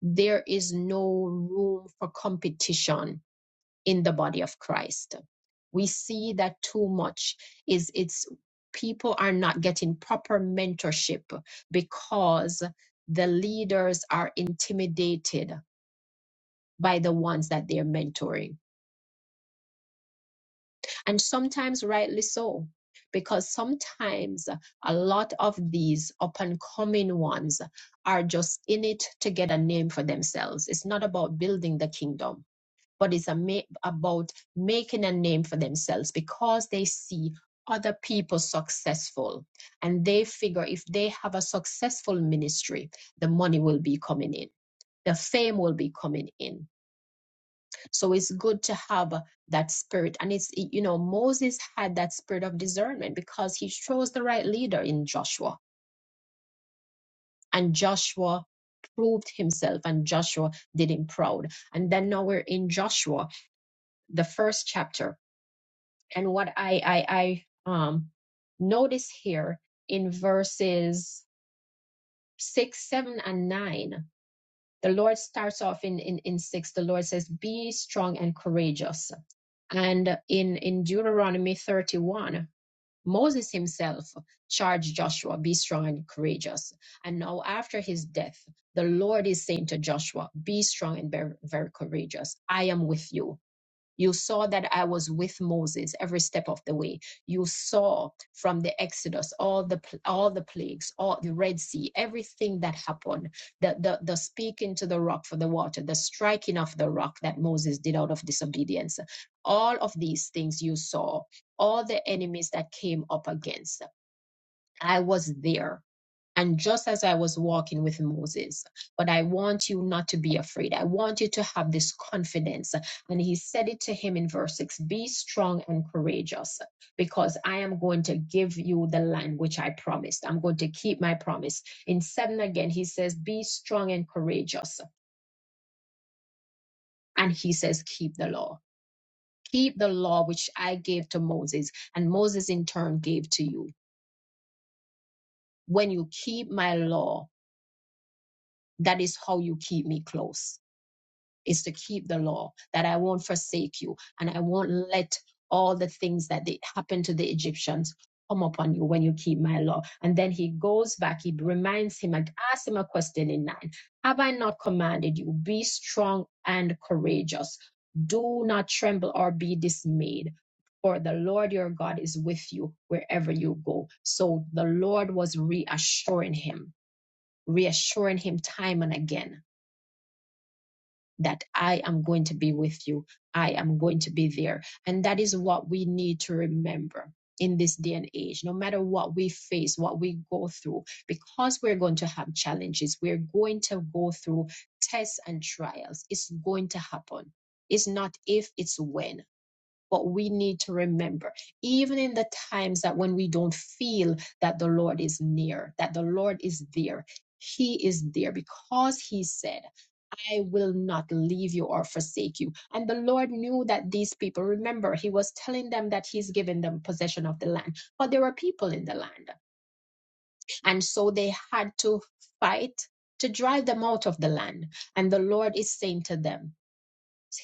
[SPEAKER 3] there is no room for competition in the body of Christ. We see that too much is it's people are not getting proper mentorship because the leaders are intimidated by the ones that they're mentoring. And sometimes rightly so, because sometimes a lot of these up and coming ones are just in it to get a name for themselves. It's not about building the kingdom but it's a ma- about making a name for themselves because they see other people successful and they figure if they have a successful ministry the money will be coming in the fame will be coming in so it's good to have that spirit and it's you know moses had that spirit of discernment because he chose the right leader in joshua and joshua proved himself and joshua did him proud and then now we're in joshua the first chapter And what I I, I um notice here in verses six, seven, and nine, the Lord starts off in, in, in six, the Lord says, Be strong and courageous. And in, in Deuteronomy 31, Moses himself charged Joshua, Be strong and courageous. And now, after his death, the Lord is saying to Joshua, Be strong and very, very courageous. I am with you you saw that I was with Moses every step of the way. You saw from the Exodus all the all the plagues, all the Red Sea, everything that happened. The, the the speaking to the rock for the water, the striking of the rock that Moses did out of disobedience. All of these things you saw, all the enemies that came up against. I was there and just as I was walking with Moses. But I want you not to be afraid. I want you to have this confidence. And he said it to him in verse 6 Be strong and courageous, because I am going to give you the land which I promised. I'm going to keep my promise. In 7 again, he says, Be strong and courageous. And he says, Keep the law. Keep the law which I gave to Moses, and Moses in turn gave to you. When you keep my law, that is how you keep me close is to keep the law, that I won't forsake you, and I won't let all the things that they, happened to the Egyptians come upon you when you keep my law. And then he goes back, he reminds him and asks him a question in nine Have I not commanded you, be strong and courageous? Do not tremble or be dismayed. For the Lord your God is with you wherever you go. So the Lord was reassuring him, reassuring him time and again that I am going to be with you. I am going to be there. And that is what we need to remember in this day and age, no matter what we face, what we go through, because we're going to have challenges, we're going to go through tests and trials. It's going to happen. It's not if, it's when. But we need to remember, even in the times that when we don't feel that the Lord is near, that the Lord is there, He is there because He said, I will not leave you or forsake you. And the Lord knew that these people, remember, He was telling them that He's given them possession of the land, but there were people in the land. And so they had to fight to drive them out of the land. And the Lord is saying to them,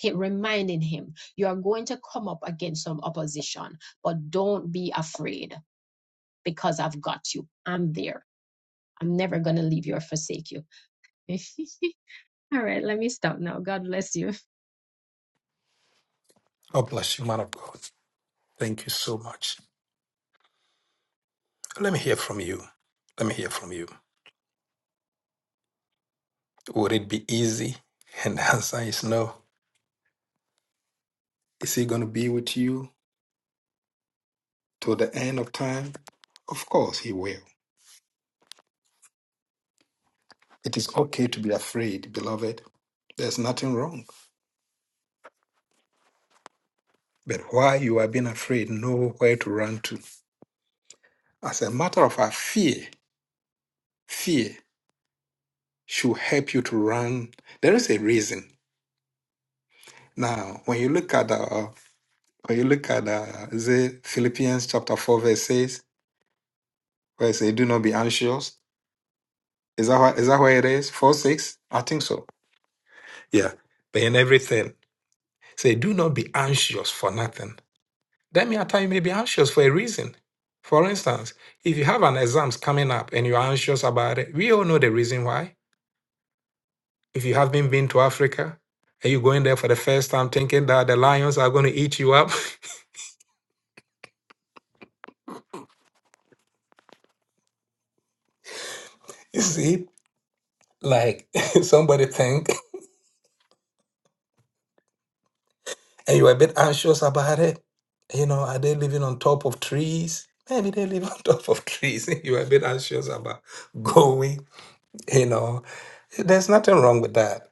[SPEAKER 3] he- reminding him, you are going to come up against some opposition, but don't be afraid because I've got you. I'm there. I'm never going to leave you or forsake you. <laughs> All right, let me stop now. God bless you.
[SPEAKER 1] God bless you, man of God. Thank you so much. Let me hear from you. Let me hear from you. Would it be easy? <laughs> And the answer is no. Is he going to be with you till the end of time? Of course, he will. It is okay to be afraid, beloved. There's nothing wrong. But while you are being afraid, know where to run to. As a matter of fact, fear, fear should help you to run. There is a reason. Now, when you look at uh, when you look at uh, is it Philippians chapter four verse six, where it says, "Do not be anxious." Is that why, that where it is? Four six, I think so. Yeah. But in everything. Say, do not be anxious for nothing. Then may time you you may be anxious for a reason. For instance, if you have an exams coming up and you're anxious about it, we all know the reason why. If you haven't been to Africa and you're going there for the first time thinking that the lions are going to eat you up, <laughs> you see, like <laughs> somebody think, and you're a bit anxious about it. You know, are they living on top of trees? Maybe they live <laughs> on top of trees. <laughs> You're a bit anxious about going, you know. There's nothing wrong with that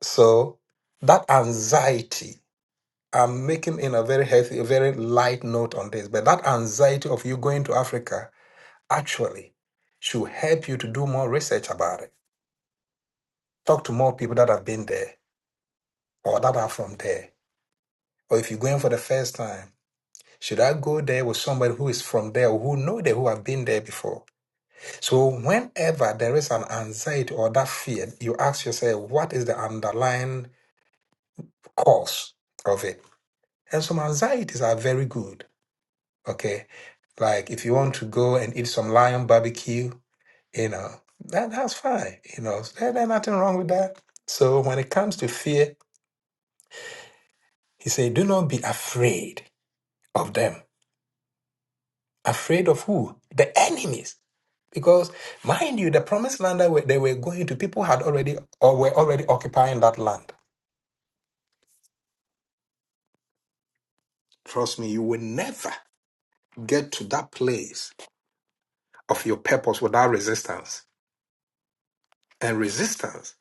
[SPEAKER 1] So that anxiety, I'm making in a very healthy, a very light note on this, but that anxiety of you going to Africa actually should help you to do more research about it. Talk to more people that have been there or that are from there. Or if you're going for the first time, should I go there with somebody who is from there or who know there, who have been there before? So whenever there is an anxiety or that fear, you ask yourself, what is the underlying cause of it? And some anxieties are very good Okay. Like if you want to go and eat some lion barbecue, you know, that, that's fine. You know, there, there's nothing wrong with that. So when it comes to fear, he said, do not be afraid of them. Afraid of who? The enemies. Because mind you, the promised land that were- they were going to, people had already or were already occupying that land. Trust me, you will never get to that place of your purpose without resistance. And resistance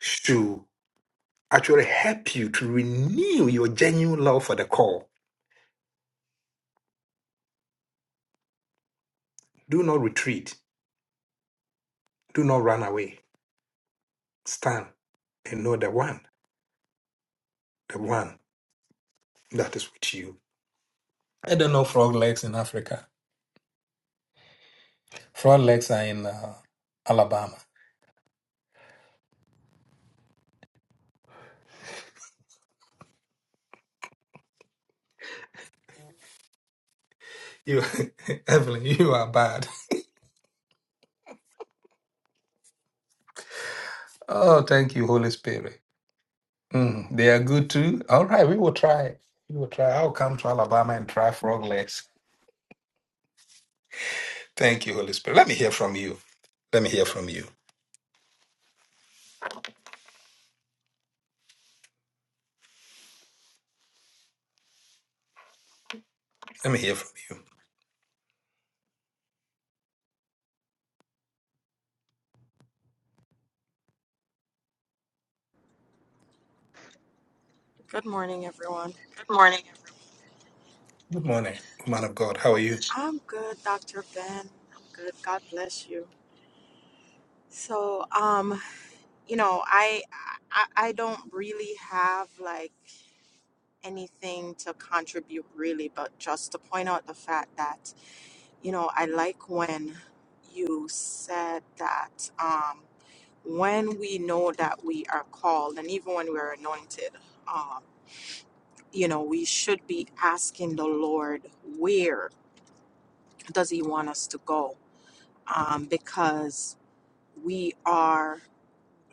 [SPEAKER 1] should. actually help you to renew your genuine love for the call. Do not retreat. Do not run away. Stand and know the one, the one that is with you. I don't know frog legs in Africa. Frog legs are in uh, Alabama. You, <laughs> Evelyn, you are bad. Oh, thank you, Holy Spirit. Mm, they are good too. All right, we will try. We will try. I'll come to Alabama and try frog legs. Thank you, Holy Spirit. Let me hear from you. Let me hear from you. Let me hear from you.
[SPEAKER 5] Good morning, everyone.
[SPEAKER 1] Good morning. Good morning, man of God. How are you?
[SPEAKER 5] I'm good, Dr. Ben. I'm good. God bless you. So, um, you know, I I, I don't really have like anything to contribute really, but just to point out the fact that, you know, I like when you said that um when we know that we are called and even when we're anointed, um, you know, we should be asking the Lord where does he want us to go? um, because we are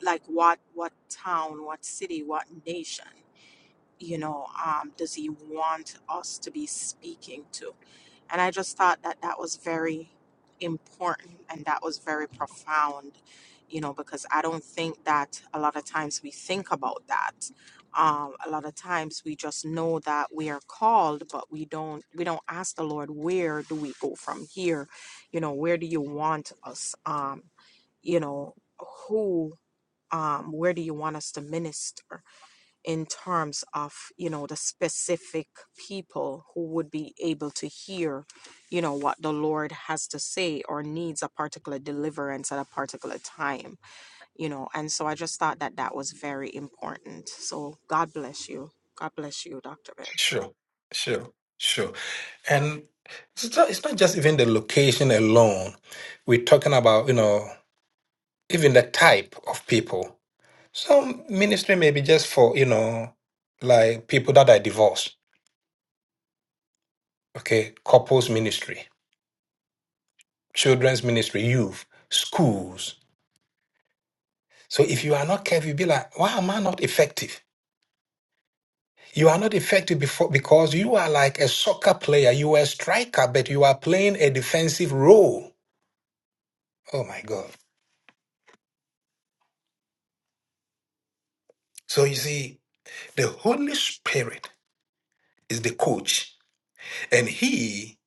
[SPEAKER 5] like what what town what city what nation you know um, does he want us to be speaking to and I just thought that that was very important and that was very profound, you know, because I don't think that a lot of times we think about that. Um, a lot of times we just know that we are called, but we don't we don't ask the Lord where do we go from here, you know, where do you want us, um, you know, who, um, where do you want us to minister? in terms of you know the specific people who would be able to hear you know what the lord has to say or needs a particular deliverance at a particular time you know and so i just thought that that was very important so god bless you god bless you dr Bear.
[SPEAKER 1] Sure, sure, sure. And it's not, it's not just even the location alone. We're talking about, you know, even the type of people. Some ministry may be just for, you know, like people that are divorced, okay? Couples ministry, children's ministry, youth, schools. So if you are not careful, you'll be like, why am I not effective? You are not effective before because you are like a soccer player. You are a striker, but you are playing a defensive role. Oh my God. So you see, the Holy Spirit is the coach and he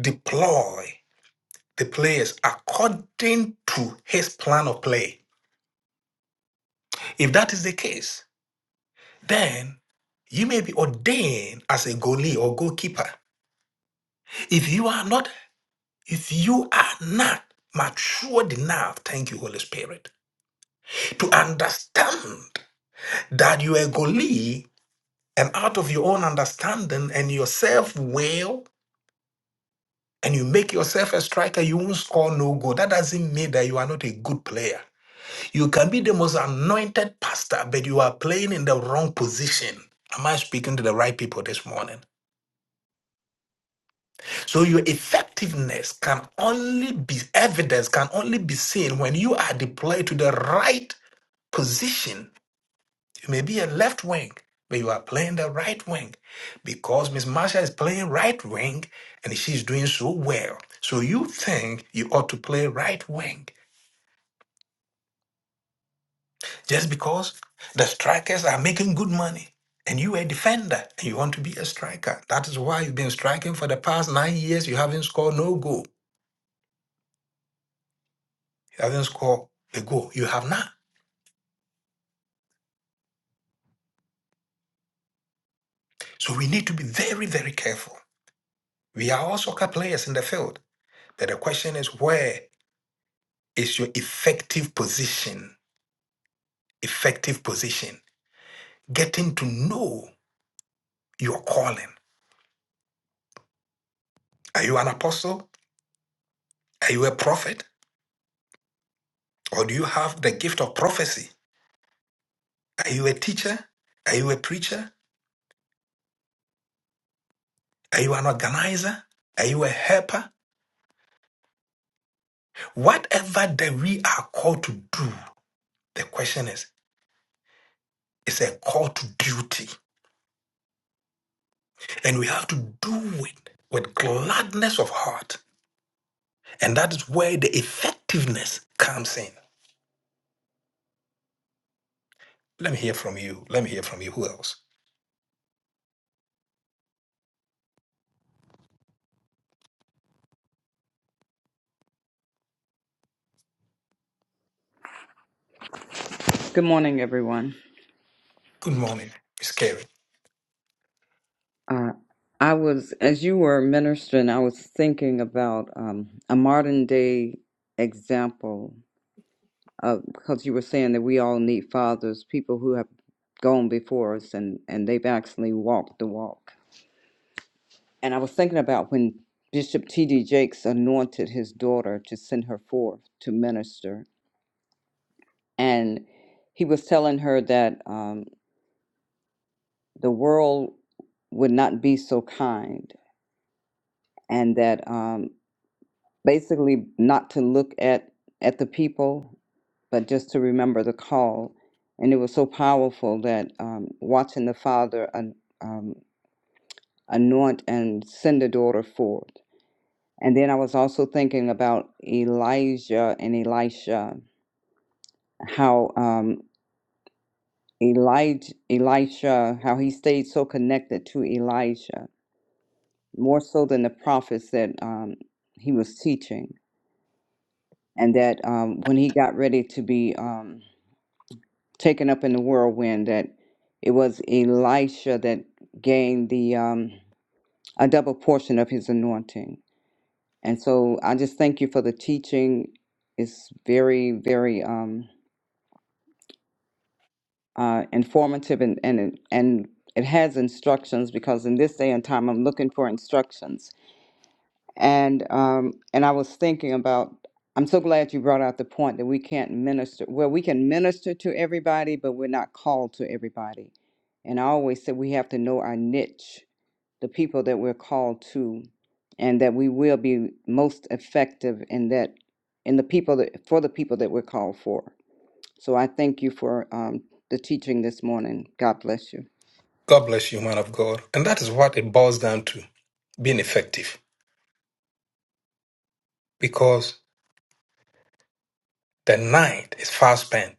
[SPEAKER 1] deploy the players according to his plan of play. If that is the case, then you may be ordained as a goalie or goalkeeper. If you are not, if you are not matured enough, thank you, Holy Spirit to understand that you are a Goli and out of your own understanding and your self will and you make yourself a striker, you won't score no goal. That doesn't mean that you are not a good player. You can be the most anointed pastor, but you are playing in the wrong position. Am I speaking to the right people this morning? So your effectiveness can only be evidence, can only be seen when you are deployed to the right position You may be a left wing, but you are playing the right wing because Miss Marsha is playing right wing and she's doing so well. So you think you ought to play right wing just because the strikers are making good money and you are a defender and you want to be a striker. That is why you've been striking for the past nine years. You haven't scored no goal. You haven't scored a goal. You have not. So we need to be very, very careful. We are all soccer players in the field. But the question is where is your effective position. Effective position. Getting to know your calling. Are you an apostle? Are you a prophet? Or do you have the gift of prophecy? Are you a teacher? Are you a preacher? Are you an organizer? Are you a helper? Whatever that we are called to do, the question is, it's a call to duty. And we have to do it with gladness of heart. And that is where the effectiveness comes in. Let me hear from you. Let me hear from you. Who else?
[SPEAKER 6] Good morning, everyone.
[SPEAKER 1] Good morning. It's Carey.
[SPEAKER 6] Uh, I was, as you were ministering, I was thinking about um, a modern day example of because you were saying that we all need fathers, people who have gone before us and, and they've actually walked the walk. And I was thinking about when Bishop T.D. Jakes anointed his daughter to send her forth to minister. And he was telling her that um, the world would not be so kind and that um, basically not to look at at the people but just to remember the call and it was so powerful that um, watching the father an- um, anoint and send the daughter forth and then i was also thinking about elijah and elisha how um, elijah elisha how he stayed so connected to elijah more so than the prophets that um, he was teaching and that um, when he got ready to be um, taken up in the whirlwind that it was Elisha that gained the um, a double portion of his anointing. And so I just thank you for the teaching. It's very, very um, uh, informative and, and and it has instructions because in this day and time I'm looking for instructions and um and i was thinking about i'm so glad you brought out the point that we can't minister well we can minister to everybody but we're not called to everybody and i always said we have to know our niche the people that we're called to and that we will be most effective in that in the people that for the people that we're called for so i thank you for um, the teaching this morning god bless you
[SPEAKER 1] God bless you, man of God. And that is what it boils down to being effective because the night is fast spent.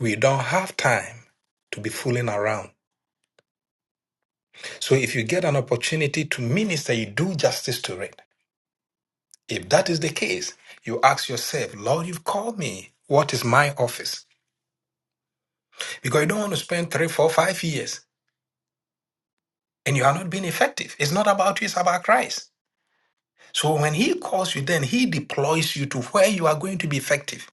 [SPEAKER 1] We don't have time to be fooling around. So if you get an opportunity to minister, you do justice to it. If that is the case, you ask yourself, Lord, you've called me. What is my office? Because you don't want to spend three, four, five years and you are not being effective. It's not about you, it's about Christ. So when he calls you, then he deploys you to where you are going to be effective.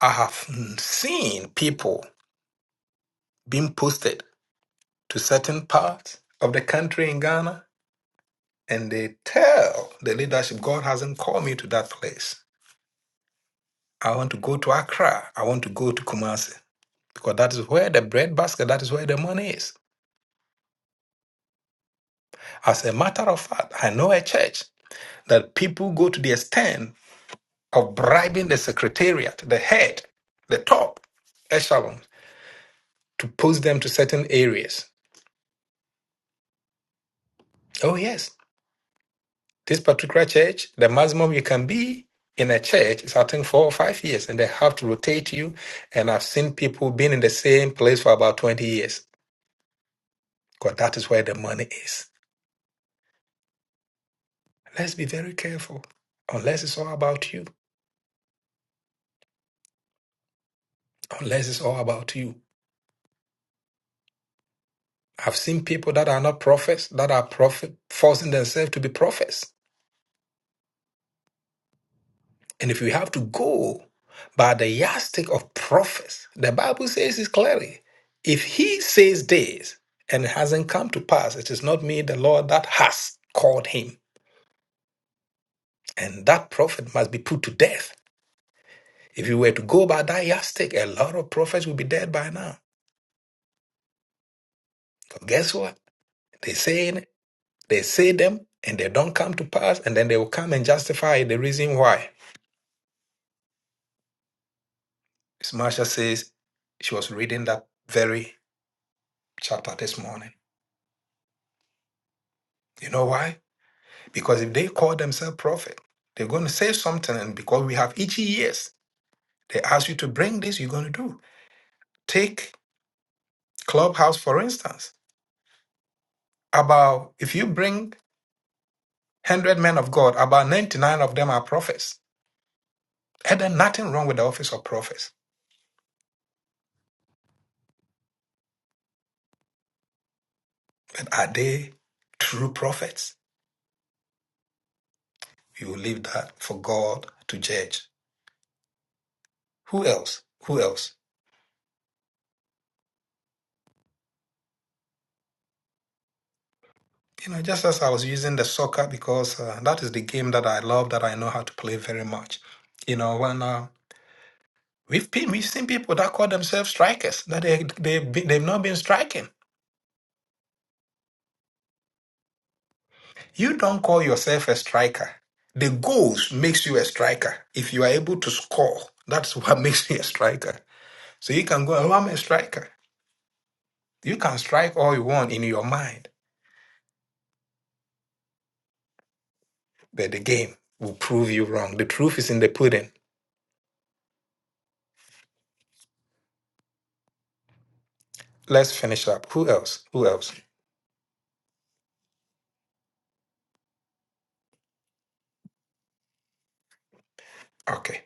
[SPEAKER 1] I have seen people being posted to certain parts of the country in Ghana, and they tell the leadership, God hasn't called me to that place. I want to go to Accra. I want to go to Kumasi because that is where the bread basket, that is where the money is. As a matter of fact, I know a church that people go to the extent of bribing the secretariat, the head, the top echelon to post them to certain areas. Oh, yes, this particular church, the maximum you can be in a church is, I think, four or five years, and they have to rotate you. And I've seen people being in the same place for about 20 years because that is where the money is. Let's be very careful, unless it's all about you. Unless it's all about you. I've seen people that are not prophets, that are prophet, forcing themselves to be prophets. And if we have to go by the yardstick of prophets, the Bible says it clearly. If he says this and it hasn't come to pass, it is not me, the Lord, that has called him. And that prophet must be put to death. If you were to go by that yardstick, a lot of prophets will be dead by now. But guess what? They say it, they say them, and they don't come to pass, and then they will come and justify the reason why. Miss Marsha says she was reading that very chapter this morning. You know why? Because if they call themselves prophet, they're going to say something. And because we have itchy ears, they ask you to bring this, you're going to do. Take Clubhouse, for instance. About if you bring 100 men of God, about 99 of them are prophets. And then nothing wrong with the office of prophets. But are they true prophets? You will leave that for God to judge. Who else? Who else? You know, just as I was using the soccer because uh, that is the game that I love, that I know how to play very much. You know, when uh, We've been, we've seen people that call themselves strikers that they they've been, they've not been striking. You don't call yourself a striker. The goals makes you a striker. If you are able to score, that's what <laughs> makes you a striker. So you can go, oh, I'm a striker. You can strike all you want in your mind, but the game will prove you wrong. The truth is in the pudding. Let's finish up. Who else? Who else? Okay.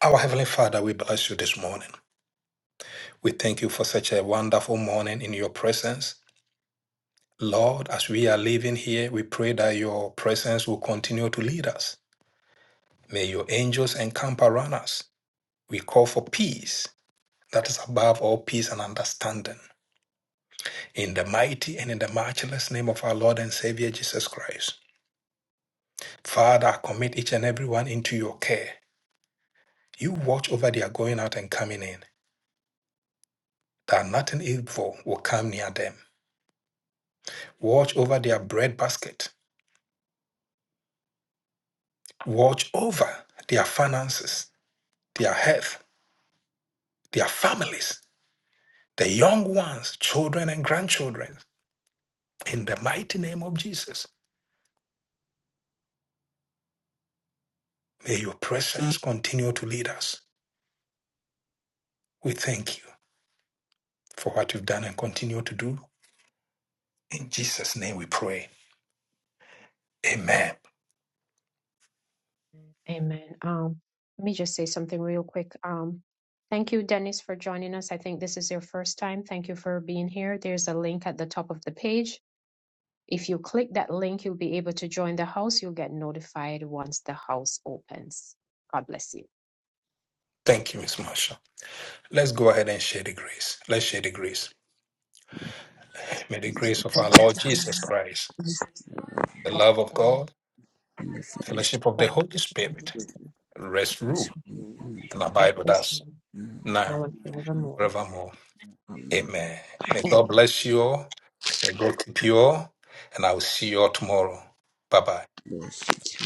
[SPEAKER 1] Our Heavenly Father, we bless you this morning. We thank you for such a wonderful morning in your presence. Lord, as we are living here, we pray that your presence will continue to lead us. May your angels encamp around us. We call for peace that is above all peace and understanding. In the mighty and in the matchless name of our Lord and Savior Jesus Christ. Father, I commit each and every one into your care. You watch over their going out and coming in, that nothing evil will come near them. Watch over their bread basket. Watch over their finances, their health, their families the young ones, children and grandchildren, in the mighty name of Jesus. May your presence continue to lead us. We thank you for what you've done and continue to do. In Jesus' name we pray. Amen.
[SPEAKER 3] Amen. Um, let me just say something real quick. Um, thank you, Dennis, for joining us. I think this is your first time. Thank you for being here. There's a link at the top of the page. If you click that link, you'll be able to join the house. You'll get notified once the house opens. God bless you.
[SPEAKER 1] Thank you, Miss Marshall. Let's go ahead and share the grace. Let's share the grace. May the grace of our
[SPEAKER 3] But go
[SPEAKER 1] Lord
[SPEAKER 3] to the
[SPEAKER 1] Jesus Christ,
[SPEAKER 3] testimony
[SPEAKER 1] the
[SPEAKER 3] of
[SPEAKER 1] love of
[SPEAKER 3] God,
[SPEAKER 1] God,
[SPEAKER 7] and the foolishness
[SPEAKER 1] fellowship of
[SPEAKER 3] but
[SPEAKER 1] the Holy
[SPEAKER 3] the testimony
[SPEAKER 1] Spirit,
[SPEAKER 3] is of
[SPEAKER 1] rest, rule,
[SPEAKER 7] of the
[SPEAKER 1] and
[SPEAKER 7] ungodly.
[SPEAKER 1] abide with
[SPEAKER 3] Christ.
[SPEAKER 1] us now,
[SPEAKER 3] Now and forevermore.
[SPEAKER 1] forevermore.
[SPEAKER 7] Amen.
[SPEAKER 1] Amen. May God
[SPEAKER 3] Amen.
[SPEAKER 1] bless you all. May God keep you all. And I will see you all tomorrow. Bye bye.
[SPEAKER 7] Bless you.